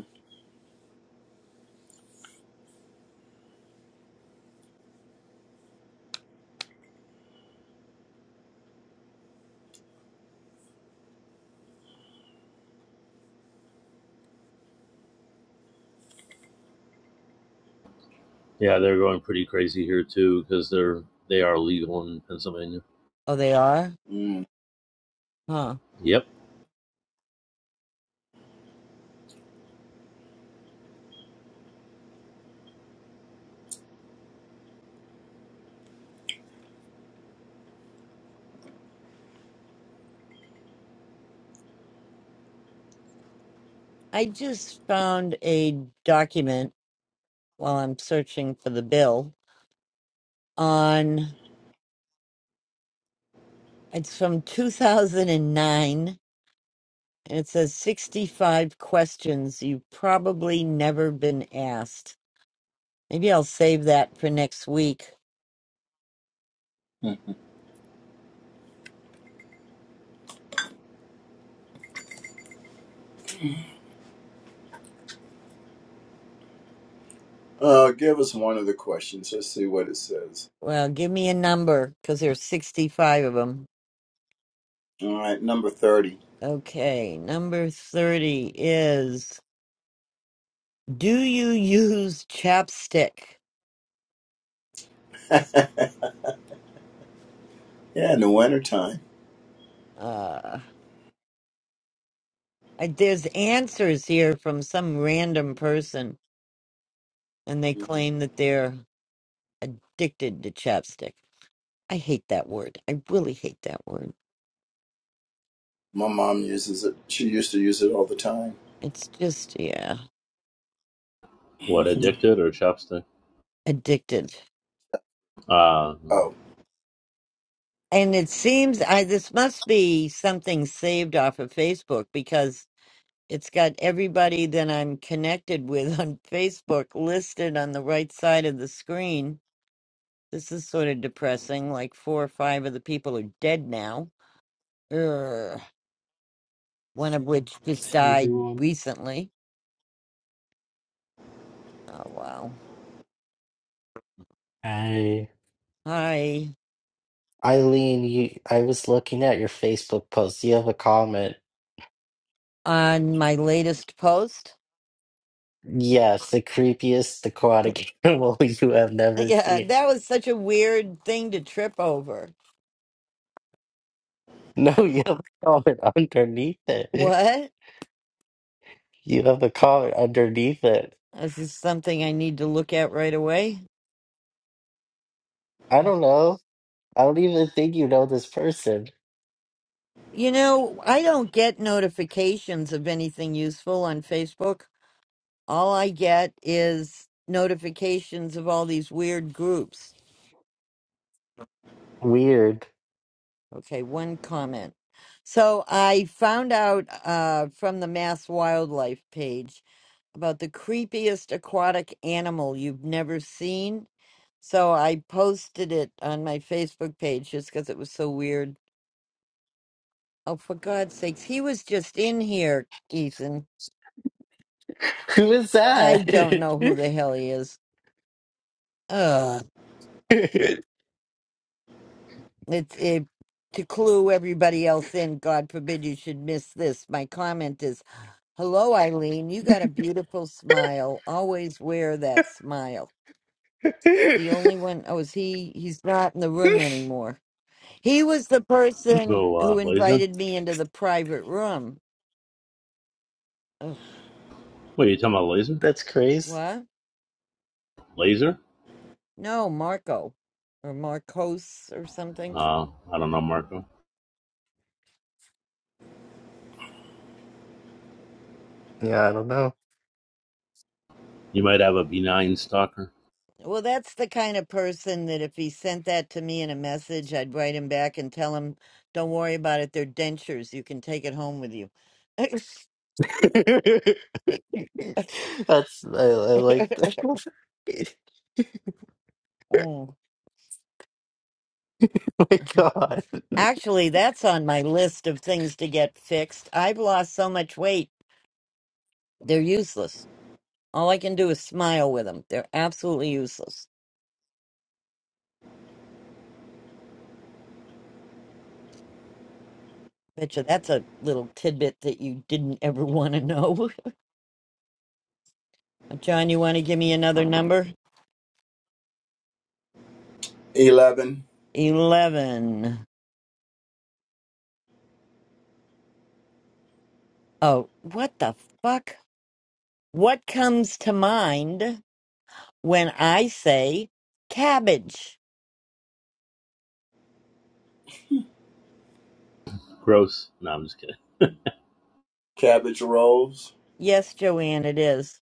Speaker 4: yeah they're going pretty crazy here too because they're they are legal in pennsylvania
Speaker 2: Oh, they are,
Speaker 6: Mm.
Speaker 2: huh?
Speaker 4: yep
Speaker 2: I just found a document while I'm searching for the bill on. It's from 2009, and nine, and it says 65 questions you've probably never been asked. Maybe I'll save that for next week
Speaker 6: Uh, give us one of the questions. Let's see what it says.
Speaker 2: Well, give me a number because there's 65 of them.
Speaker 6: All right, number thirty.
Speaker 2: Okay, number 30 is Do you use chapstick?
Speaker 6: yeah, in the wintertime.
Speaker 2: Uh, I, there's answers here from some random person, and they claim that they're addicted to chapstick. I hate that word. I really hate that word.
Speaker 6: My mom uses it. She used to use it all the time.
Speaker 2: It's just, yeah,
Speaker 4: What,
Speaker 6: Mm-hmm.
Speaker 4: addicted or chopstick?
Speaker 2: addicted.
Speaker 4: Uh,
Speaker 6: Oh,
Speaker 2: And it seems I this must be something saved off of Facebook because It's got everybody that I'm connected with on Facebook listed on the right side of the screen. This is sort of depressing. Like four or five of the people are dead now. Ugh. One of which just died
Speaker 9: everyone.
Speaker 2: recently. Oh, wow.
Speaker 9: Hey,
Speaker 2: Hi.
Speaker 9: Eileen, you, I was looking at your Facebook post. You have a comment.
Speaker 2: On my latest post.
Speaker 9: Yes, the creepiest aquatic animal you have never
Speaker 2: Yeah,
Speaker 9: seen.
Speaker 2: that was such a weird thing to trip over.
Speaker 9: No, you have a comment underneath it.
Speaker 2: What?
Speaker 9: You have a comment underneath it.
Speaker 2: This is something I need to look at right away.
Speaker 9: I don't know. I don't even think you know this person.
Speaker 2: You know, I don't get notifications of anything useful on Facebook. All I get is notifications of all these weird groups.
Speaker 9: Weird.
Speaker 2: Okay, one comment. So I found out uh, from the Mass Wildlife page about the creepiest aquatic animal you've never seen. So I posted it on my Facebook page just because it was so weird. Oh, for God's sakes, he was just in here, Ethan.
Speaker 9: Who is
Speaker 2: I
Speaker 9: that?
Speaker 2: don't know who the hell he is. Ugh. It's it to clue everybody else in. God forbid you should miss this. My comment is, hello, Eileen. You got a beautiful smile. Always wear that smile. The only one oh is he? He's not in the room anymore. He was the person
Speaker 4: who,
Speaker 2: who
Speaker 4: uh, laser?
Speaker 2: invited me into the private room. Ugh,
Speaker 4: Wait, you talking about laser?
Speaker 9: That's crazy.
Speaker 2: what?
Speaker 4: Laser?
Speaker 2: No, Marco or Marcos or something.
Speaker 4: Uh, I don't know, Marco.
Speaker 9: Yeah, I don't know.
Speaker 4: You might have a benign stalker.
Speaker 2: Well, that's the kind of person that if he sent that to me in a message, I'd write him back and tell him, "Don't worry about it. They're dentures. You can take it home with you."
Speaker 9: That's I, I like that.
Speaker 2: Mm.
Speaker 9: Oh my God,
Speaker 2: Actually, that's on my list of things to get fixed. I've lost so much weight; they're useless. All I can do is smile with them. They're absolutely useless. Betcha, that's a little tidbit that you didn't ever want to know. John, you want to give me another number?
Speaker 6: 11
Speaker 2: Eleven. Oh, what the fuck? What comes to mind when I say cabbage?
Speaker 4: Gross. No, I'm just kidding.
Speaker 6: cabbage rolls.
Speaker 2: Yes, Joanne, it is.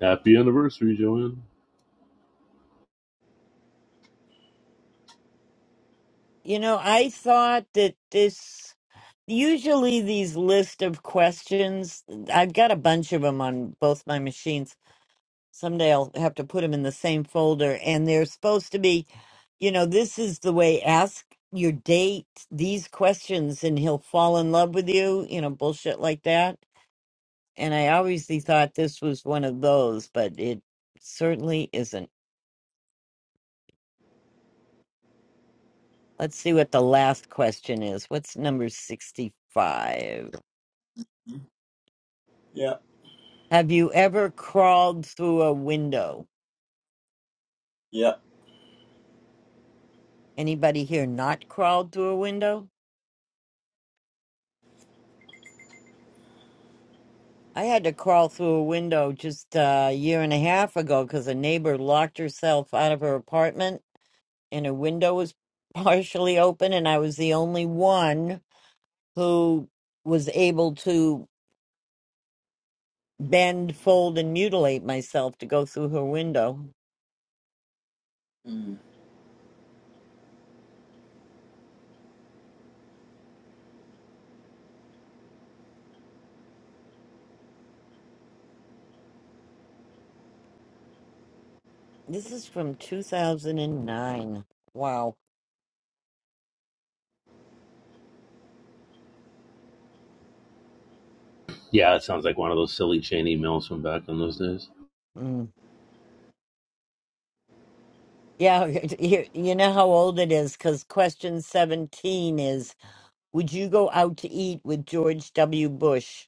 Speaker 4: Happy anniversary, Joanne.
Speaker 2: You know, I thought that this, usually these list of questions, I've got a bunch of them on both my machines. Someday I'll have to put them in the same folder, and they're supposed to be, you know, this is the way ask your date these questions and he'll fall in love with you, you know, bullshit like that and I obviously thought this was one of those, but it certainly isn't. Let's see what the last question is. What's number 65?
Speaker 6: Mm-hmm. Yeah,
Speaker 2: Have you ever crawled through a window?
Speaker 6: yeah.
Speaker 2: Anybody here not crawled through a window? I had to crawl through a window just uh, a year and a half ago because a neighbor locked herself out of her apartment and her window was partially open, and I was the only one who was able to. bend, fold, and mutilate myself to go through her window.
Speaker 6: Mm.
Speaker 2: This is from 2009. Wow.
Speaker 4: Yeah, it sounds like one of those silly chain emails from back in those days.
Speaker 2: Mm. Yeah, you you know how old it is because question 17 is Would you go out to eat with George W. Bush?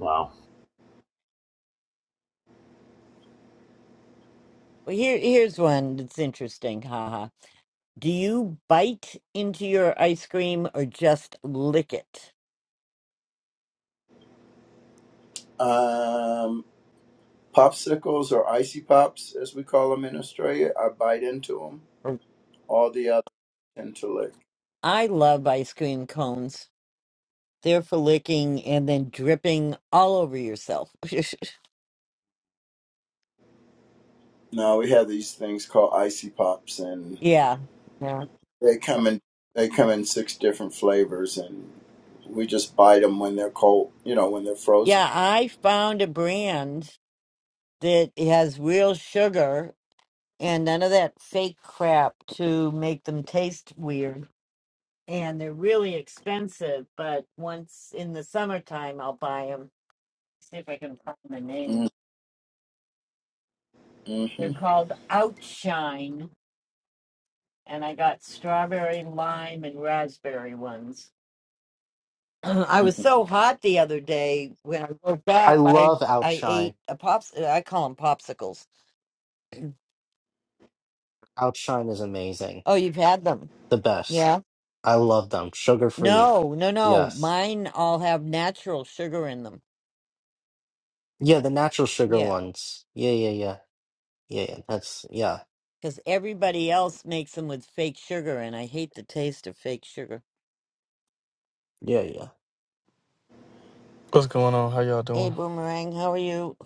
Speaker 4: Wow.
Speaker 2: Well, here, here's one that's interesting. Haha. Do you bite into your ice cream or just lick it?
Speaker 6: Um, popsicles or icy pops, as we call them in Australia. I bite into them.
Speaker 2: Or-
Speaker 6: All the others tend to lick.
Speaker 2: I love ice cream cones. They're for licking and then dripping all over yourself.
Speaker 6: No, we have these things called icy pops, and
Speaker 2: Yeah. Yeah.
Speaker 6: they come in they come in six different flavors, and we just bite them when they're cold. You know, when they're frozen.
Speaker 2: Yeah. I found a brand that has real sugar and none of that fake crap to make them taste weird. And they're really expensive, but once in the summertime, I'll buy them. See if I can find the name. They're called Outshine, and I got strawberry, lime, and raspberry ones. I was
Speaker 6: Mm-hmm.
Speaker 2: so hot the other day when I woke
Speaker 9: I
Speaker 2: up. I
Speaker 9: love
Speaker 2: I
Speaker 9: Outshine.
Speaker 2: ate a pops. I call them popsicles
Speaker 9: Outshine is amazing,
Speaker 2: Oh, you've had them.
Speaker 9: the best.
Speaker 2: Yeah.
Speaker 9: I love them. Sugar free,
Speaker 2: No, no, no.
Speaker 9: yes,
Speaker 2: Mine all have natural sugar in them.
Speaker 9: yeah, the natural sugar
Speaker 2: Yeah.
Speaker 9: ones. Yeah, yeah, yeah, yeah. yeah. That's yeah,
Speaker 2: Because everybody else makes them with fake sugar, and I hate the taste of fake sugar.
Speaker 9: yeah, yeah.
Speaker 10: What's going on? How y'all
Speaker 2: Hey,
Speaker 10: doing?
Speaker 2: Boomerang, how are you?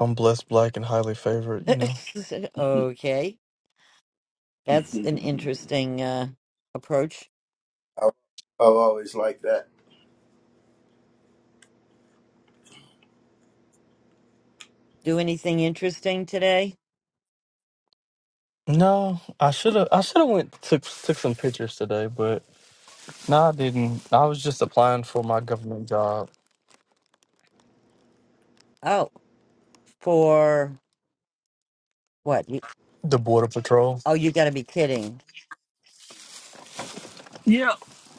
Speaker 10: I'm blessed, black, and highly favored. You know.
Speaker 2: okay. That's an interesting uh, approach.
Speaker 6: I've I've always liked that.
Speaker 2: Do anything interesting today?
Speaker 10: No, I should have. I should have went took took some pictures today, but no, I didn't. I was just applying for my government job,
Speaker 2: Oh, for what? You-
Speaker 10: the border patrol.
Speaker 2: Oh, you got to be kidding.
Speaker 10: Yeah.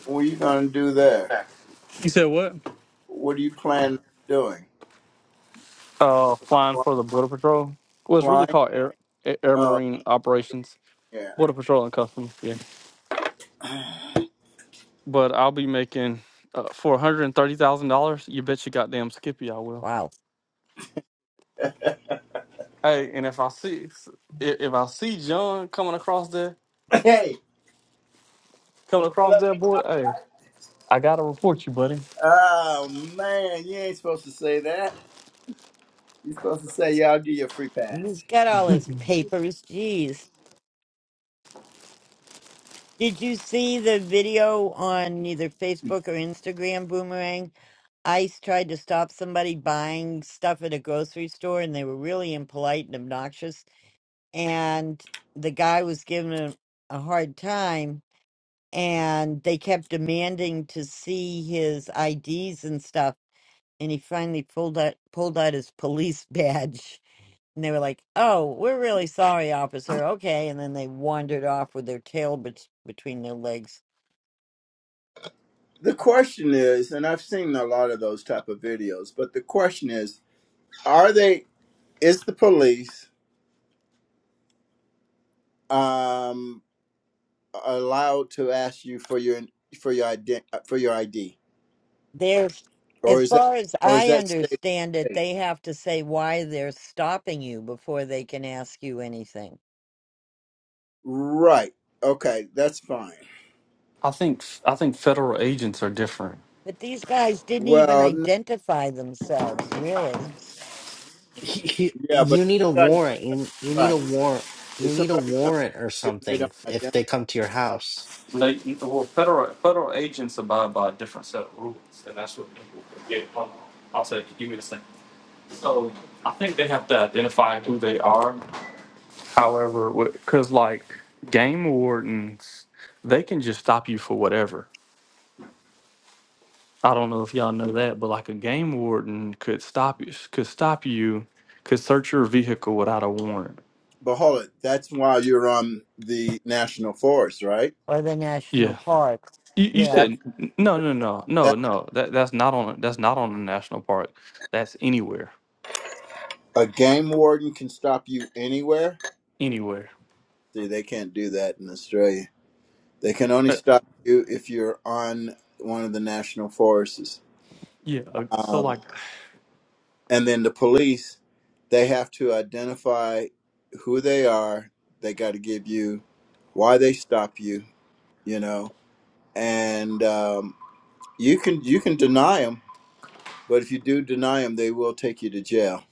Speaker 6: What are you going to do there?
Speaker 10: You said what?
Speaker 6: What do you plan on doing?
Speaker 10: Uh, flying
Speaker 6: Fly-
Speaker 10: for the border patrol. Well, it's really
Speaker 6: Flying?
Speaker 10: called air A- air
Speaker 6: Oh,
Speaker 10: marine operations,
Speaker 6: yeah.
Speaker 10: border patrol and customs. Yeah, but I'll be making uh, for one hundred and thirty thousand dollars. You bet your goddamn Skippy, I will.
Speaker 2: Wow.
Speaker 10: Hey, and if I see if if I see John coming across there.
Speaker 6: hey, you
Speaker 10: coming
Speaker 6: going to
Speaker 10: across
Speaker 6: let
Speaker 10: that
Speaker 6: me go.
Speaker 10: boy, hey,
Speaker 6: right?
Speaker 10: I gotta report you, buddy.
Speaker 6: Oh, man, you ain't supposed to say that. You're supposed to say, yeah, I'll give you a free pass.
Speaker 2: He's got all his papers. Jeez. Did you see the video on either Facebook or Instagram, Boomerang? ICE tried to stop somebody buying stuff at a grocery store and they were really impolite and obnoxious. And the guy was giving him a hard time and they kept demanding to see his IDs and stuff. And he finally pulled out, pulled out his police badge. And they were like, oh, we're really sorry, officer. Okay. And then they wandered off with their tail bet- between their legs.
Speaker 6: The question is, and I've seen a lot of those type of videos, but the question is, are they, is the police um, allowed to ask you for your, for your, ident- uh, for your ID?
Speaker 2: There's,
Speaker 6: Or
Speaker 2: as
Speaker 6: is that,
Speaker 2: far as
Speaker 6: or is
Speaker 2: I
Speaker 6: that state?
Speaker 2: understand it, they have to say why they're stopping you before they can ask you anything.
Speaker 6: Right. Okay, that's fine.
Speaker 10: I think I think federal agents are different.
Speaker 2: But these guys didn't even
Speaker 6: Well, no,
Speaker 2: identify themselves, really,
Speaker 9: He, he,
Speaker 6: yeah, but
Speaker 9: you need a warrant. You you need
Speaker 6: right.
Speaker 9: a warrant. You
Speaker 6: If
Speaker 9: need a
Speaker 6: somebody comes to
Speaker 9: warrant or
Speaker 6: you and they
Speaker 9: something
Speaker 6: don't
Speaker 9: if they
Speaker 6: identify
Speaker 9: come to your
Speaker 6: themselves,
Speaker 9: house.
Speaker 10: They, well, federal federal agents abide by a different set of rules, and that's what people get. Hold on. I'll say, give me the same. So I think they have to identify who they are. However, because like game wardens, they can just stop you for whatever. I don't know if y'all know that, but like a game warden could stop you, could stop you, could search your vehicle without a warrant.
Speaker 6: but hold it. That's why you're on the national forest, right?
Speaker 2: or the national
Speaker 10: Yeah,
Speaker 2: parks.
Speaker 10: You, you
Speaker 2: Yeah.
Speaker 6: That's
Speaker 10: said no, no,
Speaker 6: that's
Speaker 10: no, no,
Speaker 6: that.
Speaker 10: no. That that's not on. That's not on a national park. That's anywhere,
Speaker 6: A game warden can stop you anywhere.
Speaker 10: anywhere.
Speaker 6: See, they can't do that in Australia. They can only
Speaker 10: Uh,
Speaker 6: stop you if you're on one of the national forests.
Speaker 10: yeah. Uh, so
Speaker 6: Um,
Speaker 10: like,
Speaker 6: And then the police, they have to identify who they are. They got to give you why they stop you, you know. And um, you can you can deny them, but if you do deny them, they will take you to jail.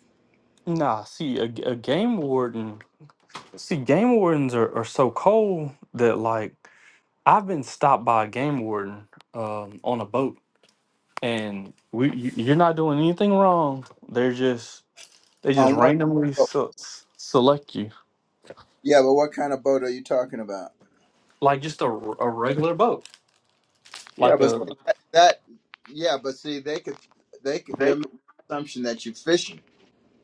Speaker 10: nah. See, a, a game warden. See, game wardens are, are so cold that like I've been stopped by a game warden um, on a boat, and we you, you're not doing anything wrong. They're just they just
Speaker 6: On what?
Speaker 10: randomly
Speaker 6: Oh,
Speaker 10: se- select you
Speaker 6: yeah, but what kind of boat are you talking about?
Speaker 10: like just a a regular boat,
Speaker 6: Yeah,
Speaker 10: like
Speaker 6: but
Speaker 10: a
Speaker 6: see, that, that yeah, but see, they could they could, they're making the assumption that you're fishing.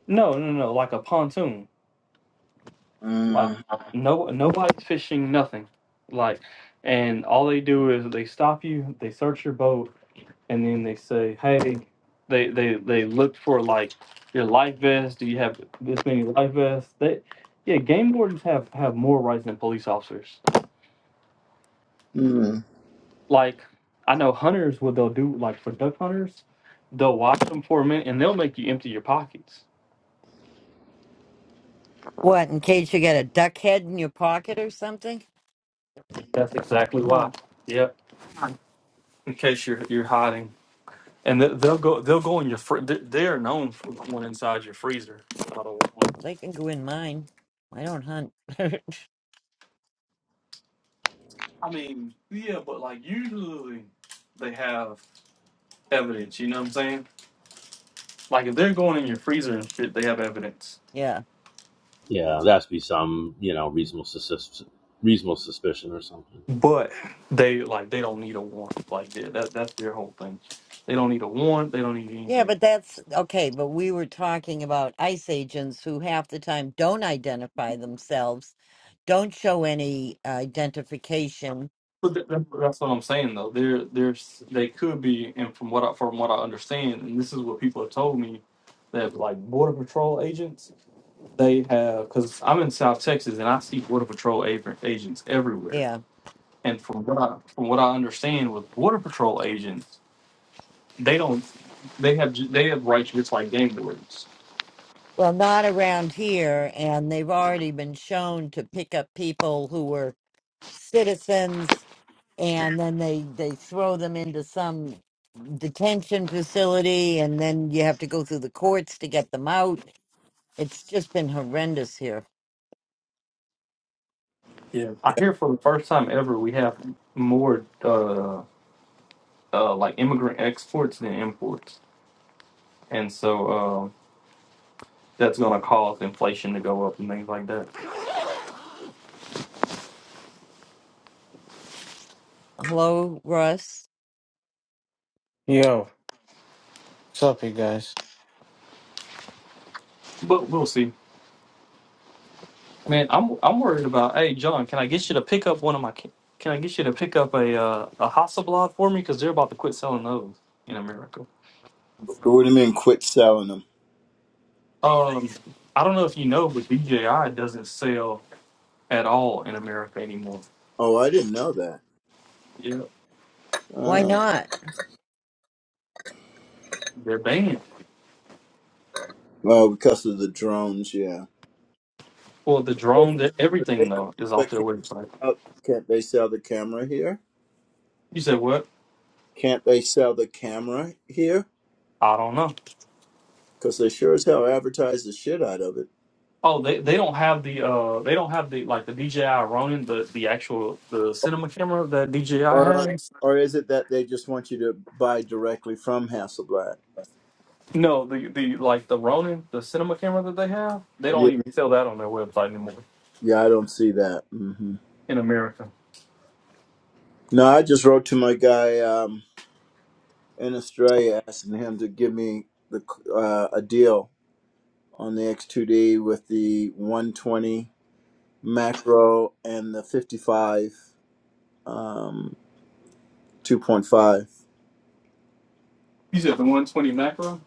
Speaker 10: no, no, no, like a pontoon. Like
Speaker 6: Mm.
Speaker 10: no nobody's fishing nothing. Like and all they do is they stop you, they search your boat, and then they say, Hey, they they, they look for like your life vest, do you have this many life vests? They yeah, game wardens have, have more rights than police officers.
Speaker 6: Mm.
Speaker 10: Like I know hunters what they'll do like for duck hunters, they'll watch them for a minute and they'll make you empty your pockets.
Speaker 2: What, in case you got a duck head in your pocket or something?
Speaker 10: That's exactly why.
Speaker 2: Huh.
Speaker 10: Yep. In case you're you're hiding. and they- they'll go they'll go in your fr- they they are known for going inside your freezer. So,
Speaker 2: Well, they can go in mine. I don't hunt.
Speaker 10: I mean, yeah, but like usually they have evidence. You know what I'm saying? Like if they're going in your freezer and shit, they have evidence.
Speaker 2: yeah.
Speaker 4: Yeah, that has to be some, you know, reasonable sus- reasonable suspicion or something.
Speaker 10: But they like they don't need a warrant. Like that that- that's their whole thing. They don't need a warrant. They don't need
Speaker 2: Yeah,
Speaker 10: anything.
Speaker 2: but that's okay. But we were talking about ICE agents who half the time don't identify themselves, don't show any identification.
Speaker 10: But that, that- that's what I'm saying though. They're they they could be, and from what I, from what I understand, and this is what people have told me, that like border patrol agents they have because I'm in South Texas and I see Border Patrol ag- agents everywhere.
Speaker 2: Yeah.
Speaker 10: And from what I from what I understand with Border Patrol agents, they don't they have ju- they have rights just like gang boards.
Speaker 2: Well, not around here. And they've already been shown to pick up people who were citizens and then they, they throw them into some detention facility and then you have to go through the courts to get them out. It's just been horrendous here.
Speaker 10: Yeah. I hear for the first time ever we have more uh, uh, like immigrant exports than imports, and so um that's going to cause inflation to go up and things like that.
Speaker 2: Hello, Russ.
Speaker 11: Yo, what's up, you guys?
Speaker 10: But we'll see. Man, I'm I'm worried about. Hey, John, can I get you to pick up one of my? ca- Can I get you to pick up a uh, a Hasselblad for me? Because they're about to quit selling those in America.
Speaker 6: What do you mean? Quit selling them?
Speaker 10: Um, I don't know if you know, but DJI doesn't sell at all in America anymore.
Speaker 6: Oh, I didn't know that.
Speaker 10: Yeah,
Speaker 2: Why
Speaker 6: Oh.
Speaker 2: not?
Speaker 10: they're banned.
Speaker 6: Oh, because of the drones, yeah.
Speaker 10: Well, the
Speaker 6: They
Speaker 10: drones,
Speaker 6: can,
Speaker 10: e-
Speaker 6: but they
Speaker 10: everything
Speaker 6: can,
Speaker 10: though, is off
Speaker 6: but
Speaker 10: their
Speaker 6: can't,
Speaker 10: website.
Speaker 6: oh, can't they sell the camera here?
Speaker 10: You said what?
Speaker 6: Can't they sell the camera here?
Speaker 10: I don't know.
Speaker 6: Because they sure as hell advertise the shit out of it.
Speaker 10: Oh, they, they don't have the uh they don't have the like the DJI Ronin the the actual the cinema camera that DJI
Speaker 6: Or, are-
Speaker 10: has.
Speaker 6: or is it that they just want you to buy directly from Hasselblad?
Speaker 10: No, the the like the Ronin, the cinema camera that they have, they
Speaker 6: Yeah,
Speaker 10: don't even sell that on their website anymore
Speaker 6: yeah, I don't see that. hmm
Speaker 10: in America.
Speaker 6: No, I just wrote to my guy um, in Australia asking him to give me the uh, a deal on the X2D with the 120 macro and the 55 um, 2.5
Speaker 10: You said the one twenty macro.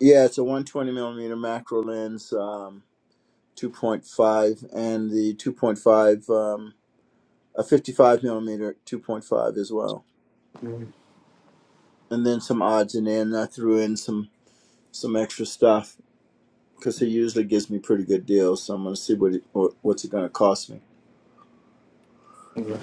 Speaker 6: yeah it's a 120 millimeter macro lens um, 2.5 and the 2.5 um, a 55 millimeter 2.5 as well
Speaker 10: Mhm.
Speaker 6: and then some odds and ends i threw in some some extra stuff because he usually gives me pretty good deals so i'm going to see what, it, what what's it going to cost me
Speaker 10: Yeah.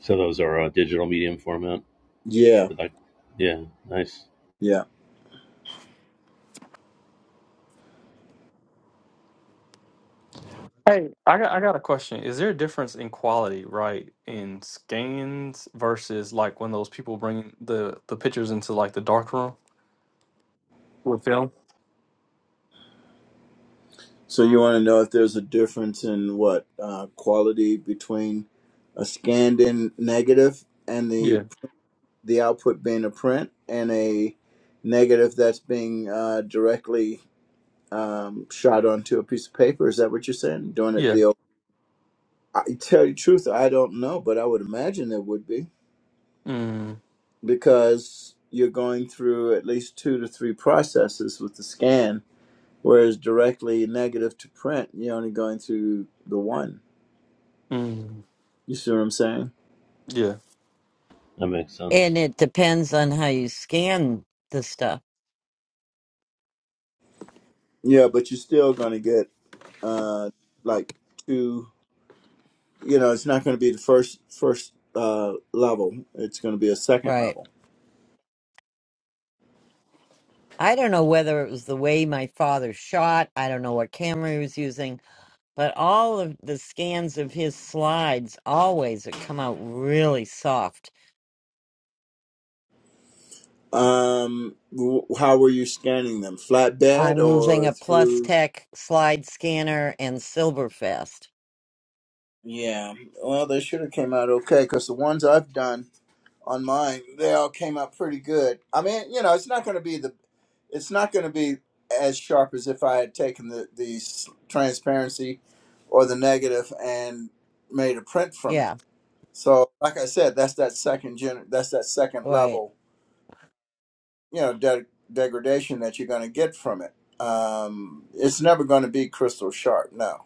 Speaker 4: So those are a uh, digital medium format.
Speaker 6: yeah
Speaker 4: Like, yeah, nice.
Speaker 6: yeah
Speaker 10: Hey, I got I got a question. Is there a difference in quality, right, in scans versus like when those people bring the the pictures into like the dark room with film?
Speaker 6: So you want to know if there's a difference in what uh, quality between a scanned in negative and the
Speaker 10: Yeah,
Speaker 6: the output being a print and a negative that's being uh, directly um, shot onto a piece of paper. Is that what you're saying? Doing it
Speaker 10: yeah,
Speaker 6: the old, I tell you the truth, I don't know, but I would imagine it would be
Speaker 10: mm,
Speaker 6: because you're going through at least two to three processes with the scan, whereas directly negative to print, you're only going through the one.
Speaker 10: mm,
Speaker 6: You see what I'm saying?
Speaker 10: yeah.
Speaker 4: That makes sense.
Speaker 2: And it depends on how you scan the stuff.
Speaker 6: Yeah, but you're still going to get uh like two. You know, it's not going to be the first first uh level. It's going to be a second
Speaker 2: Right.
Speaker 6: level.
Speaker 2: I don't know whether it was the way my father shot. I don't know what camera he was using, but all of the scans of his slides always come out really soft.
Speaker 6: Um, w- how were you scanning them? Flatbed
Speaker 2: I'm using
Speaker 6: or
Speaker 2: a Plus
Speaker 6: through?
Speaker 2: Tech slide scanner and Silverfast.
Speaker 6: Yeah. Well, they should have came out okay because the ones I've done on mine, they all came out pretty good. I mean, you know, it's not going to be the, it's not going to be as sharp as if I had taken the the s- transparency, or the negative and made a print from it.
Speaker 2: Yeah,
Speaker 6: So, like I said, that's that second gen, that's that second
Speaker 2: right.
Speaker 6: level, you know, de- degradation that you're going to get from it. Um, it's never going to be crystal sharp, no.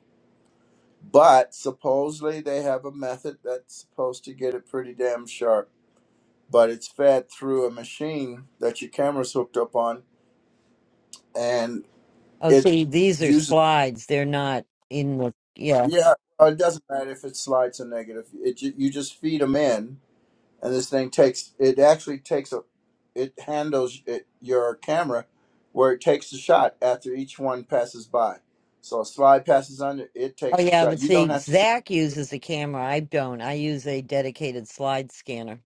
Speaker 6: But supposedly they have a method that's supposed to get it pretty damn sharp but it's fed through a machine that your camera's hooked up on, and
Speaker 2: Oh,
Speaker 6: it
Speaker 2: see, these are
Speaker 6: uses.
Speaker 2: slides. They're not in the. Yeah.
Speaker 6: Yeah, uh, it doesn't matter if it slides or negative. It ju- you just feed them in, and this thing takes. It actually takes a. It handles it, your camera, where it takes the shot after each one passes by. So a slide passes under, it
Speaker 2: Oh,
Speaker 6: takes the
Speaker 2: yeah,
Speaker 6: shot.
Speaker 2: but
Speaker 6: You don't
Speaker 2: see,
Speaker 6: have to say.
Speaker 2: Zach uses a camera. I don't. I use a dedicated slide scanner.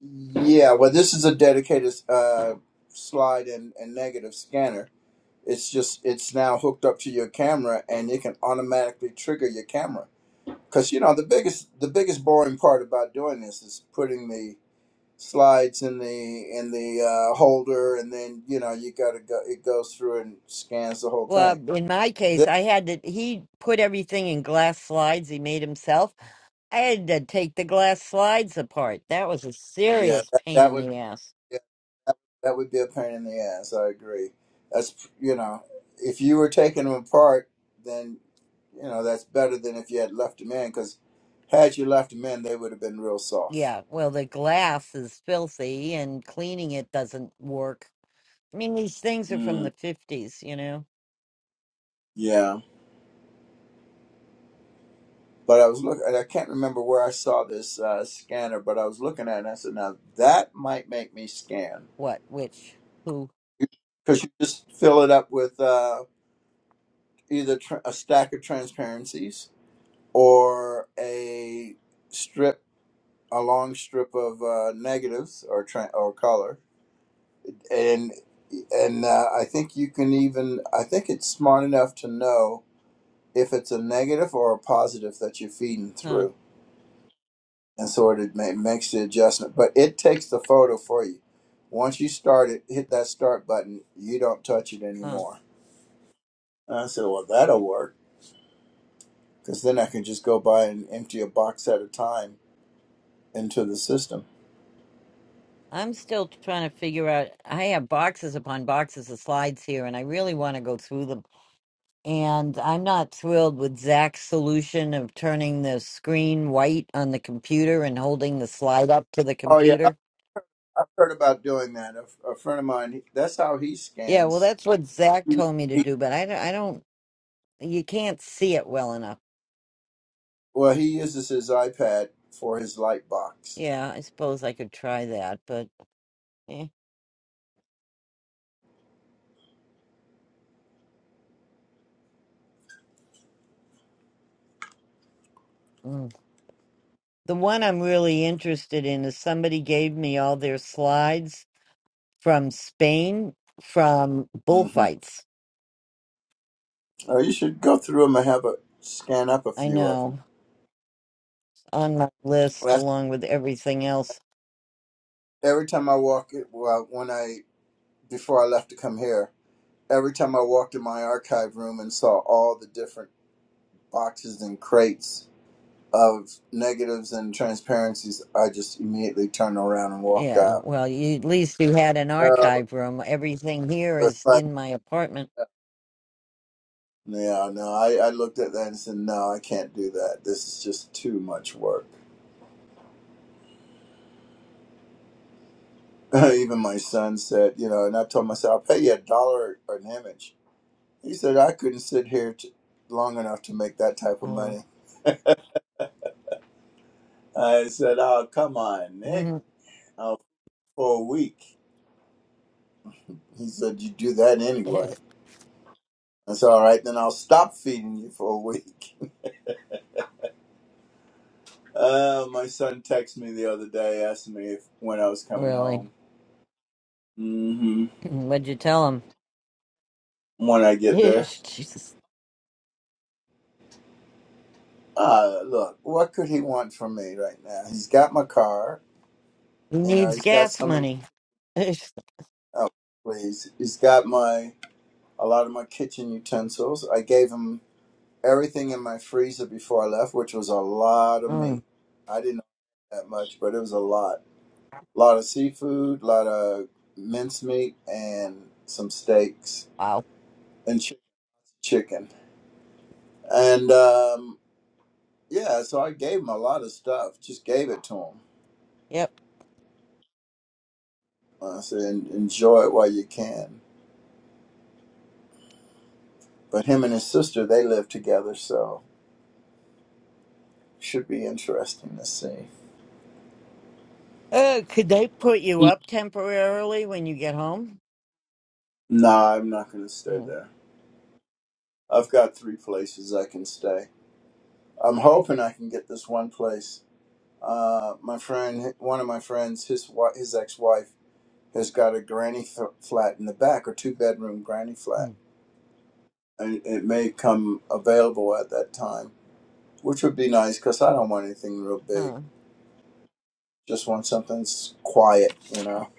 Speaker 6: Yeah, well, this is a dedicated uh, slide and, and negative scanner it's just it's now hooked up to your camera and it can automatically trigger your camera because you know the biggest the biggest boring part about doing this is putting the slides in the in the uh, holder and then you know you gotta go it goes through and scans the whole
Speaker 2: Well,
Speaker 6: thing
Speaker 2: in my case,
Speaker 6: this,
Speaker 2: I had to, he put everything in glass slides he made himself. I had to take the glass slides apart. That was a
Speaker 6: yeah
Speaker 2: serious
Speaker 6: that,
Speaker 2: pain
Speaker 6: that
Speaker 2: in
Speaker 6: would
Speaker 2: the ass.
Speaker 6: yeah, that would be a pain in the ass i agree that's you know if you were taking them apart then you know that's better than if you had left them in because had you left them in they would have been real soft
Speaker 2: Yeah, well, the glass is filthy and cleaning it doesn't work. I mean, these things are from the 50s, you know?
Speaker 6: Yeah, but I was looking. I can't remember where I saw this uh, scanner, but I was looking at it and I said, "Now that might make me scan,"
Speaker 2: What, which, who,
Speaker 6: because you just fill it up with uh, either tr a stack of transparencies or a strip, a long strip of uh, negatives or tra- or color, and and uh, I think you can even. I think it's smart enough to know if it's a negative or a positive that you're feeding
Speaker 2: huh,
Speaker 6: through. and so it ma- makes the adjustment. But it takes the photo for you. Once you start it, hit that start button. You don't touch it
Speaker 2: huh.
Speaker 6: anymore. And I said, well, that'll work because then I can just go by and empty a box at a time into the system.
Speaker 2: I'm still trying to figure out. I have boxes upon boxes of slides here, and I really want to go through them. And I'm not thrilled with Zach's solution of turning the screen white on the computer and holding the slide up to the
Speaker 6: Oh yeah, I-
Speaker 2: computer.
Speaker 6: I've heard about doing that. A, a friend of mine, he- that's how he
Speaker 2: Yeah, well,
Speaker 6: scans.
Speaker 2: that's what Zach told me to
Speaker 6: He,
Speaker 2: do, but I don't, I don't you can't see it well enough.
Speaker 6: well, he uses his iPad for his light box.
Speaker 2: Yeah, I suppose I could try that, but eh. mm. the one I'm really interested in is somebody gave me all their slides from Spain from
Speaker 6: hmm
Speaker 2: bullfights.
Speaker 6: Oh, you should go through them and have a scan up a
Speaker 2: I
Speaker 6: few of them.
Speaker 2: know on my list
Speaker 6: That's
Speaker 2: along with everything else.
Speaker 6: every time I walk it. Well, when I before I left to come here, every time I walked in my archive room and saw all the different boxes and crates of negatives and transparencies, I just immediately turned around and walked
Speaker 2: Yeah,
Speaker 6: out.
Speaker 2: well, you, at least you had an
Speaker 6: Uh,
Speaker 2: archive room. Everything here
Speaker 6: it's
Speaker 2: is
Speaker 6: like,
Speaker 2: in my apartment.
Speaker 6: yeah, no, I, I looked at that and said, no, I can't do that. This is just too much work. Even my son said, you know, and I told myself, I'll pay you a dollar or an image. He said, I couldn't sit here t- long enough to make that type of
Speaker 2: Uh,
Speaker 6: money. I said, oh, come on, Nick. Oh, for a week. He said, You do that anyway. I said, All right, then I'll stop feeding you for a week. Uh, my son texted me the other day, asking me if, when I was coming
Speaker 2: really?
Speaker 6: home. hmm
Speaker 2: What'd you tell him?
Speaker 6: When I get there.
Speaker 2: Jesus.
Speaker 6: Uh, look, what could he want from me right now? He's got my car.
Speaker 2: He
Speaker 6: You know,
Speaker 2: needs
Speaker 6: he's got
Speaker 2: gas
Speaker 6: some of my.
Speaker 2: money.
Speaker 6: Oh, please. He's got my. A lot of my kitchen utensils. I gave him everything in my freezer before I left, which was a lot of
Speaker 2: Mm,
Speaker 6: meat. I didn't that much, but it was a lot. A lot of seafood, a lot of mincemeat, and some steaks
Speaker 2: wow.
Speaker 6: and chi- chicken. And um, yeah, so I gave him a lot of stuff. Just gave it to him.
Speaker 2: Yep.
Speaker 6: I said, "En- enjoy it while you can. But him and his sister, they live together, so should be interesting to see.
Speaker 2: Uh, could they put you up temporarily when you get home?
Speaker 6: No, I'm not going to stay
Speaker 2: Mm,
Speaker 6: there. I've got three places I can stay. I'm hoping I can get this one place. Uh, my friend, one of my friends, his wi his ex-wife has got a granny f- flat in the back or two bedroom granny flat.
Speaker 2: mm,
Speaker 6: And it may come available at that time, which would be nice because I don't want anything real big.
Speaker 2: Huh.
Speaker 6: Just want something quiet, you know.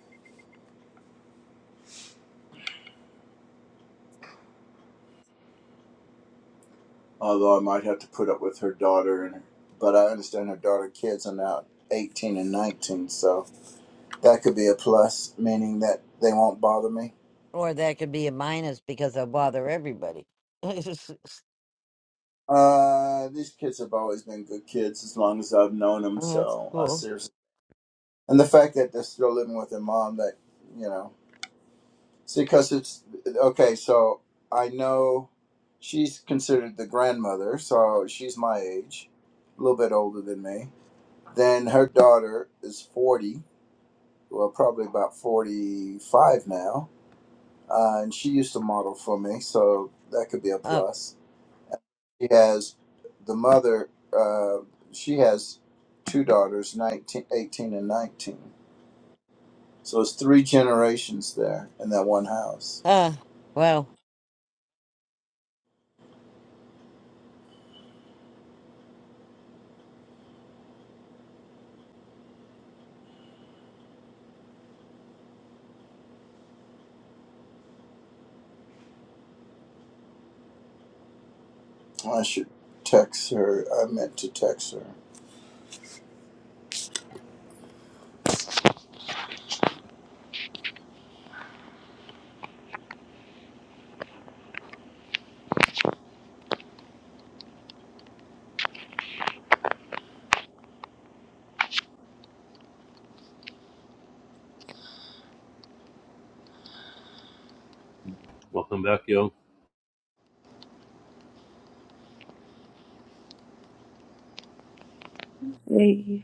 Speaker 6: Although I might have to put up with her daughter, and but I understand her daughter kids are now 18 and 19, so that could be a plus, meaning that they won't bother me.
Speaker 2: Or that could be a minus because I bother everybody. Oh,
Speaker 6: Uh, these kids have always been good kids as long as I've known them,
Speaker 2: that's
Speaker 6: so I
Speaker 2: cool.
Speaker 6: seriously. And the fact that they're still living with their mom, that you know. See, because it's okay. So I know she's considered the grandmother, so she's my age, a little bit older than me. Then her daughter is forty, well, probably about forty-five now, uh, and she used to model for me, so that could be a
Speaker 2: Oh,
Speaker 6: plus. She has the mother. Uh, she has two daughters, 19, 18, and nineteen. So it's three generations there in that one house.
Speaker 2: uh, wow.
Speaker 6: I should text her. I meant to text her.
Speaker 4: Welcome back, yo.
Speaker 5: Yeah,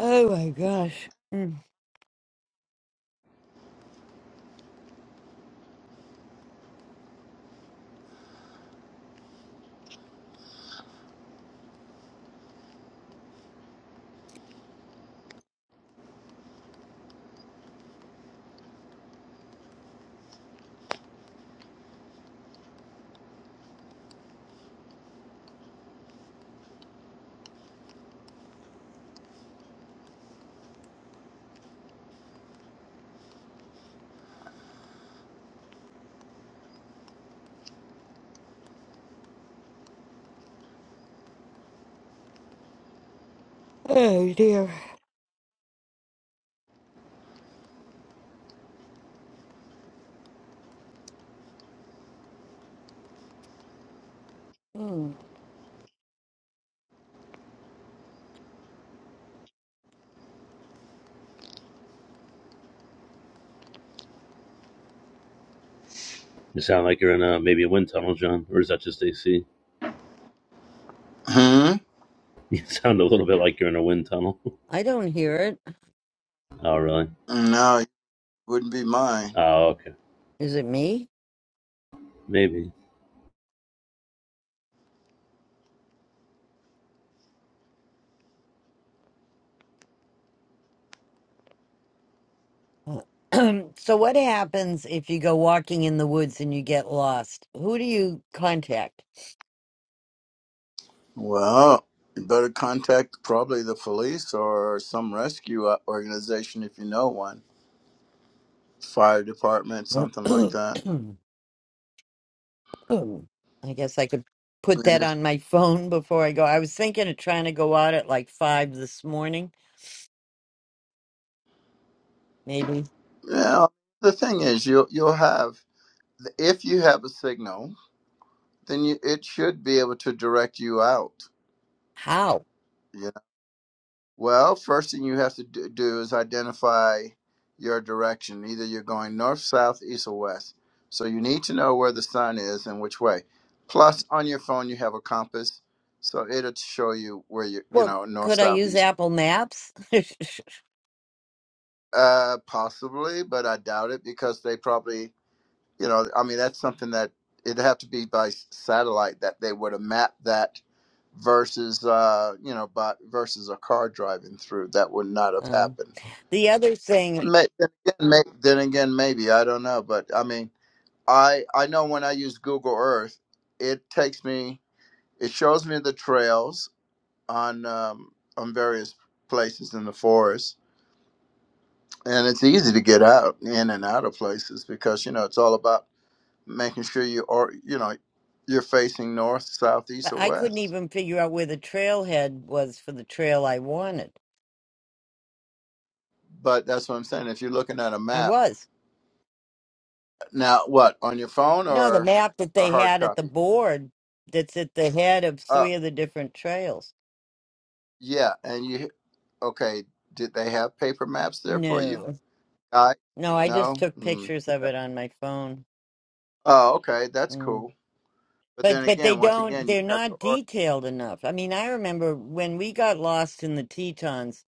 Speaker 2: Oh my gosh. Mm. Oh dear. Hmm,
Speaker 4: You sound like you're in a maybe a wind tunnel, John, or is that just AC?
Speaker 6: Hmm?
Speaker 4: You sound a little bit like you're in a wind tunnel.
Speaker 2: I don't hear it.
Speaker 4: oh, really?
Speaker 6: No, it wouldn't be mine.
Speaker 4: Oh, okay.
Speaker 2: Is it me?
Speaker 4: Maybe.
Speaker 2: so what happens if you go walking in the woods and you get lost? Who do you contact?
Speaker 6: Well, you better contact probably the police or some rescue o- organization if you know one. Fire department,
Speaker 2: I
Speaker 6: something like that.
Speaker 2: guess I could put
Speaker 6: And
Speaker 2: that
Speaker 6: if
Speaker 2: on my phone before I go. I was thinking of trying to go out at like five this morning. Maybe
Speaker 6: yeah, the thing is, you'll you'll have if you have a signal, then you, it should be able to direct you out.
Speaker 2: how?
Speaker 6: Well, first thing you have to do do is identify your direction. Either you're going north, south, east, or west. So you need to know where the sun is and which way. Plus, on your phone, you have a compass, so it'll show you where you you
Speaker 2: Well,
Speaker 6: know north,
Speaker 2: could I
Speaker 6: south,
Speaker 2: use
Speaker 6: east.
Speaker 2: Apple Maps?
Speaker 6: Uh, possibly, but I doubt it because they probably you know I mean that's something that it'd have to be by s- satellite that they would have mapped that versus uh you know but versus a car driving through that would not have
Speaker 2: um,
Speaker 6: happened
Speaker 2: the other thing,
Speaker 6: May, then, again, may, then again, maybe I don't know, but I mean, I I know when I use Google Earth, it takes me, it shows me the trails on um, on various places in the forest, and it's easy to get out in and out of places because you know it's all about making sure you are you know you're facing north, south, east, or
Speaker 2: I couldn't
Speaker 6: west.
Speaker 2: even figure out where the trailhead was for the trail I wanted.
Speaker 6: But that's what I'm saying. If you're looking at a
Speaker 2: I
Speaker 6: map
Speaker 2: was.
Speaker 6: now, what on your phone
Speaker 2: No, the
Speaker 6: or
Speaker 2: map that
Speaker 6: a
Speaker 2: they
Speaker 6: hard
Speaker 2: had at the
Speaker 6: copy?
Speaker 2: board that's at the head of
Speaker 6: Uh,
Speaker 2: three of the different trails.
Speaker 6: yeah, and you Okay, did they have paper maps there for you?
Speaker 2: No,
Speaker 6: I
Speaker 2: no, I
Speaker 6: no.
Speaker 2: just took
Speaker 6: Mm.
Speaker 2: pictures of it on my phone.
Speaker 6: Oh, okay, that's
Speaker 2: Mm.
Speaker 6: cool. But then
Speaker 2: But but they
Speaker 6: again, once
Speaker 2: don't.
Speaker 6: again, you
Speaker 2: They're
Speaker 6: have to
Speaker 2: not
Speaker 6: order.
Speaker 2: detailed enough. I mean, I remember when we got lost in the Tetons,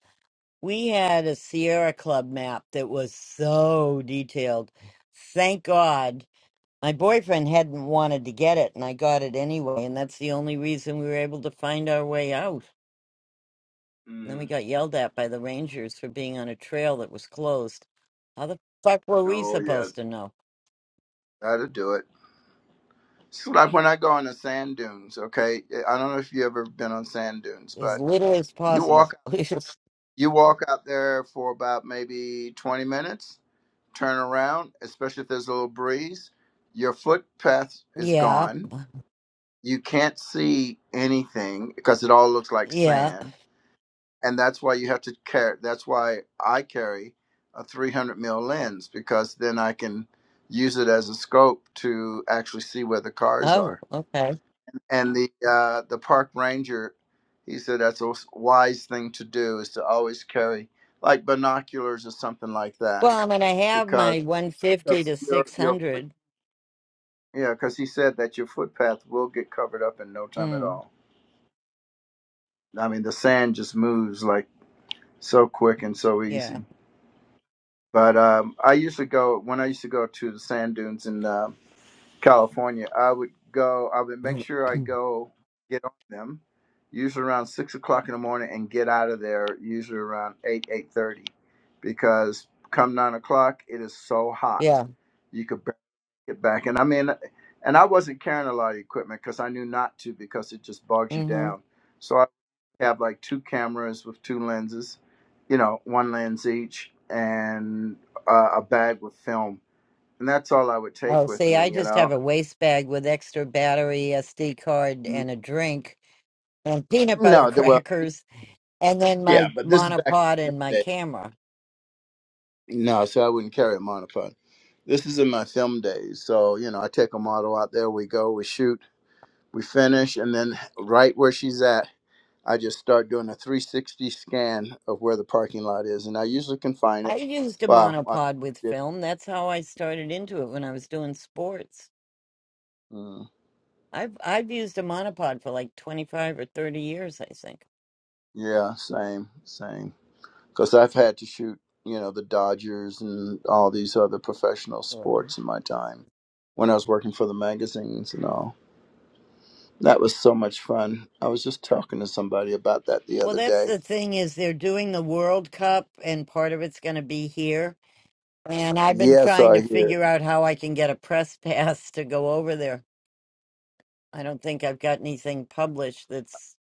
Speaker 2: we had a Sierra Club map that was so detailed. Thank God. My boyfriend hadn't wanted to get it, and I got it anyway, and that's the only reason we were able to find our way out. Then we
Speaker 6: Mm.
Speaker 2: got yelled at by the Rangers for being on a trail that was closed. How the fuck were we
Speaker 6: Oh yeah,
Speaker 2: supposed to know?
Speaker 6: that'll do it. It's like when I go on the sand dunes. Okay, I don't know if you ever been on sand dunes,
Speaker 2: As
Speaker 6: but
Speaker 2: little as
Speaker 6: you walk
Speaker 2: possible.
Speaker 6: you walk out there for about maybe twenty minutes, turn around, especially if there's a little breeze. Your footpath is
Speaker 2: yeah.
Speaker 6: gone. You can't see anything because it all looks like
Speaker 2: Yeah.
Speaker 6: sand and that's why you have to carry. That's why I carry a 300 mil lens because then I can use it as a scope to actually see where the cars
Speaker 2: Oh,
Speaker 6: are.
Speaker 2: okay.
Speaker 6: And the uh, the park ranger, he said that's a wise thing to do is to always carry like binoculars or something like that
Speaker 2: Well, I'm going to have
Speaker 6: because
Speaker 2: my 150
Speaker 6: because
Speaker 2: to
Speaker 6: your your foot
Speaker 2: 600.
Speaker 6: yeah because he said that your footpath will get covered up in no time at
Speaker 2: Mm,
Speaker 6: all. I mean the sand just moves like so quick and so easy.
Speaker 2: yeah.
Speaker 6: But um, I used to go when I used to go to the sand dunes in uh, California. I would go. I would make sure I go get on them, usually around six o'clock in the morning, and get out of there usually around eight eight thirty, because come nine o'clock it is so hot,
Speaker 2: yeah.
Speaker 6: you could barely get back. And I mean, and I wasn't carrying a lot of equipment because I knew not to because it just bogs you
Speaker 2: hmm
Speaker 6: down. So have like two cameras with two lenses, you know, one lens each, and uh, a bag with film, and that's all I would
Speaker 2: Oh,
Speaker 6: take with
Speaker 2: see, I
Speaker 6: me. You
Speaker 2: just have
Speaker 6: know,
Speaker 2: a waste bag with extra battery, SD card,
Speaker 6: Mm.
Speaker 2: and a drink, and peanut butter
Speaker 6: no, the, well,
Speaker 2: crackers, and then
Speaker 6: yeah,
Speaker 2: my
Speaker 6: but this is back
Speaker 2: monopod
Speaker 6: in
Speaker 2: and my
Speaker 6: the day.
Speaker 2: camera.
Speaker 6: No, so I wouldn't carry a monopod. This is in my film days, so you know, I take a model out there. We go, we shoot, we finish, and then right where she's at, I just start doing a 360 scan of where the parking lot is, and I usually can find
Speaker 2: I
Speaker 6: it.
Speaker 2: used a
Speaker 6: Wow, I
Speaker 2: monopod with
Speaker 6: did.
Speaker 2: film. That's how I started into it when I was doing sports.
Speaker 6: mm.
Speaker 2: I've I've used a monopod for like 25 or 30 years, I think.
Speaker 6: Yeah, same, same. Because I've had to shoot, you know, the Dodgers and all these other professional
Speaker 2: Um,
Speaker 6: sports in my time when I was working for the magazines and all. That was so much fun. I was just talking to somebody about that the
Speaker 2: Well,
Speaker 6: other
Speaker 2: that's
Speaker 6: day.
Speaker 2: the thing is they're doing the World Cup and part of it's going to be here. And I've been
Speaker 6: Yes,
Speaker 2: trying
Speaker 6: I
Speaker 2: to
Speaker 6: hear.
Speaker 2: figure out how I can get a press pass to go over there. I don't think I've got anything published that's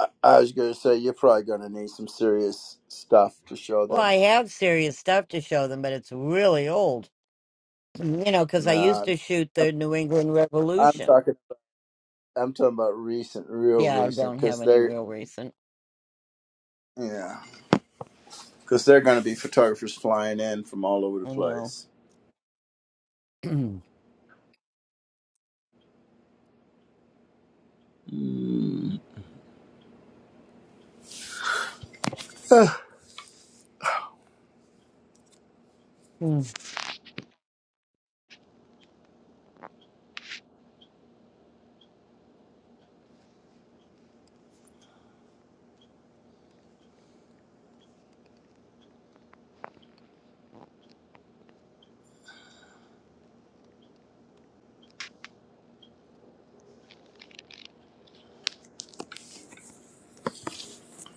Speaker 6: I, I was going to say, you're probably going to need some serious stuff to show
Speaker 2: well, I
Speaker 6: them.
Speaker 2: have serious stuff to show them, but it's really old. You know, because I used
Speaker 6: Nah,
Speaker 2: to shoot
Speaker 6: I'm
Speaker 2: the New England
Speaker 6: I'm
Speaker 2: Revolution.
Speaker 6: talking. I'm talking about recent, real
Speaker 2: Yeah, I
Speaker 6: recent,
Speaker 2: don't have
Speaker 6: because
Speaker 2: any
Speaker 6: they're
Speaker 2: real recent.
Speaker 6: yeah, because they're going to be photographers flying in from all over the
Speaker 2: I know.
Speaker 6: place. Mm.
Speaker 2: Mm,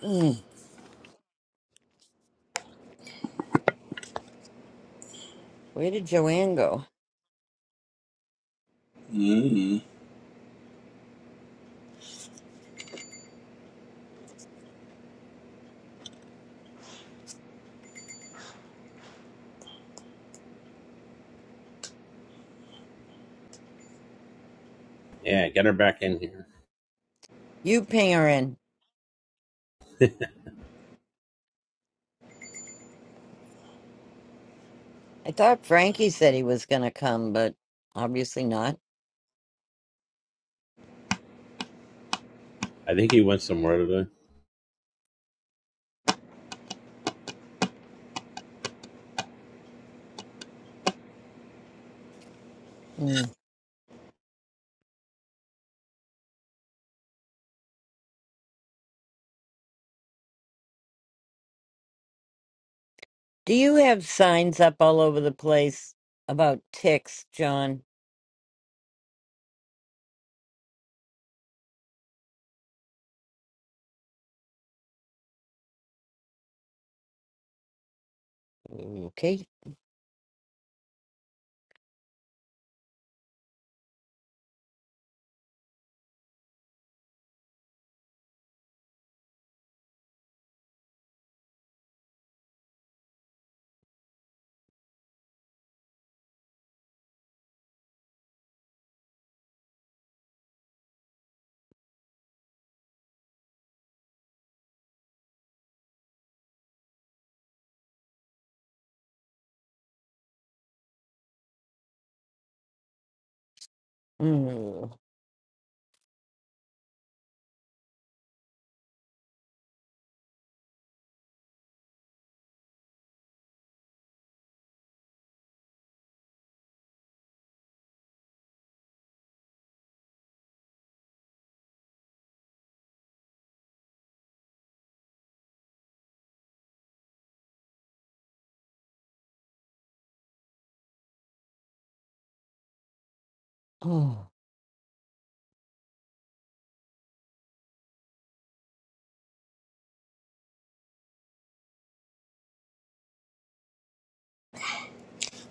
Speaker 2: mm. Where did Joanne go?
Speaker 6: Mm.
Speaker 4: Yeah, get her back in here.
Speaker 2: You ping her in. I thought Frankie said he was going to come, but obviously not.
Speaker 4: I think he went somewhere today.
Speaker 2: Mm. Do you have signs up all over the place about ticks, John? Okay. Mm. Oh.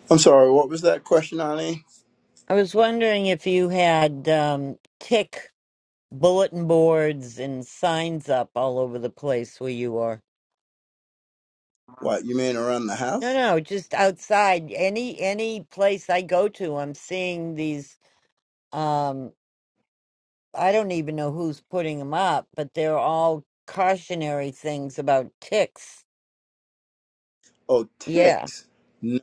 Speaker 6: I'm sorry, what was that question, Ani?
Speaker 2: I was wondering if you had um, tick bulletin boards and signs up all over the place where you are.
Speaker 6: What, you mean around the
Speaker 2: No,
Speaker 6: house?
Speaker 2: no, just outside. Any any place I go to, I'm seeing these um I don't even know who's putting them up, but they're all cautionary things about ticks.
Speaker 6: Oh,
Speaker 2: Yeah.
Speaker 6: ticks. No,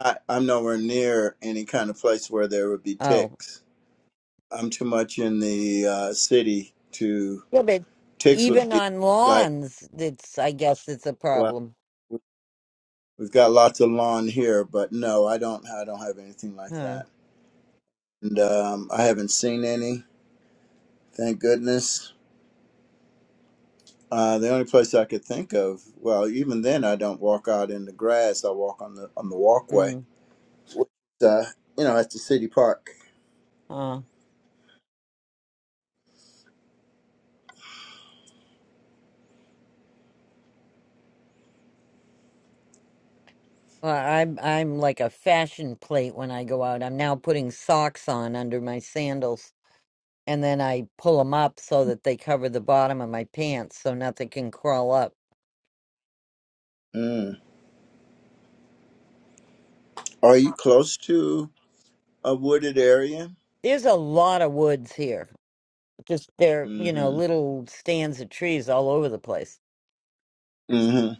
Speaker 6: I, I'm nowhere near any kind of place where there would be
Speaker 2: Oh.
Speaker 6: ticks. I'm too much in the uh, city to.
Speaker 2: Yeah, but
Speaker 6: Ticks would
Speaker 2: even
Speaker 6: be
Speaker 2: on
Speaker 6: like,
Speaker 2: lawns, it's I guess it's a
Speaker 6: well,
Speaker 2: problem.
Speaker 6: we've got lots of lawn here, but no, I don't. I don't have anything like
Speaker 2: Huh.
Speaker 6: that, and um, I haven't seen any. Thank goodness. Uh, the only place I could think of, well, even then, I don't walk out in the grass. I walk on the on the walkway,
Speaker 2: Mm.
Speaker 6: which, uh, you know, at the city park.
Speaker 2: Huh. Well, I'm I'm like a fashion plate when I go out. I'm now putting socks on under my sandals. and then I pull them up so that they cover the bottom of my pants so nothing can crawl up.
Speaker 6: Mm. Are you close to a wooded area?
Speaker 2: There's a lot of woods here. Just they're, you know,
Speaker 6: Mm-hmm.
Speaker 2: little stands of trees all over the place.
Speaker 6: Mm-hmm.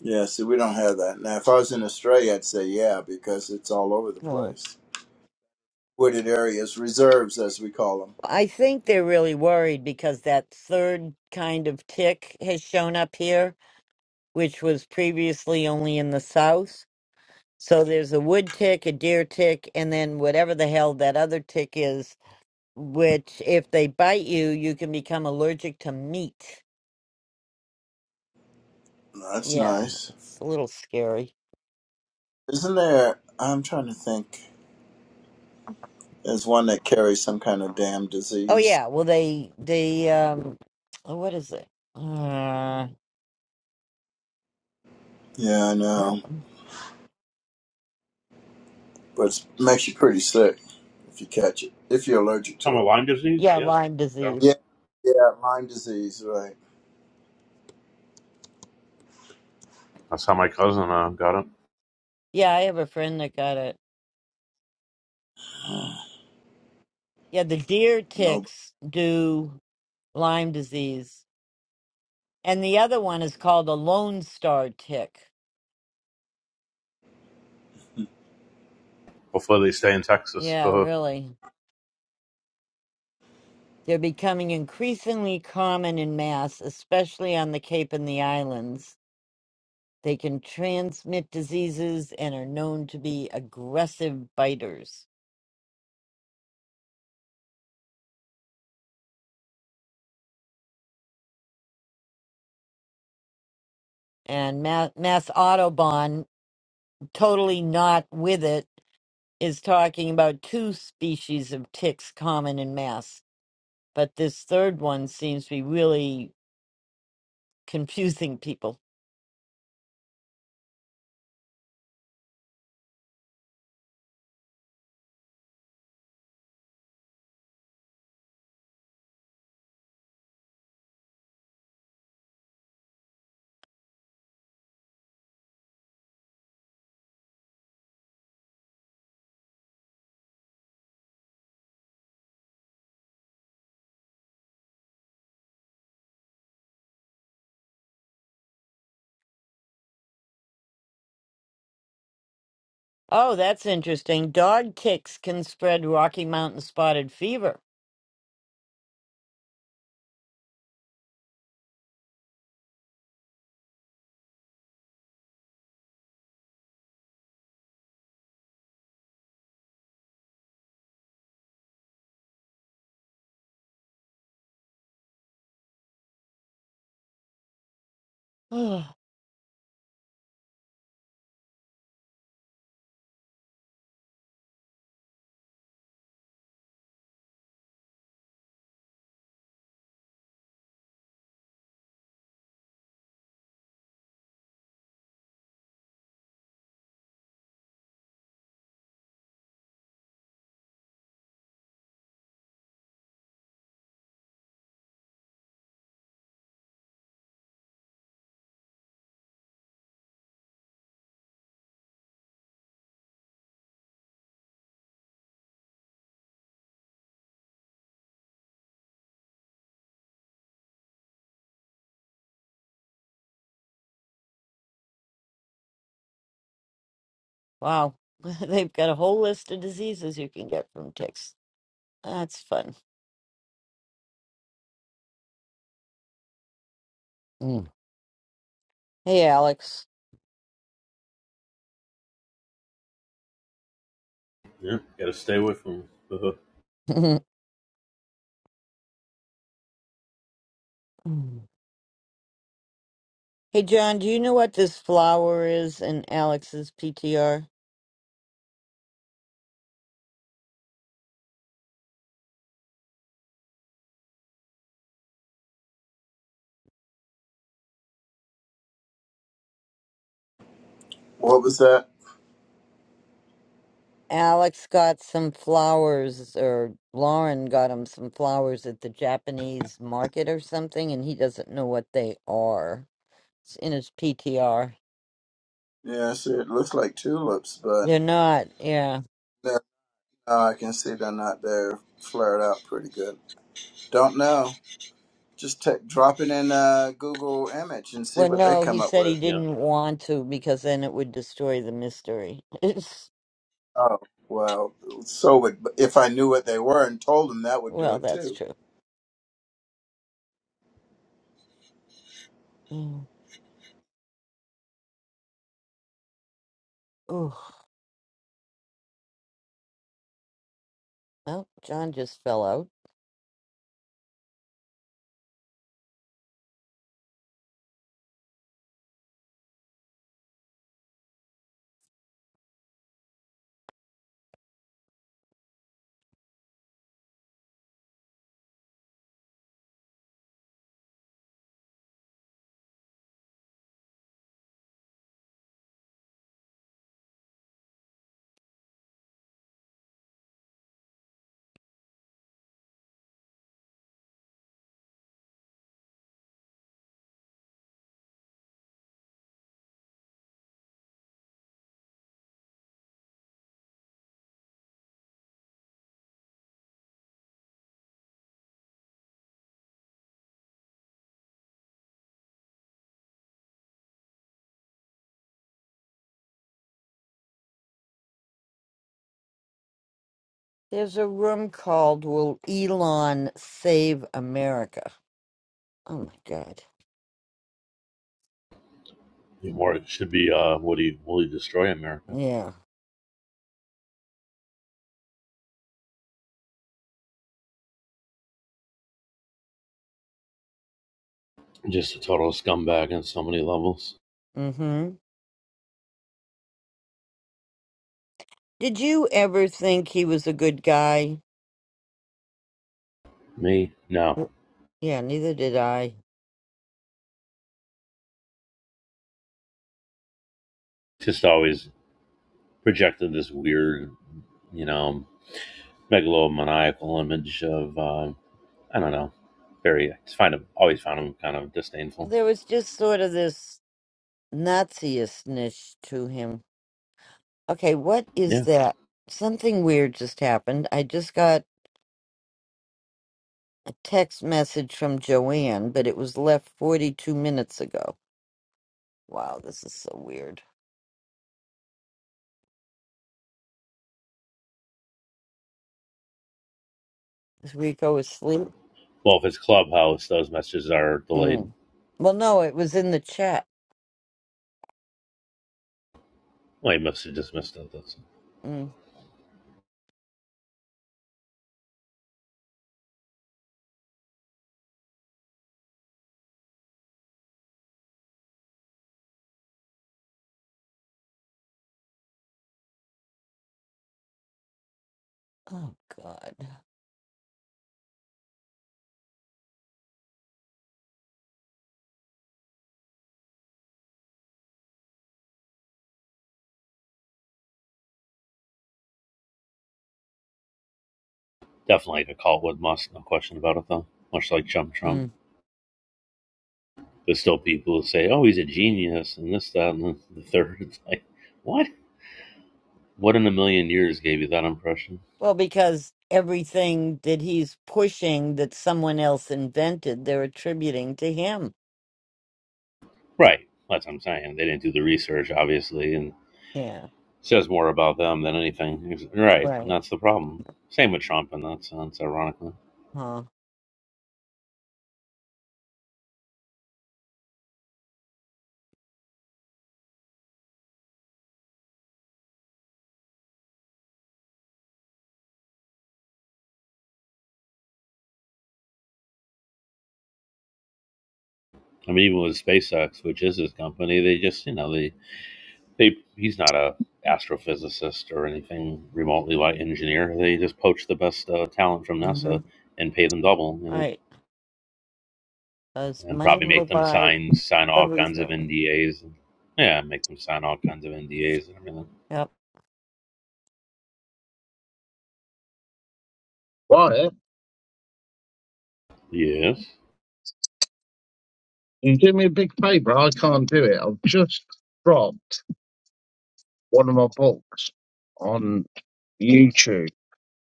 Speaker 6: Yeah. See, we don't have that now. If I was in Australia, I'd say yeah, because it's all over the
Speaker 2: Hmm.
Speaker 6: place. Wooded areas, reserves, as we call them.
Speaker 2: I think they're really worried because that third kind of tick has shown up here, which was previously only in the south. So there's a wood tick, a deer tick, and then whatever the hell that other tick is, which if they bite you, you can become allergic to meat.
Speaker 6: That's
Speaker 2: Yeah,
Speaker 6: nice.
Speaker 2: it's a little scary.
Speaker 6: Isn't there? I'm trying to think. There's one that carries some kind of damn
Speaker 2: Oh
Speaker 6: disease.
Speaker 2: yeah, well they they um oh, what is it? Uh
Speaker 6: Yeah, I know.
Speaker 2: what- mm,
Speaker 6: but it makes you pretty sick if you catch it, if you're allergic
Speaker 4: Talking
Speaker 6: to it.
Speaker 4: about Lyme disease?
Speaker 2: yeah,
Speaker 4: Yeah,
Speaker 2: Lyme
Speaker 4: it's
Speaker 2: disease.
Speaker 4: terrible.
Speaker 6: Yeah, yeah, Lyme disease, right.
Speaker 4: That's how my cousin uh, got it.
Speaker 2: Yeah, I have a friend that got it. Yeah, the deer
Speaker 6: No.
Speaker 2: ticks do Lyme disease. And the other one is called a Lone Star tick.
Speaker 4: Hopefully, they stay in Texas.
Speaker 2: Yeah,
Speaker 4: Uh-huh.
Speaker 2: really. They're becoming increasingly common in mass, especially on the Cape and the islands. They can transmit diseases and are known to be aggressive biters. and Mass, Mass Autobahn, totally not with it, is talking about two species of ticks common in Mass. But this third one seems to be really confusing people. Oh, that's interesting. Dog ticks can spread Rocky Mountain spotted fever. wow. They've got a whole list of diseases you can get from ticks. That's fun. Mm. Hey, Alex.
Speaker 4: yeah, gotta stay away from. uh-huh.
Speaker 2: Mm. hey, John, do you know what this flower is in Alex's PTR?
Speaker 6: What was that?
Speaker 2: Alex got some flowers, or Lauren got him some flowers at the Japanese market or something, and he doesn't know what they are. It's in his PTR.
Speaker 6: Yeah, I see, it looks like tulips, but
Speaker 2: They're not, yeah.
Speaker 6: no, no, I can see they're not there. Flared out pretty good. Don't know. Just take, drop it in uh, Google image and see
Speaker 2: Well,
Speaker 6: what they
Speaker 2: no, he
Speaker 6: come up
Speaker 2: said he
Speaker 6: with.
Speaker 4: yeah,
Speaker 2: didn't want to because then it would destroy the mystery. It's,
Speaker 6: Oh, well, so would, if I knew what they were and told them, that would do
Speaker 2: well,
Speaker 6: it
Speaker 2: that's
Speaker 6: too.
Speaker 2: true. Mm. Ooh. Well, John just fell out. There's a room called Will Elon Save America? Oh my God.
Speaker 4: more it should be. Uh, would he? Will he destroy America?
Speaker 2: Yeah.
Speaker 4: Just a total scumbag on so many levels.
Speaker 2: Mm hmm. Did you ever think he was a good guy?
Speaker 4: Me? No.
Speaker 2: W- Yeah, neither did I.
Speaker 4: Just always projected this weird, you know, megalomaniacal image of uh, I don't know. Very, I just find him always found him kind of disdainful.
Speaker 2: There was just sort of this Nazi-ishness to him. Okay, what is
Speaker 4: Yeah.
Speaker 2: that? Something weird just happened. I just got a text message from Joanne, but it was left 42 minutes ago. Wow, this is so weird. Is Rico asleep?
Speaker 4: Well, if it's Clubhouse, those messages are delayed.
Speaker 2: Mm. Well, no, it was in the chat.
Speaker 4: Well, he must have just missed it. That's
Speaker 2: Mm. Oh, God.
Speaker 4: definitely like a cult must, no question about it, though. Much like Chum
Speaker 2: Mm.
Speaker 4: Trump. There's still people who say, oh, he's a genius, and this, that, and the third. It's like, what? What in a million years gave you that impression?
Speaker 2: Well, because everything that he's pushing that someone else invented, they're attributing to him.
Speaker 4: Right. That's what I'm saying. They didn't do the research, obviously, and
Speaker 2: Yeah,
Speaker 4: Says more about them than anything. right. And
Speaker 2: right.
Speaker 4: that's the problem. Same with Trump in that sense, ironically.
Speaker 2: Huh.
Speaker 4: I mean, even with SpaceX, which is his company, they just, you know, they, they he's not a astrophysicist or anything remotely like engineer. They just poach the best uh, talent from
Speaker 2: Mm-hmm.
Speaker 4: NASA and pay them double, you know,
Speaker 2: Right. Because
Speaker 4: and
Speaker 2: money
Speaker 4: probably
Speaker 2: will
Speaker 4: make them
Speaker 2: buy
Speaker 4: sign sign all kinds of
Speaker 2: everything.
Speaker 4: NDAs. And, yeah, make them sign all kinds of NDAs and everything.
Speaker 2: Yep.
Speaker 3: Wyatt,
Speaker 4: Yes.
Speaker 3: you do me a big favour. I can't do it. I've just dropped one of my books on YouTube,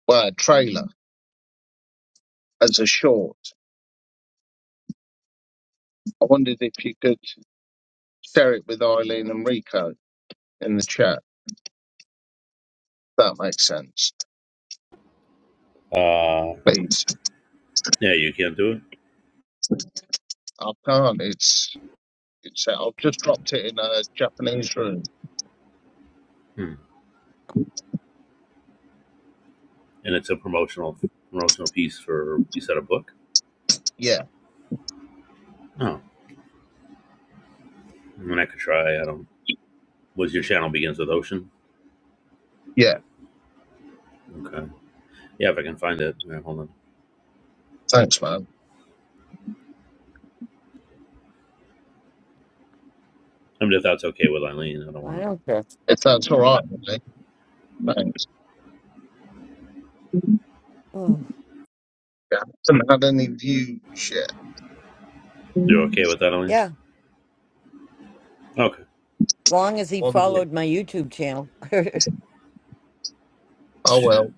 Speaker 3: well, a trailer as a short. I wondered if you could share it with Eileen and Rico in the chat. That makes sense,
Speaker 4: Uh,
Speaker 3: please.
Speaker 4: yeah, you can't do it.
Speaker 3: I can't. It's It's set. I've just dropped it in a Japanese room.
Speaker 4: Hmm. and it's a promotional promotional piece for you said a book.
Speaker 3: Yeah,
Speaker 4: Oh, I mean I could try. I don't. Was your channel begins with ocean?
Speaker 3: yeah.
Speaker 4: Okay. Yeah, if I can find it. All right, hold on.
Speaker 3: Thanks, man.
Speaker 4: I mean, if that's okay with Eileen, I don't
Speaker 2: I
Speaker 4: want to.
Speaker 2: don't care.
Speaker 3: If that's all right with me.
Speaker 2: Oh,
Speaker 3: Yeah. Haven't had any views yet.
Speaker 4: You're okay with that, Eileen?
Speaker 2: yeah.
Speaker 4: Okay.
Speaker 2: As long as he
Speaker 3: One view.
Speaker 2: followed my YouTube channel. Do
Speaker 3: Oh
Speaker 4: Shit.
Speaker 3: well.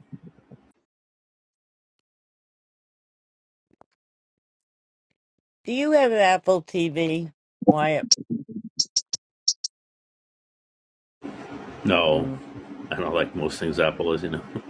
Speaker 2: you have an Apple TV, Wyatt?
Speaker 4: No,
Speaker 2: Mm,
Speaker 4: I don't like most things Apple is, you know.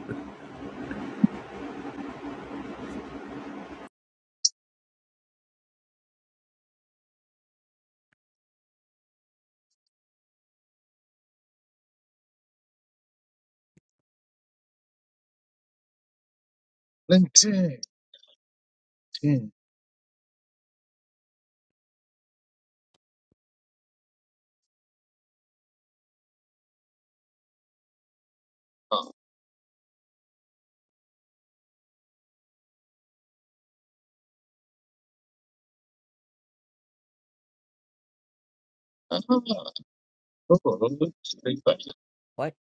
Speaker 2: what?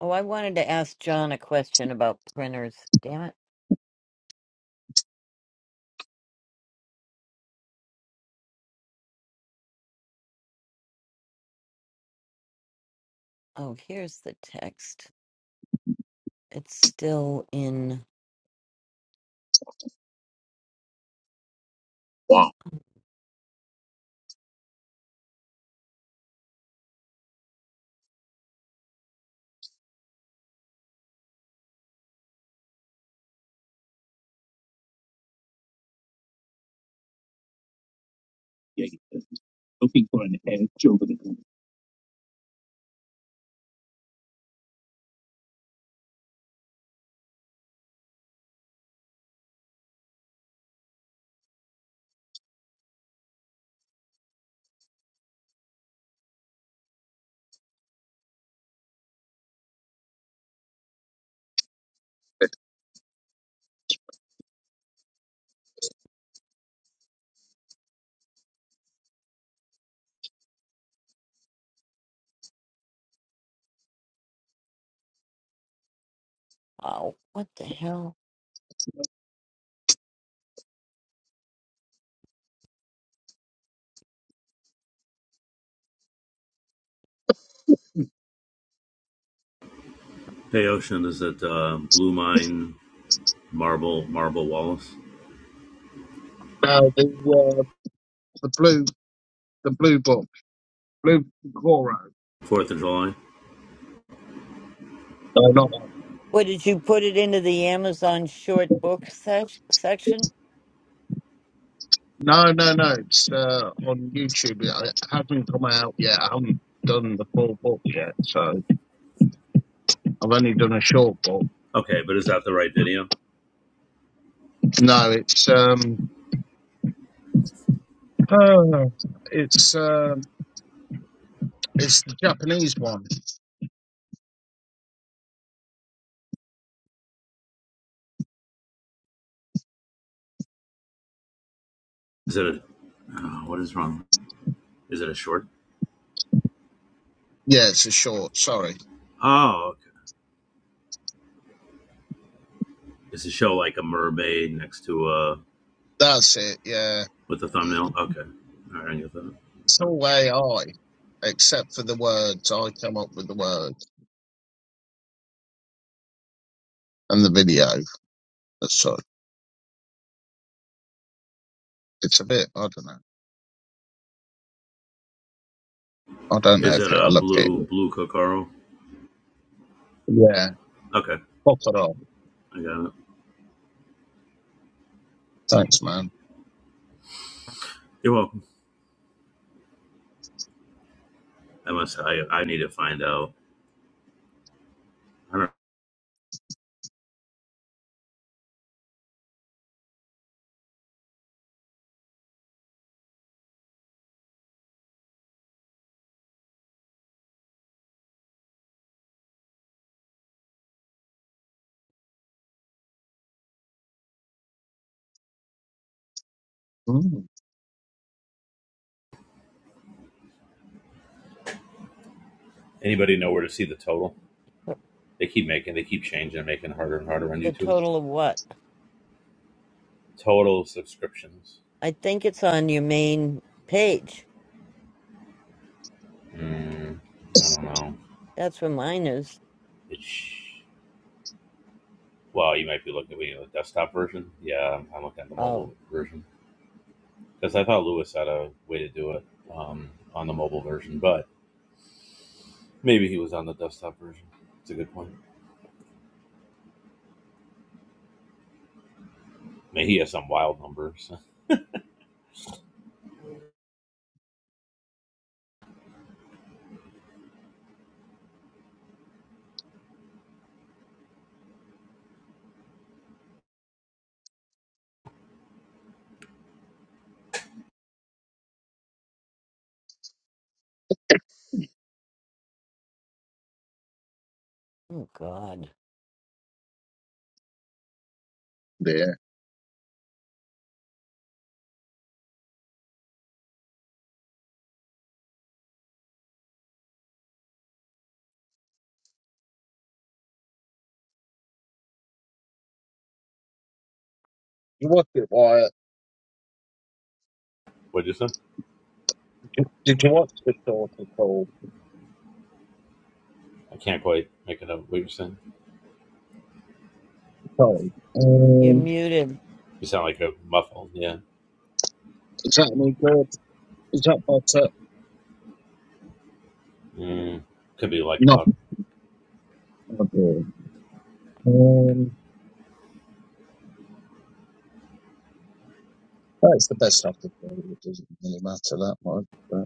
Speaker 2: Oh, I wanted to ask John a question about printers. Damn it. Oh, here's the text. It's still in.
Speaker 3: Wow. Yeah, he's Looking for an air joke.
Speaker 2: Oh, what the hell?
Speaker 4: Hey, Ocean, is it uh, Blue Mine Marble Marble Wallace?
Speaker 3: Now the uh, the blue the blue book blue Cora.
Speaker 4: Fourth of July.
Speaker 3: No, not
Speaker 2: What did you put it into the Amazon short book sec- section?
Speaker 3: no. It hasn't come out yet. I haven't done the full book yet, so I've only done a short book.
Speaker 4: Okay, but is that the right video?
Speaker 3: No, it's um. Uh, it's um. It's the Japanese one.
Speaker 4: Is it a uh, what is wrong? Is it a short?
Speaker 3: Yeah, it's a short. Sorry.
Speaker 4: Oh, okay. Is the show like a mermaid next to a
Speaker 3: That's it. Yeah.
Speaker 4: With the thumbnail? Okay. All right, I get that.
Speaker 3: It's all AI, except for the words. I come up with the words and the video. That's so it's a bit. I don't know. I don't know
Speaker 4: Is
Speaker 3: if
Speaker 4: it a
Speaker 3: it'll appear.
Speaker 4: blue, blue Kokoro?
Speaker 3: Yeah.
Speaker 4: Okay,
Speaker 3: Pop it on.
Speaker 4: I got it.
Speaker 3: Thanks, man.
Speaker 4: You're welcome. I must, I, I need to find out. I don't
Speaker 3: Mm,
Speaker 4: Anybody know where to see the total? They keep making, they keep changing and making it harder and harder on
Speaker 2: The
Speaker 4: YouTube.
Speaker 2: total of what?
Speaker 4: Total subscriptions.
Speaker 2: I think it's on your main page.
Speaker 4: Mm, I don't know.
Speaker 2: That's where mine is.
Speaker 4: It's, well, you might be looking at the desktop version. Yeah, I'm I'm looking at the
Speaker 2: Oh,
Speaker 4: mobile version. Because I thought Lewis had a way to do it um, on the mobile version, but maybe he was on the desktop version. It's a good point. I mean, he has some wild numbers.
Speaker 2: oh God.
Speaker 3: yeah. You watch it, Wyatt.
Speaker 4: What'd you say? I can't quite make it up. What you saying?
Speaker 2: You're muted.
Speaker 4: You sound like a muffled. Yeah.
Speaker 3: Is that
Speaker 4: Mm, could be like
Speaker 3: not?
Speaker 4: loud.
Speaker 3: That's the best I could do. It doesn't really matter that much. But,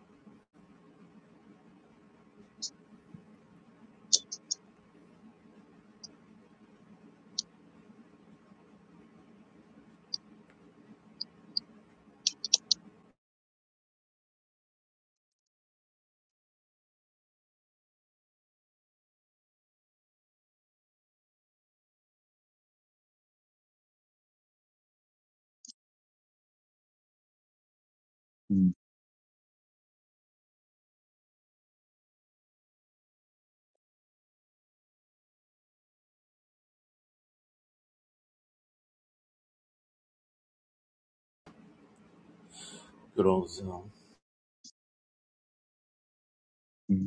Speaker 4: Good old Zoom.
Speaker 3: mm,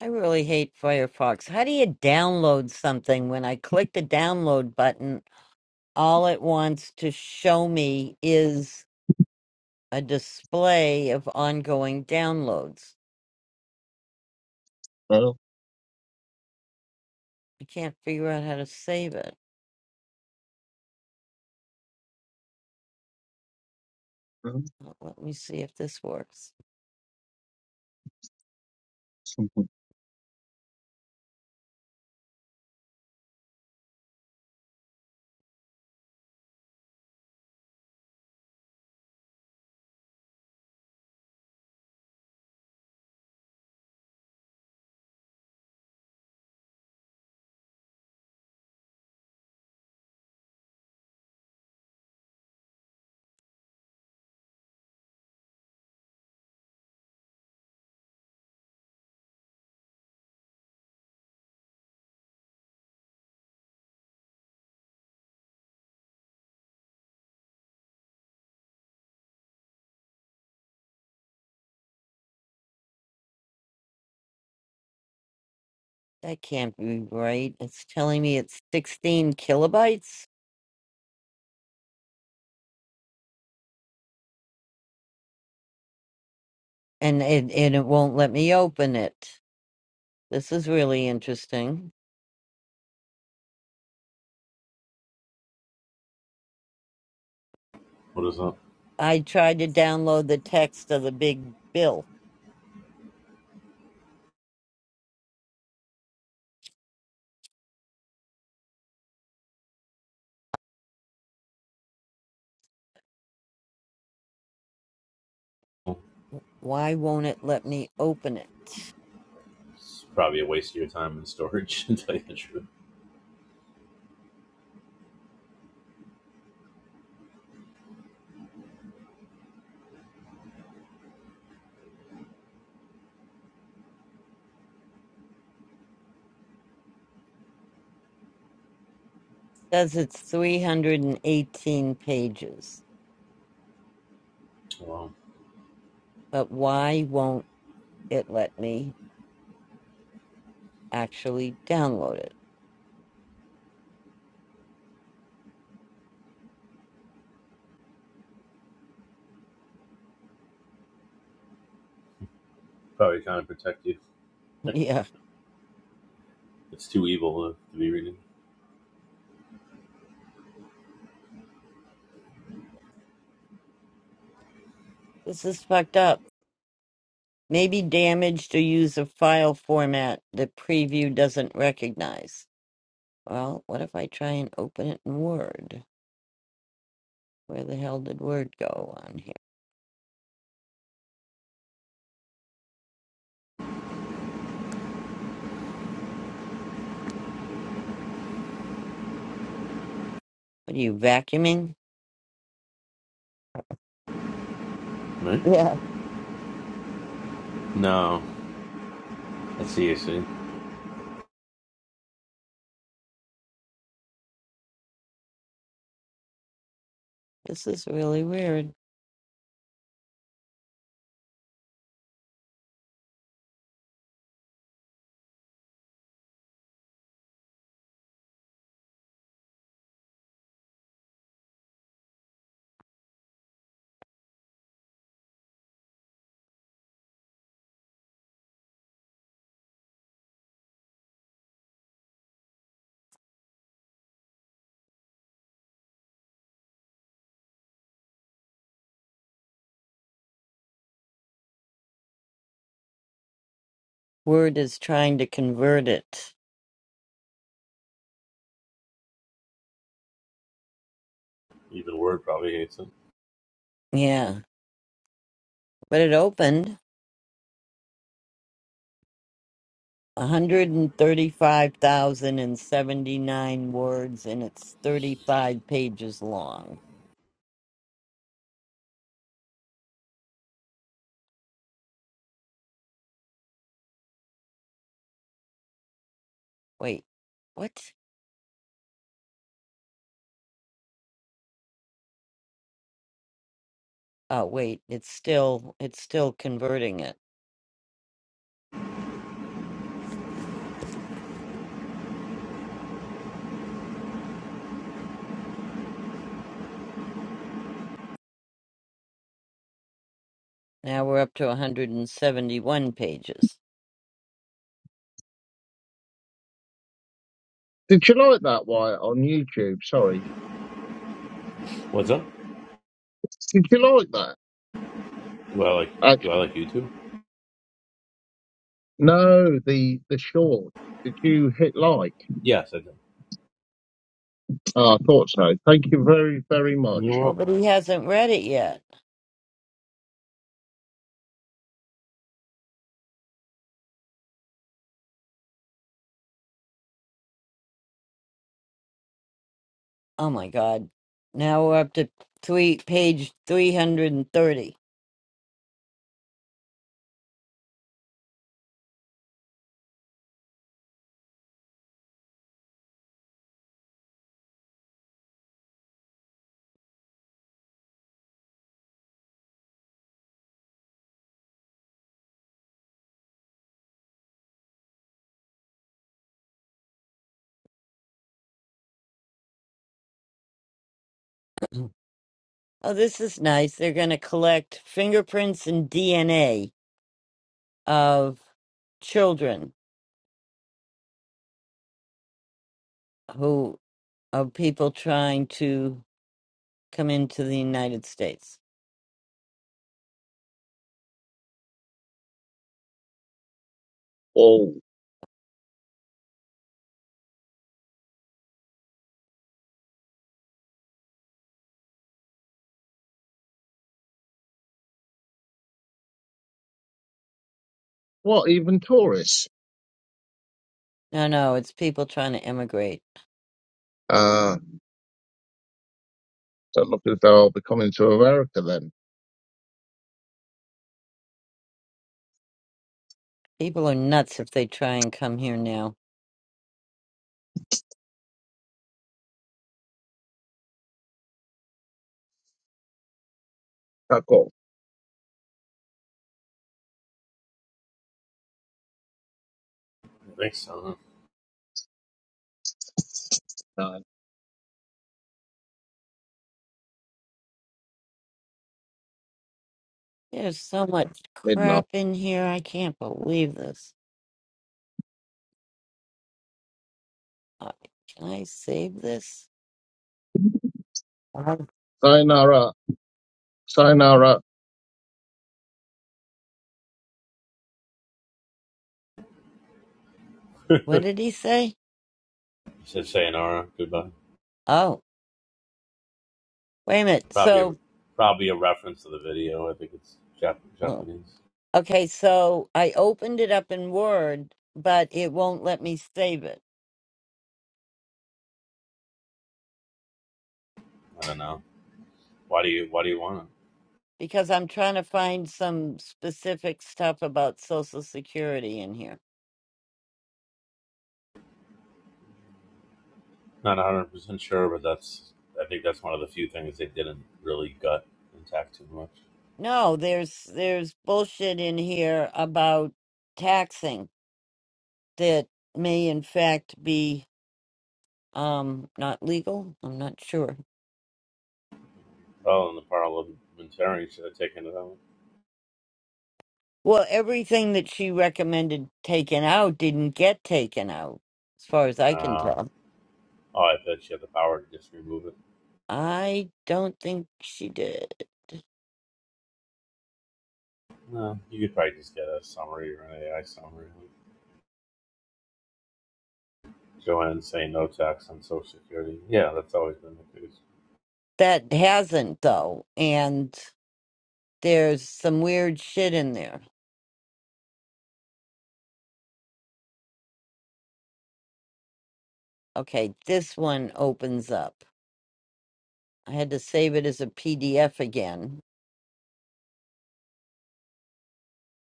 Speaker 2: I really hate Firefox. How do you download something when I click the download button? All it wants to show me is a display of ongoing downloads.
Speaker 3: well,
Speaker 2: I can't figure out how to save it.
Speaker 3: mm.
Speaker 2: Uh, Let me see if this works. That can't be right. It's telling me it's 16 kilobytes and it, and it won't let me open it. This is really interesting.
Speaker 4: What is up?
Speaker 2: I tried to download the text of the big bill. Why won't it let me open it?
Speaker 4: It's probably a waste of your time in storage, to tell you the truth.
Speaker 2: It says it's 318 pages,
Speaker 4: Well,
Speaker 2: but why won't it let me actually download it?
Speaker 4: probably trying to protect you.
Speaker 2: Yeah,
Speaker 4: It's too evil to, to be reading.
Speaker 2: this is fucked up. Maybe damaged or use a file format that preview doesn't recognize. Well, what if I try and open it in Word? Where the hell did Word go on here? What are you vacuuming?
Speaker 4: Right?
Speaker 2: Yeah.
Speaker 4: No. That's CAC.
Speaker 2: This is really weird. Word is trying to convert it.
Speaker 4: Even Word probably hates it.
Speaker 2: Yeah. But it opened 135,079 words and it's 35 pages long. Wait. What? Oh, wait. It's still it's still converting it. Now we're up to 171 pages.
Speaker 3: did you like that, Wyatt, on YouTube? Sorry.
Speaker 4: What's up?
Speaker 3: Did you like that?
Speaker 4: Do I like Do I like YouTube?
Speaker 3: No, the the short. Did you hit like?
Speaker 4: Yes, I do.
Speaker 3: Ah, I thought so. Thank you very, very
Speaker 4: You're
Speaker 3: much.
Speaker 2: Well, but
Speaker 4: welcome.
Speaker 2: he hasn't read it yet. Oh my God. Now we're up to three, page 330. Oh, this is nice. They're going to collect fingerprints and DNA of children who of people trying to come into the United States.
Speaker 3: All what? Even tourists?
Speaker 2: No, no, it's people trying to emigrate.
Speaker 3: Uh don't look as though I'll be coming to America then.
Speaker 2: People are nuts if they try and come here now.
Speaker 3: Fuck off.
Speaker 4: Thanks. Uh,
Speaker 3: No,
Speaker 2: There's so much
Speaker 3: midnight.
Speaker 2: crap in here. I can't believe this. Uh, Can I save this? Uh,
Speaker 3: Sayonara. Sayonara.
Speaker 2: What did he say?
Speaker 4: said sayonara. Goodbye.
Speaker 2: Oh. Wait a minute.
Speaker 4: Probably,
Speaker 2: So,
Speaker 4: probably a reference to the video. I think it's Jap-
Speaker 2: oh,
Speaker 4: Japanese.
Speaker 2: okay, so I opened it up in Word, but it won't let me save it
Speaker 4: I don't know. Why do you Why do you want it?
Speaker 2: because I'm trying to find some specific stuff about Social Security in here.
Speaker 4: Not one hundred percent sure, but that's. I think that's one of the few things they didn't really gut intact too much.
Speaker 2: No, there's there's bullshit in here about taxing that may in fact be um not legal. I'm not sure.
Speaker 4: Oh, and the parliamentarian should have taken it out.
Speaker 2: Well, everything that she recommended taken out didn't get taken out, as far as I can
Speaker 4: Uh,
Speaker 2: tell.
Speaker 4: oh, I bet she had the power to just remove it.
Speaker 2: I don't think she did.
Speaker 4: No, you could probably just get a summary or an AI summary. like Joanne saying no tax on Social Security. Yeah, that's always been the case.
Speaker 2: That hasn't though, and there's some weird shit in there. Okay, this one opens up. I had to save it as a PDF again,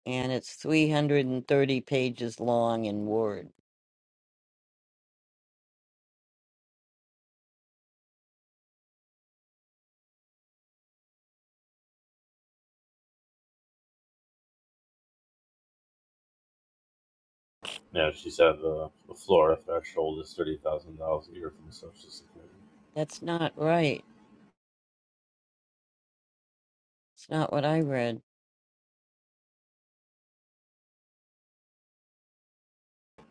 Speaker 2: and it's 330 pages long in Word.
Speaker 4: Yeah, she said the, the Florida threshold is thirty thousand dollars a year from Social Security.
Speaker 2: That's not right. It's not what I read.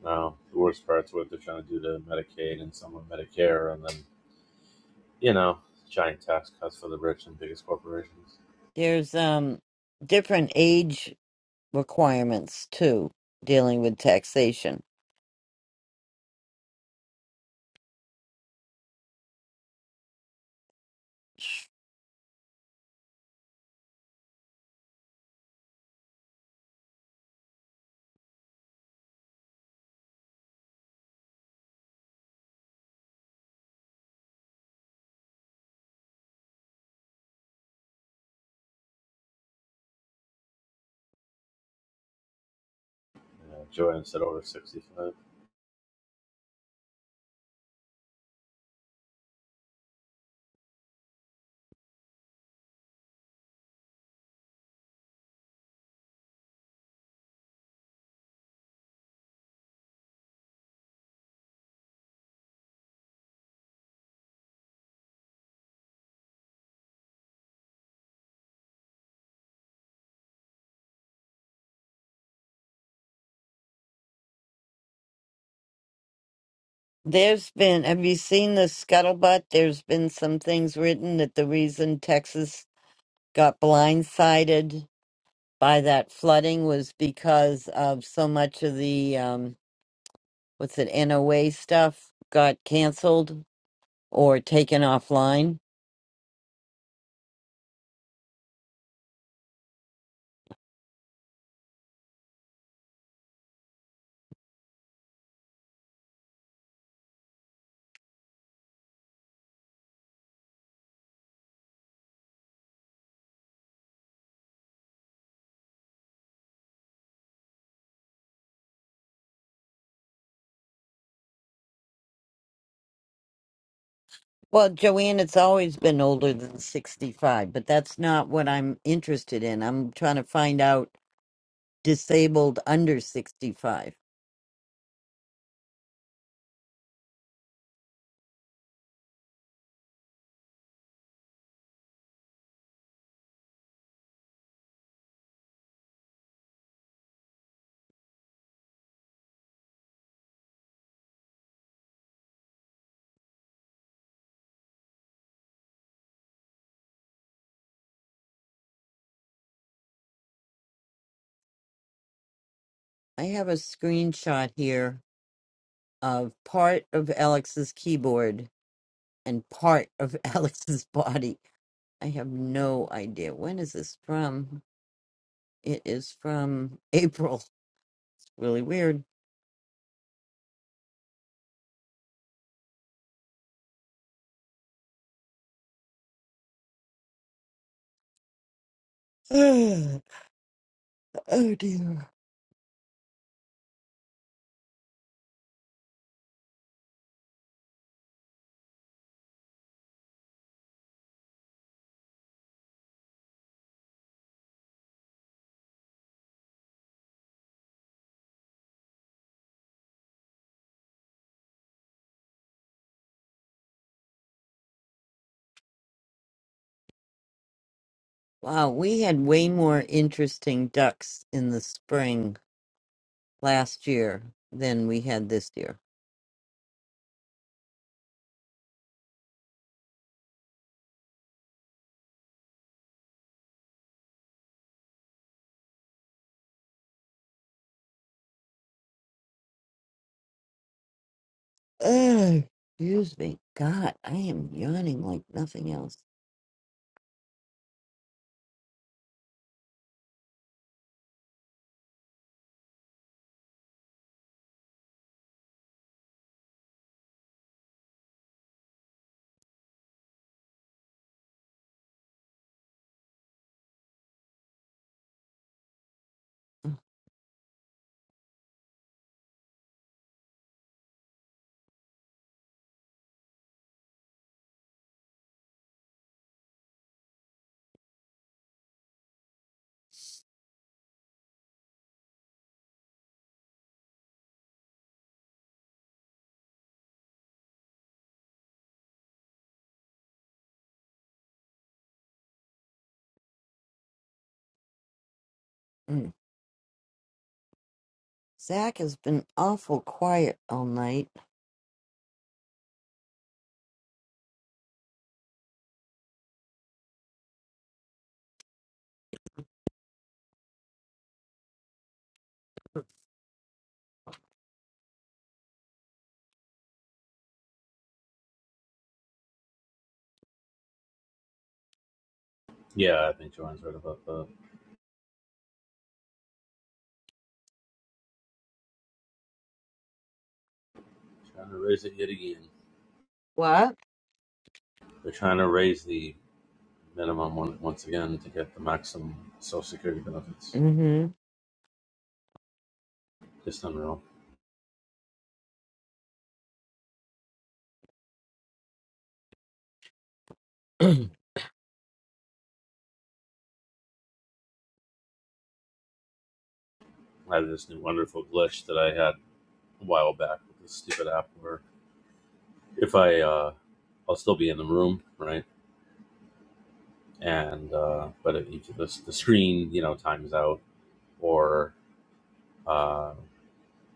Speaker 4: No, the worst part's what they're trying to do to Medicaid and some of Medicare, and then you know, giant tax cuts for the rich and biggest corporations.
Speaker 2: There's um different age requirements too dealing with taxation.
Speaker 4: Yeah, Joanne said over sixty-five.
Speaker 2: There's been, have you seen the scuttlebutt? There's been some things written that the reason Texas got blindsided by that flooding was because of so much of the, um, what's it, NOA stuff got canceled or taken offline. Well, Joanne, it's always been older than 65, but that's not what I'm interested in. I'm trying to find out disabled under 65. I have a screenshot here of part of Alex's keyboard and part of Alex's body. I have no idea. When is this from? It is from April. It's really weird. oh dear. Wow, we had way more interesting ducks in the spring last year than we had this year. Ugh, excuse me. God, I am yawning like nothing else. Mm. Zach has been awful quiet all night.
Speaker 4: Yeah, I think Joanne's right about that. Trying to raise it yet again.
Speaker 2: What?
Speaker 4: They're trying to raise the minimum one, once again to get the maximum Social Security benefits. Just unreal. I had this new wonderful glitch that I had a while back with this stupid app where if I uh, I'll still be in the room, right? and uh, but it, each the the screen you know times out or uh,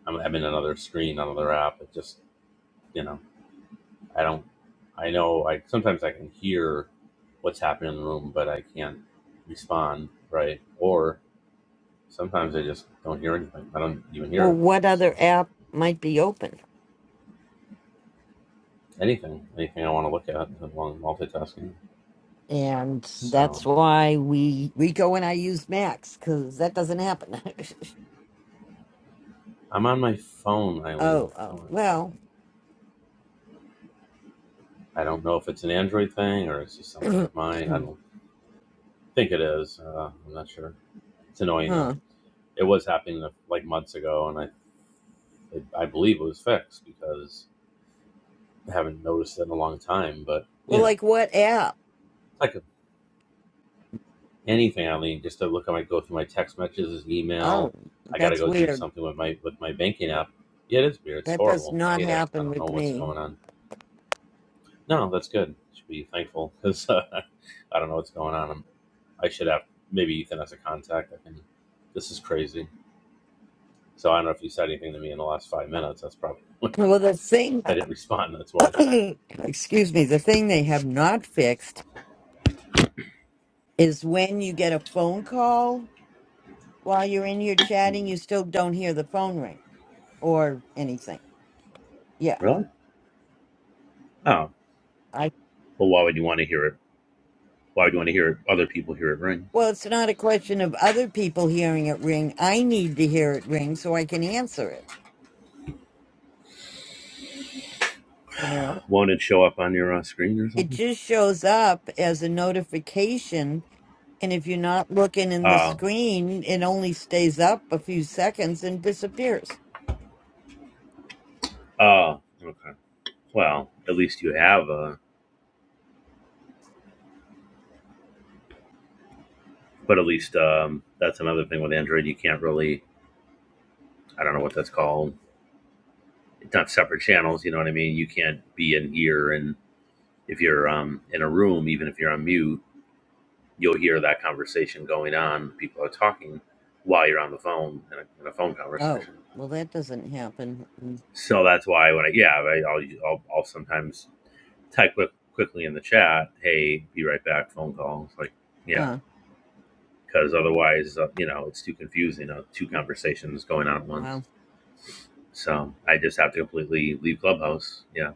Speaker 4: I'm, I'm in another screen, another app. It just you know I don't I know I sometimes I can hear what's happening in the room, but I can't respond right or sometimes I just don't hear anything. I don't even hear
Speaker 2: Or
Speaker 4: it.
Speaker 2: what
Speaker 4: So
Speaker 2: other app might be open?
Speaker 4: anything, anything I want to look at while I'm multitasking.
Speaker 2: And that's
Speaker 4: So
Speaker 2: why we we go and I use Max because that doesn't happen.
Speaker 4: I'm on my phone,
Speaker 2: oh,
Speaker 4: Eileen.
Speaker 2: oh,
Speaker 4: So
Speaker 2: well,
Speaker 4: I don't know if it's an Android thing or it's just something
Speaker 2: huh?
Speaker 4: with mine. I don't. I think it is. Uh, I'm not sure. It's annoying though.
Speaker 2: Well,
Speaker 4: It was happening uh, like months ago, and I it, I believe it was fixed because I haven't noticed it in a long time. But you know,
Speaker 2: like what app?
Speaker 4: it's like anything. I mean, just to look at my go through my text messages,
Speaker 2: Oh,
Speaker 4: email. I got to
Speaker 2: that's
Speaker 4: go do
Speaker 2: weird.
Speaker 4: something with my with my banking app. Yeah, it is weird. It's
Speaker 2: That does
Speaker 4: horrible. I
Speaker 2: not
Speaker 4: hate it. I
Speaker 2: happen
Speaker 4: don't know
Speaker 2: with
Speaker 4: what's
Speaker 2: me.
Speaker 4: going on. No, that's good. Should be thankful because uh, I don't know what's going on. i I should have maybe Ethan as a contact. I can. This is crazy. So I don't know if you said anything to me in the last five minutes. That's probably
Speaker 2: Well, the thing,
Speaker 4: I didn't respond. That's why.
Speaker 2: excuse me, the thing they have not fixed is when you get a phone call while you're in here chatting,
Speaker 4: Mhm.
Speaker 2: you still don't hear the phone ring or anything. Yeah.
Speaker 4: Really? Oh. Well, why would you want to hear it? Why would you want to hear it? Other people hear it ring.
Speaker 2: Well, it's not a question of other people hearing it ring. I need to hear it ring so I can answer it. You know,
Speaker 4: Won't it show up on your uh, screen or
Speaker 2: it
Speaker 4: something?
Speaker 2: just shows up as a notification. And if you're not looking
Speaker 4: Oh.
Speaker 2: in the
Speaker 4: uh,
Speaker 2: screen, it only stays up a few seconds and disappears.
Speaker 4: Oh. uh, Okay. Well, at least you have a. But at least um, that's another thing with Android. You can't really. I don't know what that's called. It's not separate channels. You know what I mean? You can't be in here and if you're um, in a room, even if you're on mute, you'll hear that conversation going on. People are talking while you're on the phone in a, in a phone
Speaker 2: Oh,
Speaker 4: conversation.
Speaker 2: well, that doesn't happen. Mm.
Speaker 4: So that's why when I yeah I, I'll, I'll I'll sometimes type quick, quickly in the chat, hey, be right back, phone call. It's like yeah,
Speaker 2: Huh.
Speaker 4: because otherwise uh, you know it's too confusing. Uh, two conversations going on at once.
Speaker 2: Wow.
Speaker 4: So I just have to completely leave Clubhouse. Yeah,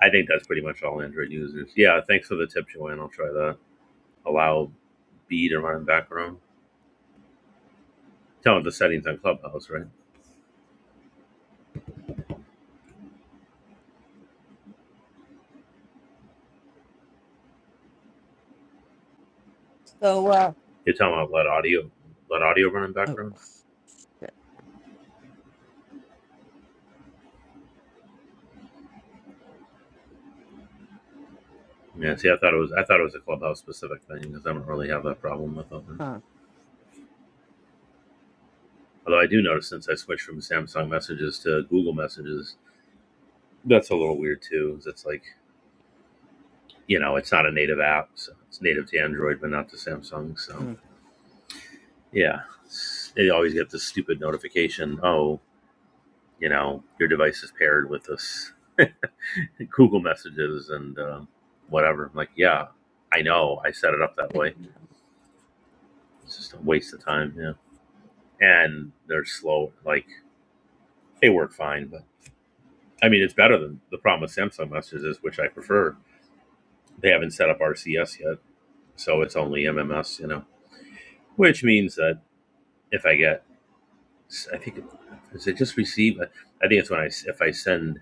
Speaker 4: I think that's pretty much all Android users. Yeah, thanks for the tip, Joanne. I'll try that. Allow B to run in background. Tell them the settings on Clubhouse, right?
Speaker 2: So, uh,
Speaker 4: You're talking about let audio let audio run in
Speaker 2: oh,
Speaker 4: background. Yeah, see, I thought it was I thought it was a clubhouse specific thing because I don't really have that problem with open.
Speaker 2: huh.
Speaker 4: Although I do notice since I switched from Samsung Messages to Google Messages, that's a little weird too. It's like you know, it's not a native app, so it's native to Android but not to Samsung. So
Speaker 2: Mm.
Speaker 4: yeah, it's- they always get this stupid notification. Oh, you know, your device is paired with this Google Messages and uh, whatever. I'm like, yeah, I know, I set it up that way It's just a waste of time, yeah. And they're slow. Like they work fine, but I mean, it's better than the problem with Samsung messages, which I prefer. They haven't set up RCS yet, so it's only MMS, you know. Which means that if I get, I think, is it just receive? I think it's when I if I send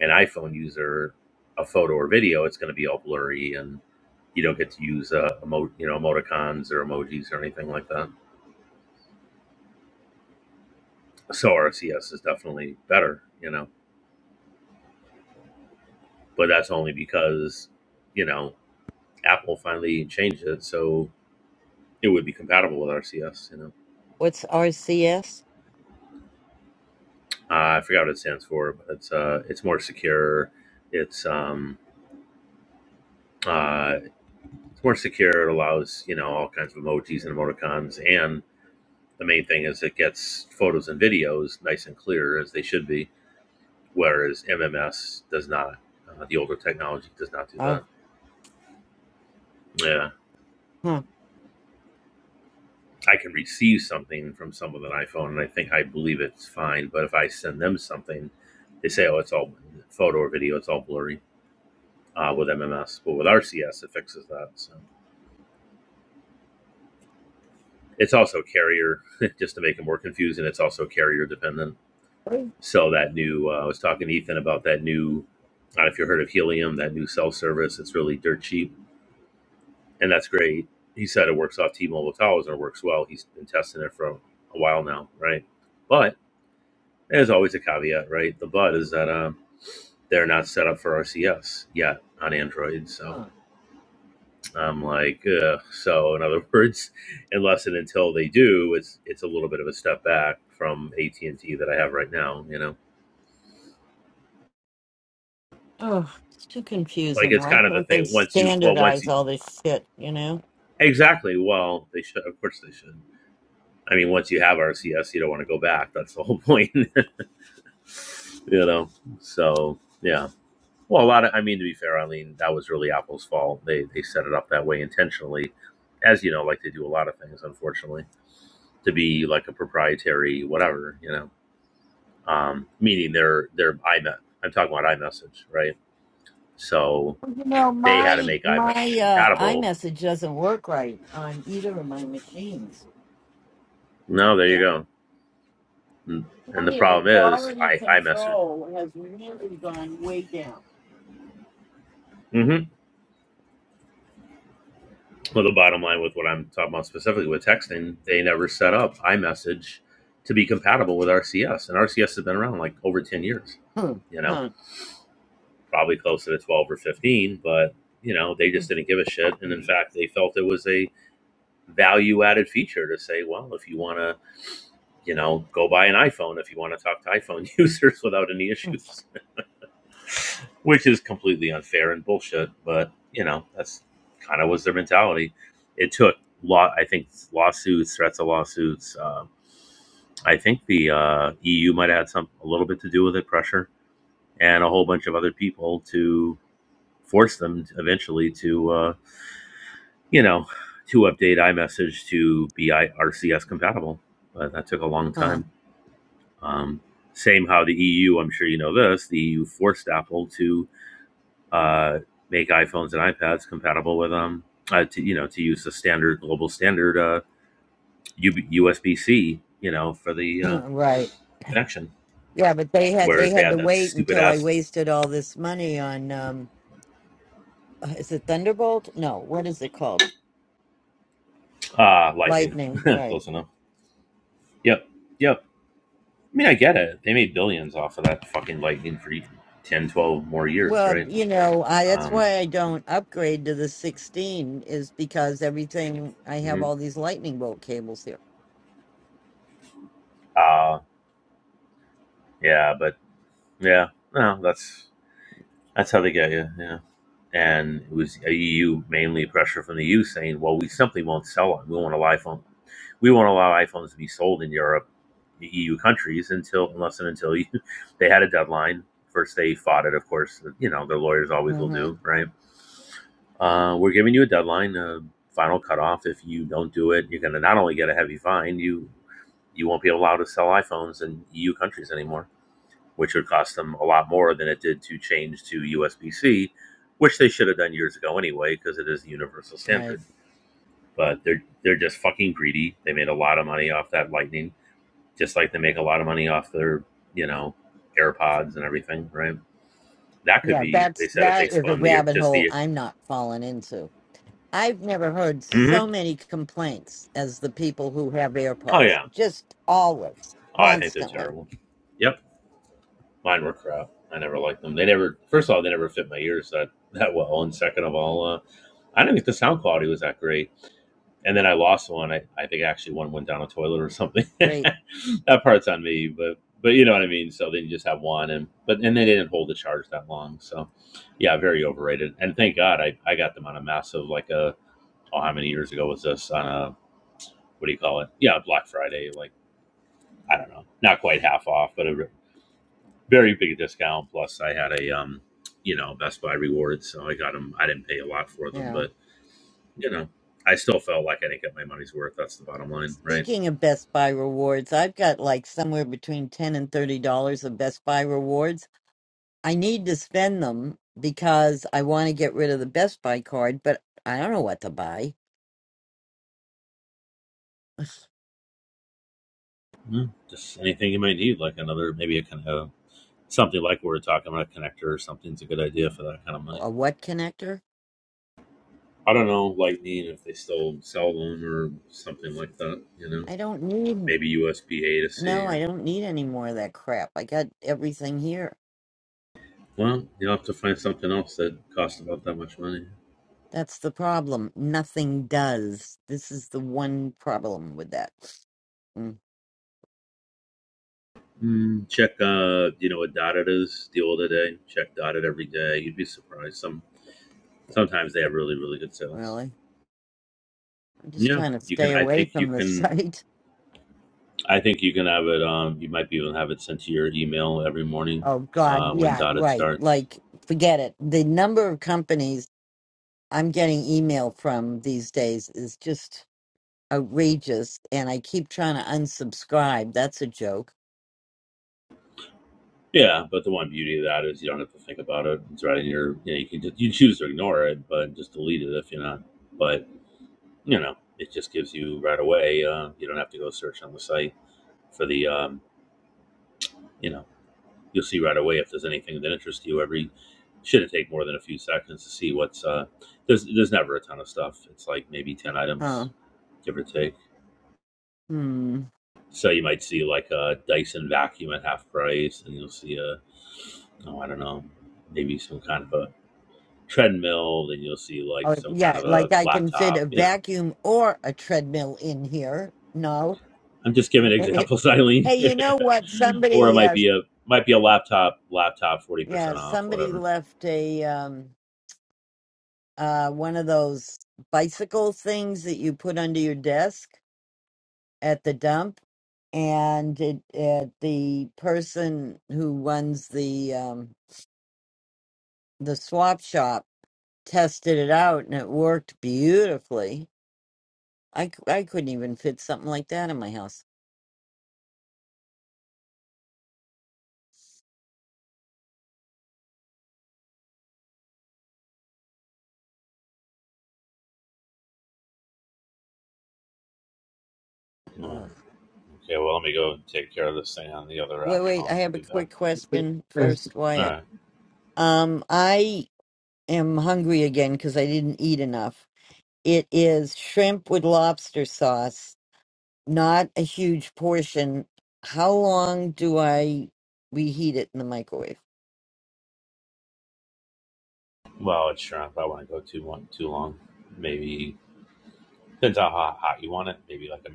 Speaker 4: an iPhone user a photo or video, it's going to be all blurry, and you don't get to use uh, emo, you know emoticons or emojis or anything like that. So RCS is definitely better, you know. but that's only because you know Apple finally changed it, so it would be compatible with RCS. You know,
Speaker 2: What's RCS?
Speaker 4: uh, I forgot what it stands for, but it's uh, it's more secure. It's um, uh, it's more secure. It allows you know all kinds of emojis and emoticons, and the main thing is it gets photos and videos nice and clear as they should be, whereas MMS does not. Uh, the older technology does not do
Speaker 2: Oh,
Speaker 4: that. Yeah.
Speaker 2: huh.
Speaker 4: I can receive something from someone with an iPhone, and I think I believe it's fine. But if I send them something, they say, "Oh, it's all photo or video; it's all blurry." Uh, with MMS, but with RCS, it fixes that. So it's also carrier, just to make it more confusing. It's also carrier dependent.
Speaker 2: What?
Speaker 4: So that new, uh, I was talking to Ethan about that new. I don't know if you heard of Helium, that new cell service. It's really dirt cheap, and that's great. He said it works off T-Mobile towers and it works well. He's been testing it for a while now, right? But There's always a caveat, right? The but is that um, they're not set up for RCS yet on Android. So
Speaker 2: Huh.
Speaker 4: I'm like, Ugh. so in other words, unless and until they do, it's it's a little bit of a step back from AT and T that I have right now. You know,
Speaker 2: Oh, it's too
Speaker 4: like
Speaker 2: confusing.
Speaker 4: it's
Speaker 2: Why
Speaker 4: kind of the
Speaker 2: can't they
Speaker 4: thing. Once you, well, once
Speaker 2: standardize
Speaker 4: you
Speaker 2: all this shit, you know?
Speaker 4: exactly, well, they should. Of course, they should. I mean, once you have RCS, you don't want to go back. That's the whole point. you know, so yeah Well, a lot of, I mean, to be fair, Eileen, that was really Apple's fault. They they set it up that way intentionally, as you know, like they do a lot of things, unfortunately, to be like a proprietary whatever, you know, um, meaning their their iMe- I'm talking about iMessage, right? So
Speaker 2: Well, You know,
Speaker 4: they had to
Speaker 2: my
Speaker 4: make iMessage
Speaker 2: my uh
Speaker 4: compatible.
Speaker 2: iMessage doesn't work right on either of my machines.
Speaker 4: No, there you
Speaker 2: Yeah.
Speaker 4: go.
Speaker 2: Tell
Speaker 4: And the
Speaker 2: me the
Speaker 4: problem is,
Speaker 2: quality
Speaker 4: I iMessage.
Speaker 2: control has really gone way down.
Speaker 4: Mm-hmm. Well, the bottom line with what I'm talking about specifically with texting, they never set up iMessage to be compatible with RCS, and RCS has been around like over ten years.
Speaker 2: Huh,
Speaker 4: You know,
Speaker 2: huh,
Speaker 4: probably closer to twelve or fifteen, but you know, they just didn't give a shit, and
Speaker 2: huh,
Speaker 4: in fact, they felt it was a value-added feature to say, well, if you want to, you know, go buy an iPhone if you want to talk to iPhone users without any issues. which is completely unfair and bullshit. But you know, that's kind of was their mentality. It took law, I think, lawsuits, threats of lawsuits. Uh, I think the uh, EU might have had some a little bit to do with it, pressure, and a whole bunch of other people to force them to, eventually to, uh, you know, to update iMessage to be RCS compatible. But that took a long
Speaker 2: huh,
Speaker 4: time. Um, same how the EU, I'm sure you know this, the EU forced Apple to uh, make iPhones and iPads compatible with them. Uh, to you know, to use the standard global standard uh, USB C, you know, for the uh,
Speaker 2: huh, right.
Speaker 4: connection.
Speaker 2: Yeah, but they had they
Speaker 4: Whereas they
Speaker 2: had to
Speaker 4: had that
Speaker 2: wait
Speaker 4: stupid
Speaker 2: until I
Speaker 4: ass
Speaker 2: wasted all this money on um uh, is it Thunderbolt? No, what is it called?
Speaker 4: ah Lightning,
Speaker 2: Lightning, right.
Speaker 4: close enough. Yep, yep. I mean, I get it. They made billions off of that fucking Lightning for 10, 12 more years,
Speaker 2: Well,
Speaker 4: right?
Speaker 2: you know, I that's
Speaker 4: Um,
Speaker 2: why I don't upgrade to the 16 is because everything I have
Speaker 4: mhm.
Speaker 2: all these lightning bolt cables here.
Speaker 4: uh, yeah, but yeah, no, that's that's how they get you. Yeah. and it was a EU mainly pressure from the EU saying, "Well, we simply won't sell them. We won't allow iPhone. We won't allow iPhones to be sold in Europe, the EU countries, until unless and until you, they had a deadline. First, they fought it, of course. You know, their lawyers always will
Speaker 2: hmm
Speaker 4: do, right? Uh, we're giving you a deadline, a final cutoff. If you don't do it, you're going to not only get a heavy fine, you you won't be allowed to sell iPhones in EU countries anymore." which would cost them a lot more than it did to change to USB C, which they should have done years ago anyway, because it is the universal
Speaker 2: Right.
Speaker 4: standard. But they're they're just fucking greedy. They made a lot of money off that Lightning, just like they make a lot of money off their you know AirPods and everything, right? That could
Speaker 2: Yeah,
Speaker 4: be. They
Speaker 2: that's
Speaker 4: said if they
Speaker 2: that is a
Speaker 4: spun the
Speaker 2: rabbit
Speaker 4: just
Speaker 2: hole
Speaker 4: the
Speaker 2: I'm not falling into. I've never heard so
Speaker 4: Mhm.
Speaker 2: many complaints as the people who have
Speaker 4: oh
Speaker 2: AirPods.
Speaker 4: yeah,
Speaker 2: Just always,
Speaker 4: oh I think they're
Speaker 2: constantly.
Speaker 4: terrible. Yep, mine were crap. I never liked them. They never. First of all, they never fit my ears that that well, and second of all, uh, I didn't think the sound quality was that great and then I lost one. I, I think actually one went down a toilet or something.
Speaker 2: Great.
Speaker 4: that part's on me, but but you know what I mean. So then you just have one, and but and they didn't hold the charge that long. So yeah, very overrated. And thank God I, I got them on a massive like a oh how many years ago was this on a what do you call it? Yeah, Black Friday. Like I don't know, not quite half off, but a very big discount. Plus I had a um you know Best Buy rewards, so I got them. I didn't pay a lot for them,
Speaker 2: Yeah.
Speaker 4: but you know I still felt like I didn't get my money's worth. That's the bottom line, right?
Speaker 2: Speaking of Best Buy rewards, I've got like somewhere between 10 and $30 of Best Buy rewards I need to spend them because I want to get rid of the Best Buy card, but I don't know what to buy.
Speaker 4: Mm, Just anything you might need, like another maybe a kind of something like we were talking about a connector or something's a good idea for that kind of money.
Speaker 2: A what connector?
Speaker 4: I don't know, Lightning if they still sell them or something like that. You know,
Speaker 2: I don't need,
Speaker 4: maybe USB A to
Speaker 2: no,
Speaker 4: C
Speaker 2: I
Speaker 4: or
Speaker 2: don't need any more of that crap. I got everything here.
Speaker 4: well, you'll have to find something else that costs about that much money.
Speaker 2: That's the problem. Nothing does. This is the one problem with that. Mm,
Speaker 4: Mm, check, uh, you know, what dotted is deal with the old today. Check dotted every day. You'd be surprised. Some sometimes they have really really good sales.
Speaker 2: really? I'm just
Speaker 4: Yeah,
Speaker 2: trying to
Speaker 4: you
Speaker 2: stay
Speaker 4: can. I
Speaker 2: away
Speaker 4: think you
Speaker 2: from the
Speaker 4: can
Speaker 2: site.
Speaker 4: I think you can have it. Um, you might be able to have it sent to your email every morning
Speaker 2: Oh, God.
Speaker 4: uh, when
Speaker 2: Yeah,
Speaker 4: dotted
Speaker 2: right.
Speaker 4: starts.
Speaker 2: Like, forget it. The number of companies I'm getting email from these days is just outrageous and I keep trying to unsubscribe. That's a joke.
Speaker 4: Yeah, but the one beauty of that is you don't have to think about it. It's right in your. You, know, you can just, you choose to ignore it, but just delete it if you're not. But you know, it just gives you right away. Uh, you don't have to go search on the site for the. Um, you know, you'll see right away if there's anything that interests you. Every shouldn't take more than a few seconds to see what's. Uh, there's there's never a ton of stuff. It's like maybe ten
Speaker 2: Huh.
Speaker 4: items, give or take.
Speaker 2: Hmm.
Speaker 4: So you might see like a Dyson vacuum at half price, and you'll see a oh I don't know, maybe some kind of a treadmill. Then you'll see like
Speaker 2: Oh,
Speaker 4: some kind
Speaker 2: yeah,
Speaker 4: of a
Speaker 2: like I can fit a
Speaker 4: laptop. You know,
Speaker 2: vacuum or a treadmill in here. No.
Speaker 4: I'm just giving
Speaker 2: hey,
Speaker 4: examples, Eileen.
Speaker 2: you know what?
Speaker 4: or it
Speaker 2: Somebody
Speaker 4: might
Speaker 2: uh
Speaker 4: be a might be a laptop, laptop forty
Speaker 2: yeah,
Speaker 4: percent off,
Speaker 2: somebody
Speaker 4: whatever.
Speaker 2: left a um uh one of those bicycle things that you put under your desk at the dump and it, uh, the person who runs the um the swap shop tested it out and it worked beautifully. I, c- I couldn't even fit something like that in my house.
Speaker 4: Oh,
Speaker 2: Ugh.
Speaker 4: okay, well let me go and take care of this thing on the other
Speaker 2: Wait,
Speaker 4: app, and
Speaker 2: wait,
Speaker 4: I'll,
Speaker 2: I
Speaker 4: I'll
Speaker 2: have a
Speaker 4: be back.
Speaker 2: quick question
Speaker 12: is
Speaker 2: first,
Speaker 4: All
Speaker 2: Wyatt.
Speaker 4: right.
Speaker 2: Um, I am hungry again because I didn't eat enough. It is shrimp with lobster sauce, not a huge portion. How long do I reheat it in the microwave?
Speaker 4: Well, it's shrunk. I want to go too long. Too long. Maybe Depends on how hot, you want it. Maybe like a,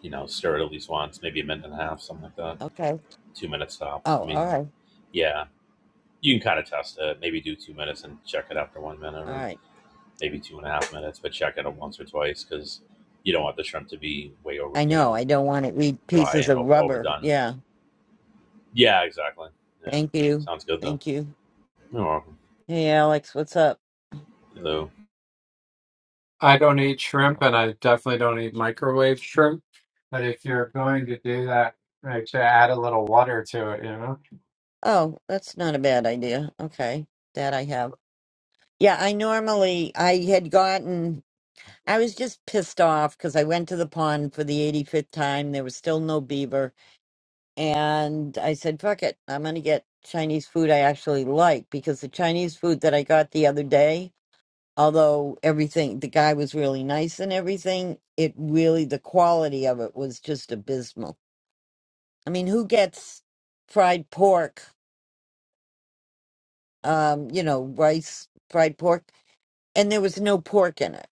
Speaker 4: you know, stir it at least once, maybe a minute and a half, something like that.
Speaker 2: Okay.
Speaker 4: Two minutes tops. I
Speaker 2: Oh, all
Speaker 4: mean,
Speaker 2: right.
Speaker 4: yeah, you can kind of test it. Maybe do two minutes and check it after one minute,
Speaker 2: All
Speaker 4: or
Speaker 2: right.
Speaker 4: maybe two and a half minutes, but check it once or twice because you don't want the shrimp to be way over,
Speaker 2: I
Speaker 4: you
Speaker 2: know.
Speaker 4: know,
Speaker 2: I don't want to eat
Speaker 4: dry
Speaker 2: pieces
Speaker 4: and
Speaker 2: of
Speaker 4: over
Speaker 2: rubber.
Speaker 4: overdone.
Speaker 2: Yeah.
Speaker 4: Yeah, exactly. Yeah,
Speaker 2: Thank you.
Speaker 4: sounds good though.
Speaker 2: Thank you.
Speaker 4: You're welcome.
Speaker 2: Hey Alex, what's up?
Speaker 4: Hello.
Speaker 12: I don't eat shrimp and I definitely don't eat microwave shrimp. But if you're going to do that, like to add a little water to it, you know.
Speaker 2: Oh, that's not a bad idea. Okay, that I have. Yeah, I normally I had gotten I was just pissed off because I went to the pond for the 85th time. There was still no beaver, and I said, "Fuck it, I'm gonna get Chinese food I actually like." Because the Chinese food that I got the other day, although everything the guy was really nice and everything, it really the quality of it was just abysmal. I mean, who gets fried pork? um, you know, rice, fried pork, and there was no pork in it.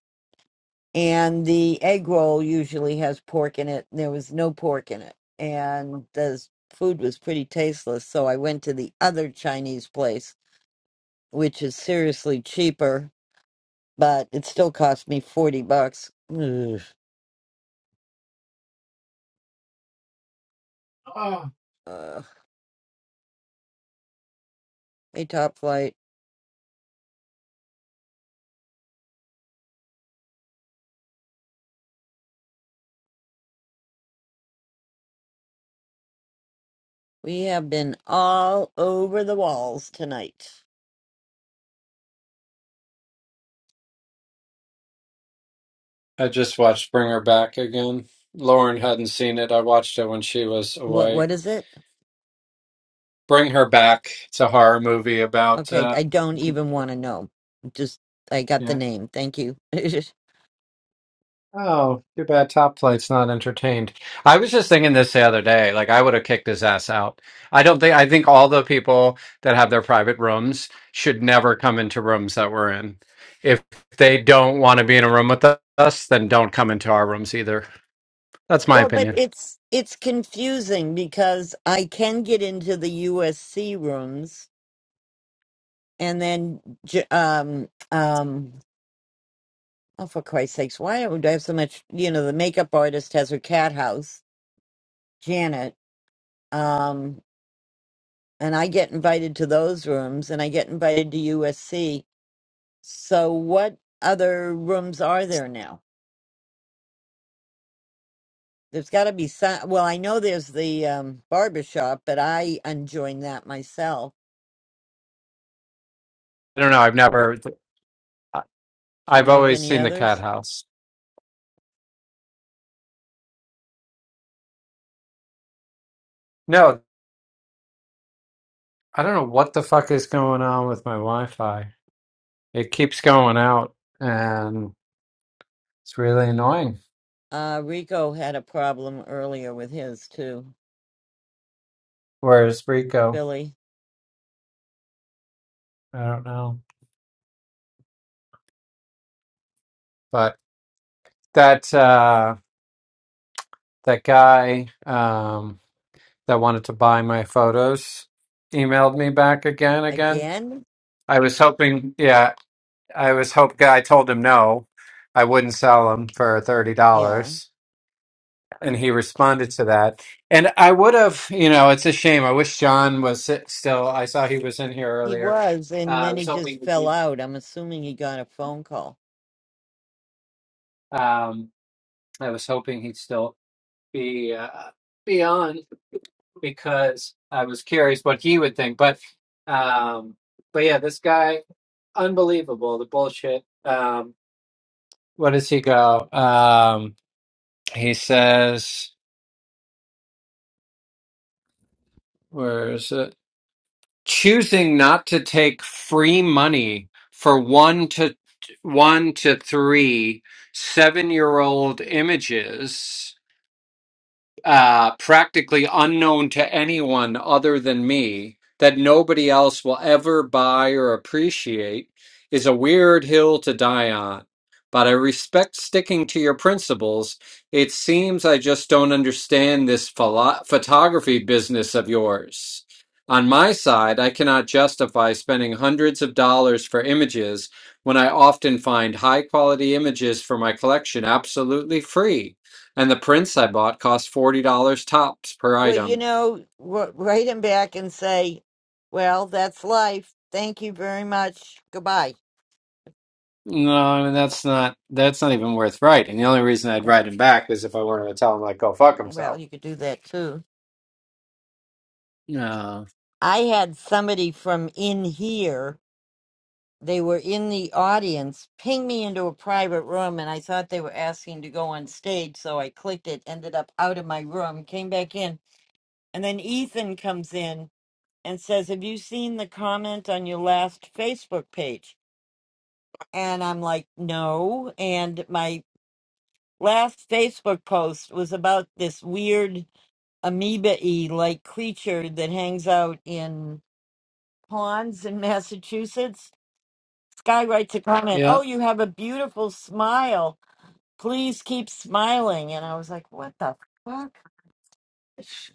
Speaker 2: And the egg roll usually has pork in it. and There was no pork in it. And the s- food was pretty tasteless. So I went to the other Chinese place, which is seriously cheaper, but it still cost me 40 bucks. Ugh.
Speaker 12: Oh.
Speaker 2: Ugh. Hey, Top Flight, we have been all over the walls tonight.
Speaker 12: I just watched Bring Her Back again. Lauren hadn't seen it. I watched it when she was
Speaker 2: What?
Speaker 12: away.
Speaker 2: What is it?
Speaker 12: Bring Her Back. It's a horror movie about
Speaker 2: Okay,
Speaker 12: uh
Speaker 2: I don't even want to know. Just I got
Speaker 12: yeah.
Speaker 2: the name. Thank you.
Speaker 12: Oh, too bad Top Flight's not entertained. I was just thinking this the other day. Like, I would have kicked his ass out. I don't think, I think all the people that have their private rooms should never come into rooms that we're in. If they don't want to be in a room with us, then don't come into our rooms either. That's my
Speaker 2: well, but
Speaker 12: opinion.
Speaker 2: it's it's confusing because I can get into the USC rooms and then j- um um oh for Christ's sakes, why would I have so much, you know, the makeup artist has her cat house, Janet. Um and I get invited to those rooms and I get invited to USC. So what other rooms are there now? There's got to be some. Well, I know there's the um, barber shop, but I unjoined that myself.
Speaker 12: I don't know. I've never, I-
Speaker 2: Do you
Speaker 12: I've
Speaker 2: know of
Speaker 12: always
Speaker 2: any
Speaker 12: seen the cat
Speaker 2: others?
Speaker 12: house. No, I don't know what the fuck is going on with my Wi-Fi. It keeps going out and it's really annoying.
Speaker 2: Uh, Rico had a problem earlier with his too.
Speaker 12: Where's Rico?
Speaker 2: Billy
Speaker 12: I don't know, but that uh, that guy um, that wanted to buy my photos emailed me back again. Again,
Speaker 2: again?
Speaker 12: I was hoping. Yeah, I was hoping. I told him no, I wouldn't sell them for thirty
Speaker 2: Yeah,
Speaker 12: dollars, and he responded to that. And I would have, you know, it's a shame. I wish John was s- still. I saw he was in here
Speaker 2: he
Speaker 12: earlier.
Speaker 2: was,
Speaker 12: Uh,
Speaker 2: and
Speaker 12: I
Speaker 2: then he
Speaker 12: was hoping.
Speaker 2: just fell out. I'm assuming he got a phone call.
Speaker 12: Um, I was hoping he'd still be uh, be on because I was curious what he would think. But um, but yeah, this guy, unbelievable. The bullshit. Um, what does he go? Um, he says, where is it? Choosing not to take free money for one to one to three seven year old images uh, practically unknown to anyone other than me that nobody else will ever buy or appreciate is a weird hill to die on. But I respect sticking to your principles. It seems I just don't understand this philo- photography business of yours. On my side, I cannot justify spending hundreds of dollars for images when I often find high quality images for my collection absolutely free. And the prints I bought cost forty dollars tops per
Speaker 2: Well, you
Speaker 12: item.
Speaker 2: know, wr- write him back and say, "Well, that's life. Thank you very much. Goodbye."
Speaker 12: No, I mean that's not that's not even worth writing. The only reason I'd write him back is if I wanted to tell him like go fuck
Speaker 2: Well,
Speaker 12: himself.
Speaker 2: you could do that too.
Speaker 12: No.
Speaker 2: I had somebody from in here they were in the audience pinged me into a private room and i thought they were asking to go on stage so i clicked it ended up out of my room came back in and then ethan comes in and says have you seen the comment on your last facebook page and i'm like no and my last facebook post was about this weird amoeba-y like creature that hangs out in ponds in massachusetts sky writes a comment
Speaker 12: yeah,
Speaker 2: oh you have a beautiful smile please keep smiling. And I was like, what the fuck? There's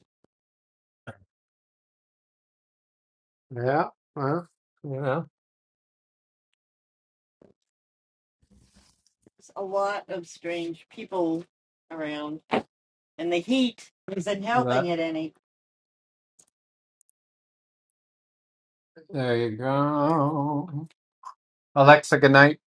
Speaker 12: yeah, well, you know
Speaker 2: a lot of strange people around, and the heat isn't helping
Speaker 12: that.
Speaker 2: it any.
Speaker 12: There you go, Alexa. Good night.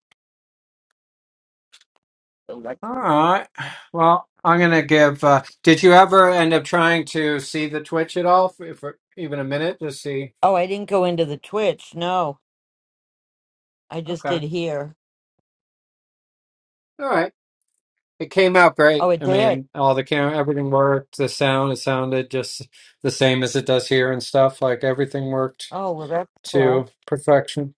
Speaker 12: All
Speaker 2: Oh,
Speaker 12: right. Well, I'm gonna give. Uh, did you ever end up trying to see the Twitch at all, for, for even a minute, to see?
Speaker 2: I didn't go into the Twitch. No, I just
Speaker 12: Okay.
Speaker 2: did
Speaker 12: All
Speaker 2: here.
Speaker 12: right. It came out
Speaker 2: Oh,
Speaker 12: great.
Speaker 2: it
Speaker 12: I
Speaker 2: did.
Speaker 12: mean, all the camera, everything worked. The sound, it sounded just the same as it does here and stuff. Like everything worked
Speaker 2: Oh, well, that's cool.
Speaker 12: to perfection.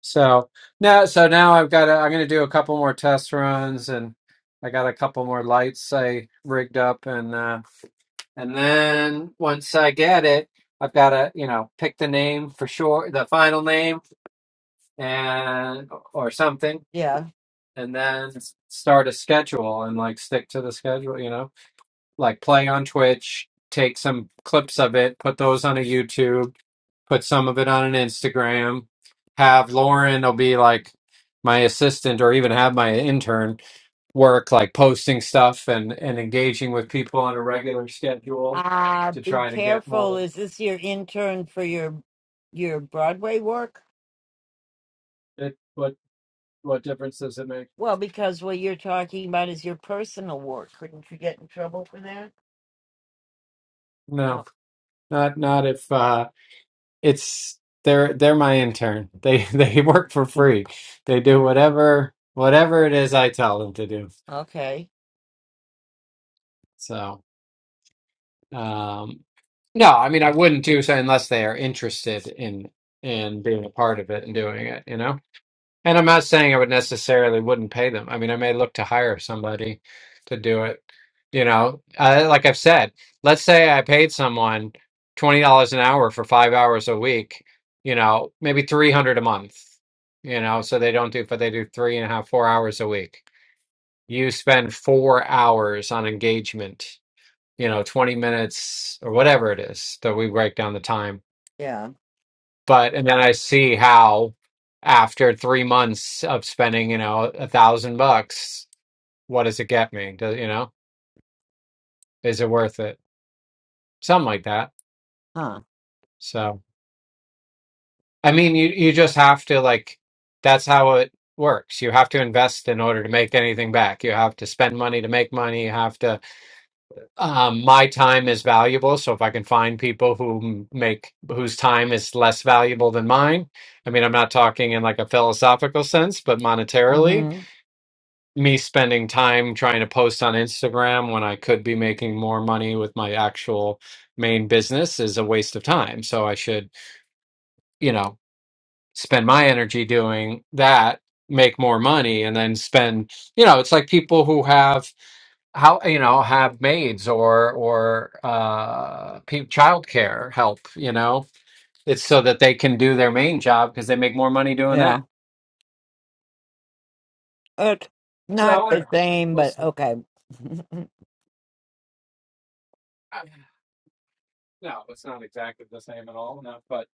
Speaker 12: So now, so now I've got. To, I'm going to do a couple more test runs, and I got a couple more lights I rigged up, and uh, and then once I get it, I've got to you know pick the name for sure, the final name, and or something,
Speaker 2: Yeah.
Speaker 12: and then start a schedule and like stick to the schedule. You know. like play on Twitch, take some clips of it, put those on a YouTube, put some of it on an Instagram, have Lauren will be like my assistant or even have my intern work like posting stuff and and engaging with people on a regular schedule
Speaker 2: Ah,
Speaker 12: to
Speaker 2: be
Speaker 12: try to get
Speaker 2: careful.
Speaker 12: more
Speaker 2: Is this your intern for your your Broadway work?
Speaker 12: it, what what difference does it make
Speaker 2: Well, because what you're talking about is your personal work. Couldn't you get in trouble for that?
Speaker 12: no
Speaker 2: Oh,
Speaker 12: not not if uh it's they're they're my intern they they work for free they do whatever whatever it is i tell them to do
Speaker 2: okay.
Speaker 12: So, um, no, I mean, I wouldn't do so unless they are interested in in being a part of it and doing it, you know. And I'm not saying I would necessarily wouldn't pay them. I mean, I may look to hire somebody to do it, you know. Uh, like I've said, let's say I paid someone twenty dollars an hour for five hours a week, you know, maybe three hundred a month, you know, so they don't do, but they do three and a half, four hours a week. You spend four hours on engagement you know, 20 minutes or whatever it is that we break down the time.
Speaker 2: Yeah.
Speaker 12: But, and then I see how after three months of spending, you know, a thousand bucks, what does it get me? Do, you know, is it worth it? Something like that.
Speaker 2: Huh.
Speaker 12: So, I mean, you, you just have to like, that's how it works. You have to invest in order to make anything back. You have to spend money to make money. You have to um, my time is valuable. So if I can find people who m- make whose time is less valuable than mine, I mean, I'm not talking in like a philosophical sense, but monetarily,
Speaker 2: hmm
Speaker 12: me spending time trying to post on Instagram when I could be making more money with my actual main business is a waste of time. So I should, you know, spend my energy doing that, make more money, and then spend, you know, it's like people who have how you know have maids or or uh pe- childcare help you know it's so that they can do their main job because they make more money doing
Speaker 2: Yeah.
Speaker 12: that
Speaker 2: It's not
Speaker 12: so you know,
Speaker 2: the same,
Speaker 12: we'll
Speaker 2: but
Speaker 12: see.
Speaker 2: okay.
Speaker 12: I- no it's not exactly the same at all no but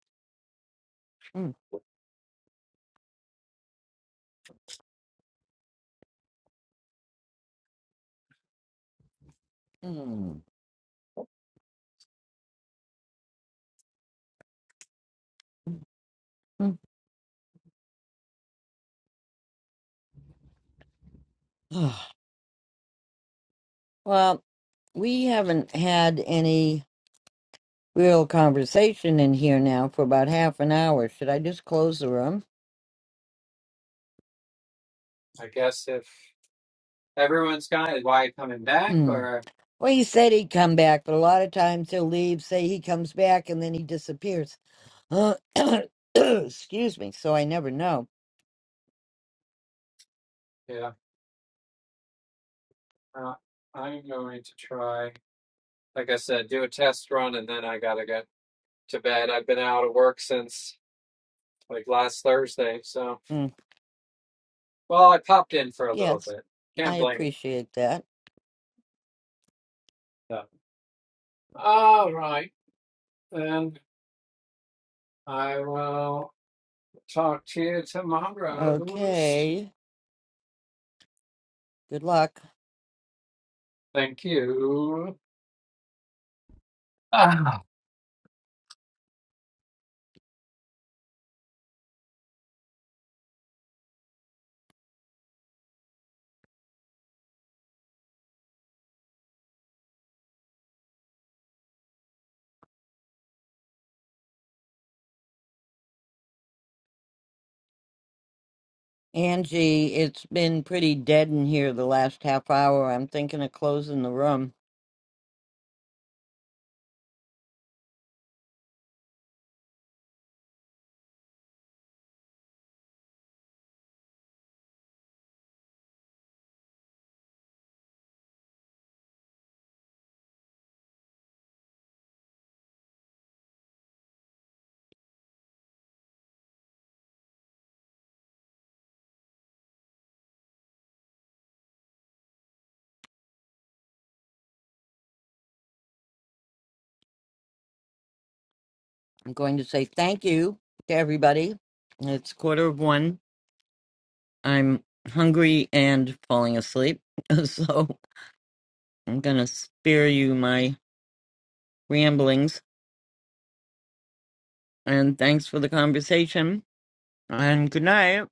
Speaker 2: well, we haven't had any real conversation in here now for about half an hour. Should I just close the room?
Speaker 12: i guess if everyone's got it why coming back
Speaker 2: Mm.
Speaker 12: or
Speaker 2: well, he said he'd come back, but a lot of times he'll leave, say he comes back, and then he disappears. Excuse me. So I never know.
Speaker 12: yeah uh, i'm going to try like i said do a test run and then i gotta get to bed i've been out of work since like last thursday so
Speaker 2: Mm,
Speaker 12: well i popped in for a little
Speaker 2: Yes,
Speaker 12: bit
Speaker 2: I
Speaker 12: can't blame
Speaker 2: appreciate that.
Speaker 12: Yeah. All right. Then I will talk to you tomorrow.
Speaker 2: Okay. Good luck.
Speaker 12: Thank you. Ah.
Speaker 2: Angie, it's been pretty dead in here the last half hour. I'm thinking of closing the room. I'm going to say thank you to everybody. It's quarter of one. I'm hungry and falling asleep. So I'm going to spare you my ramblings. And thanks for the conversation. And good night.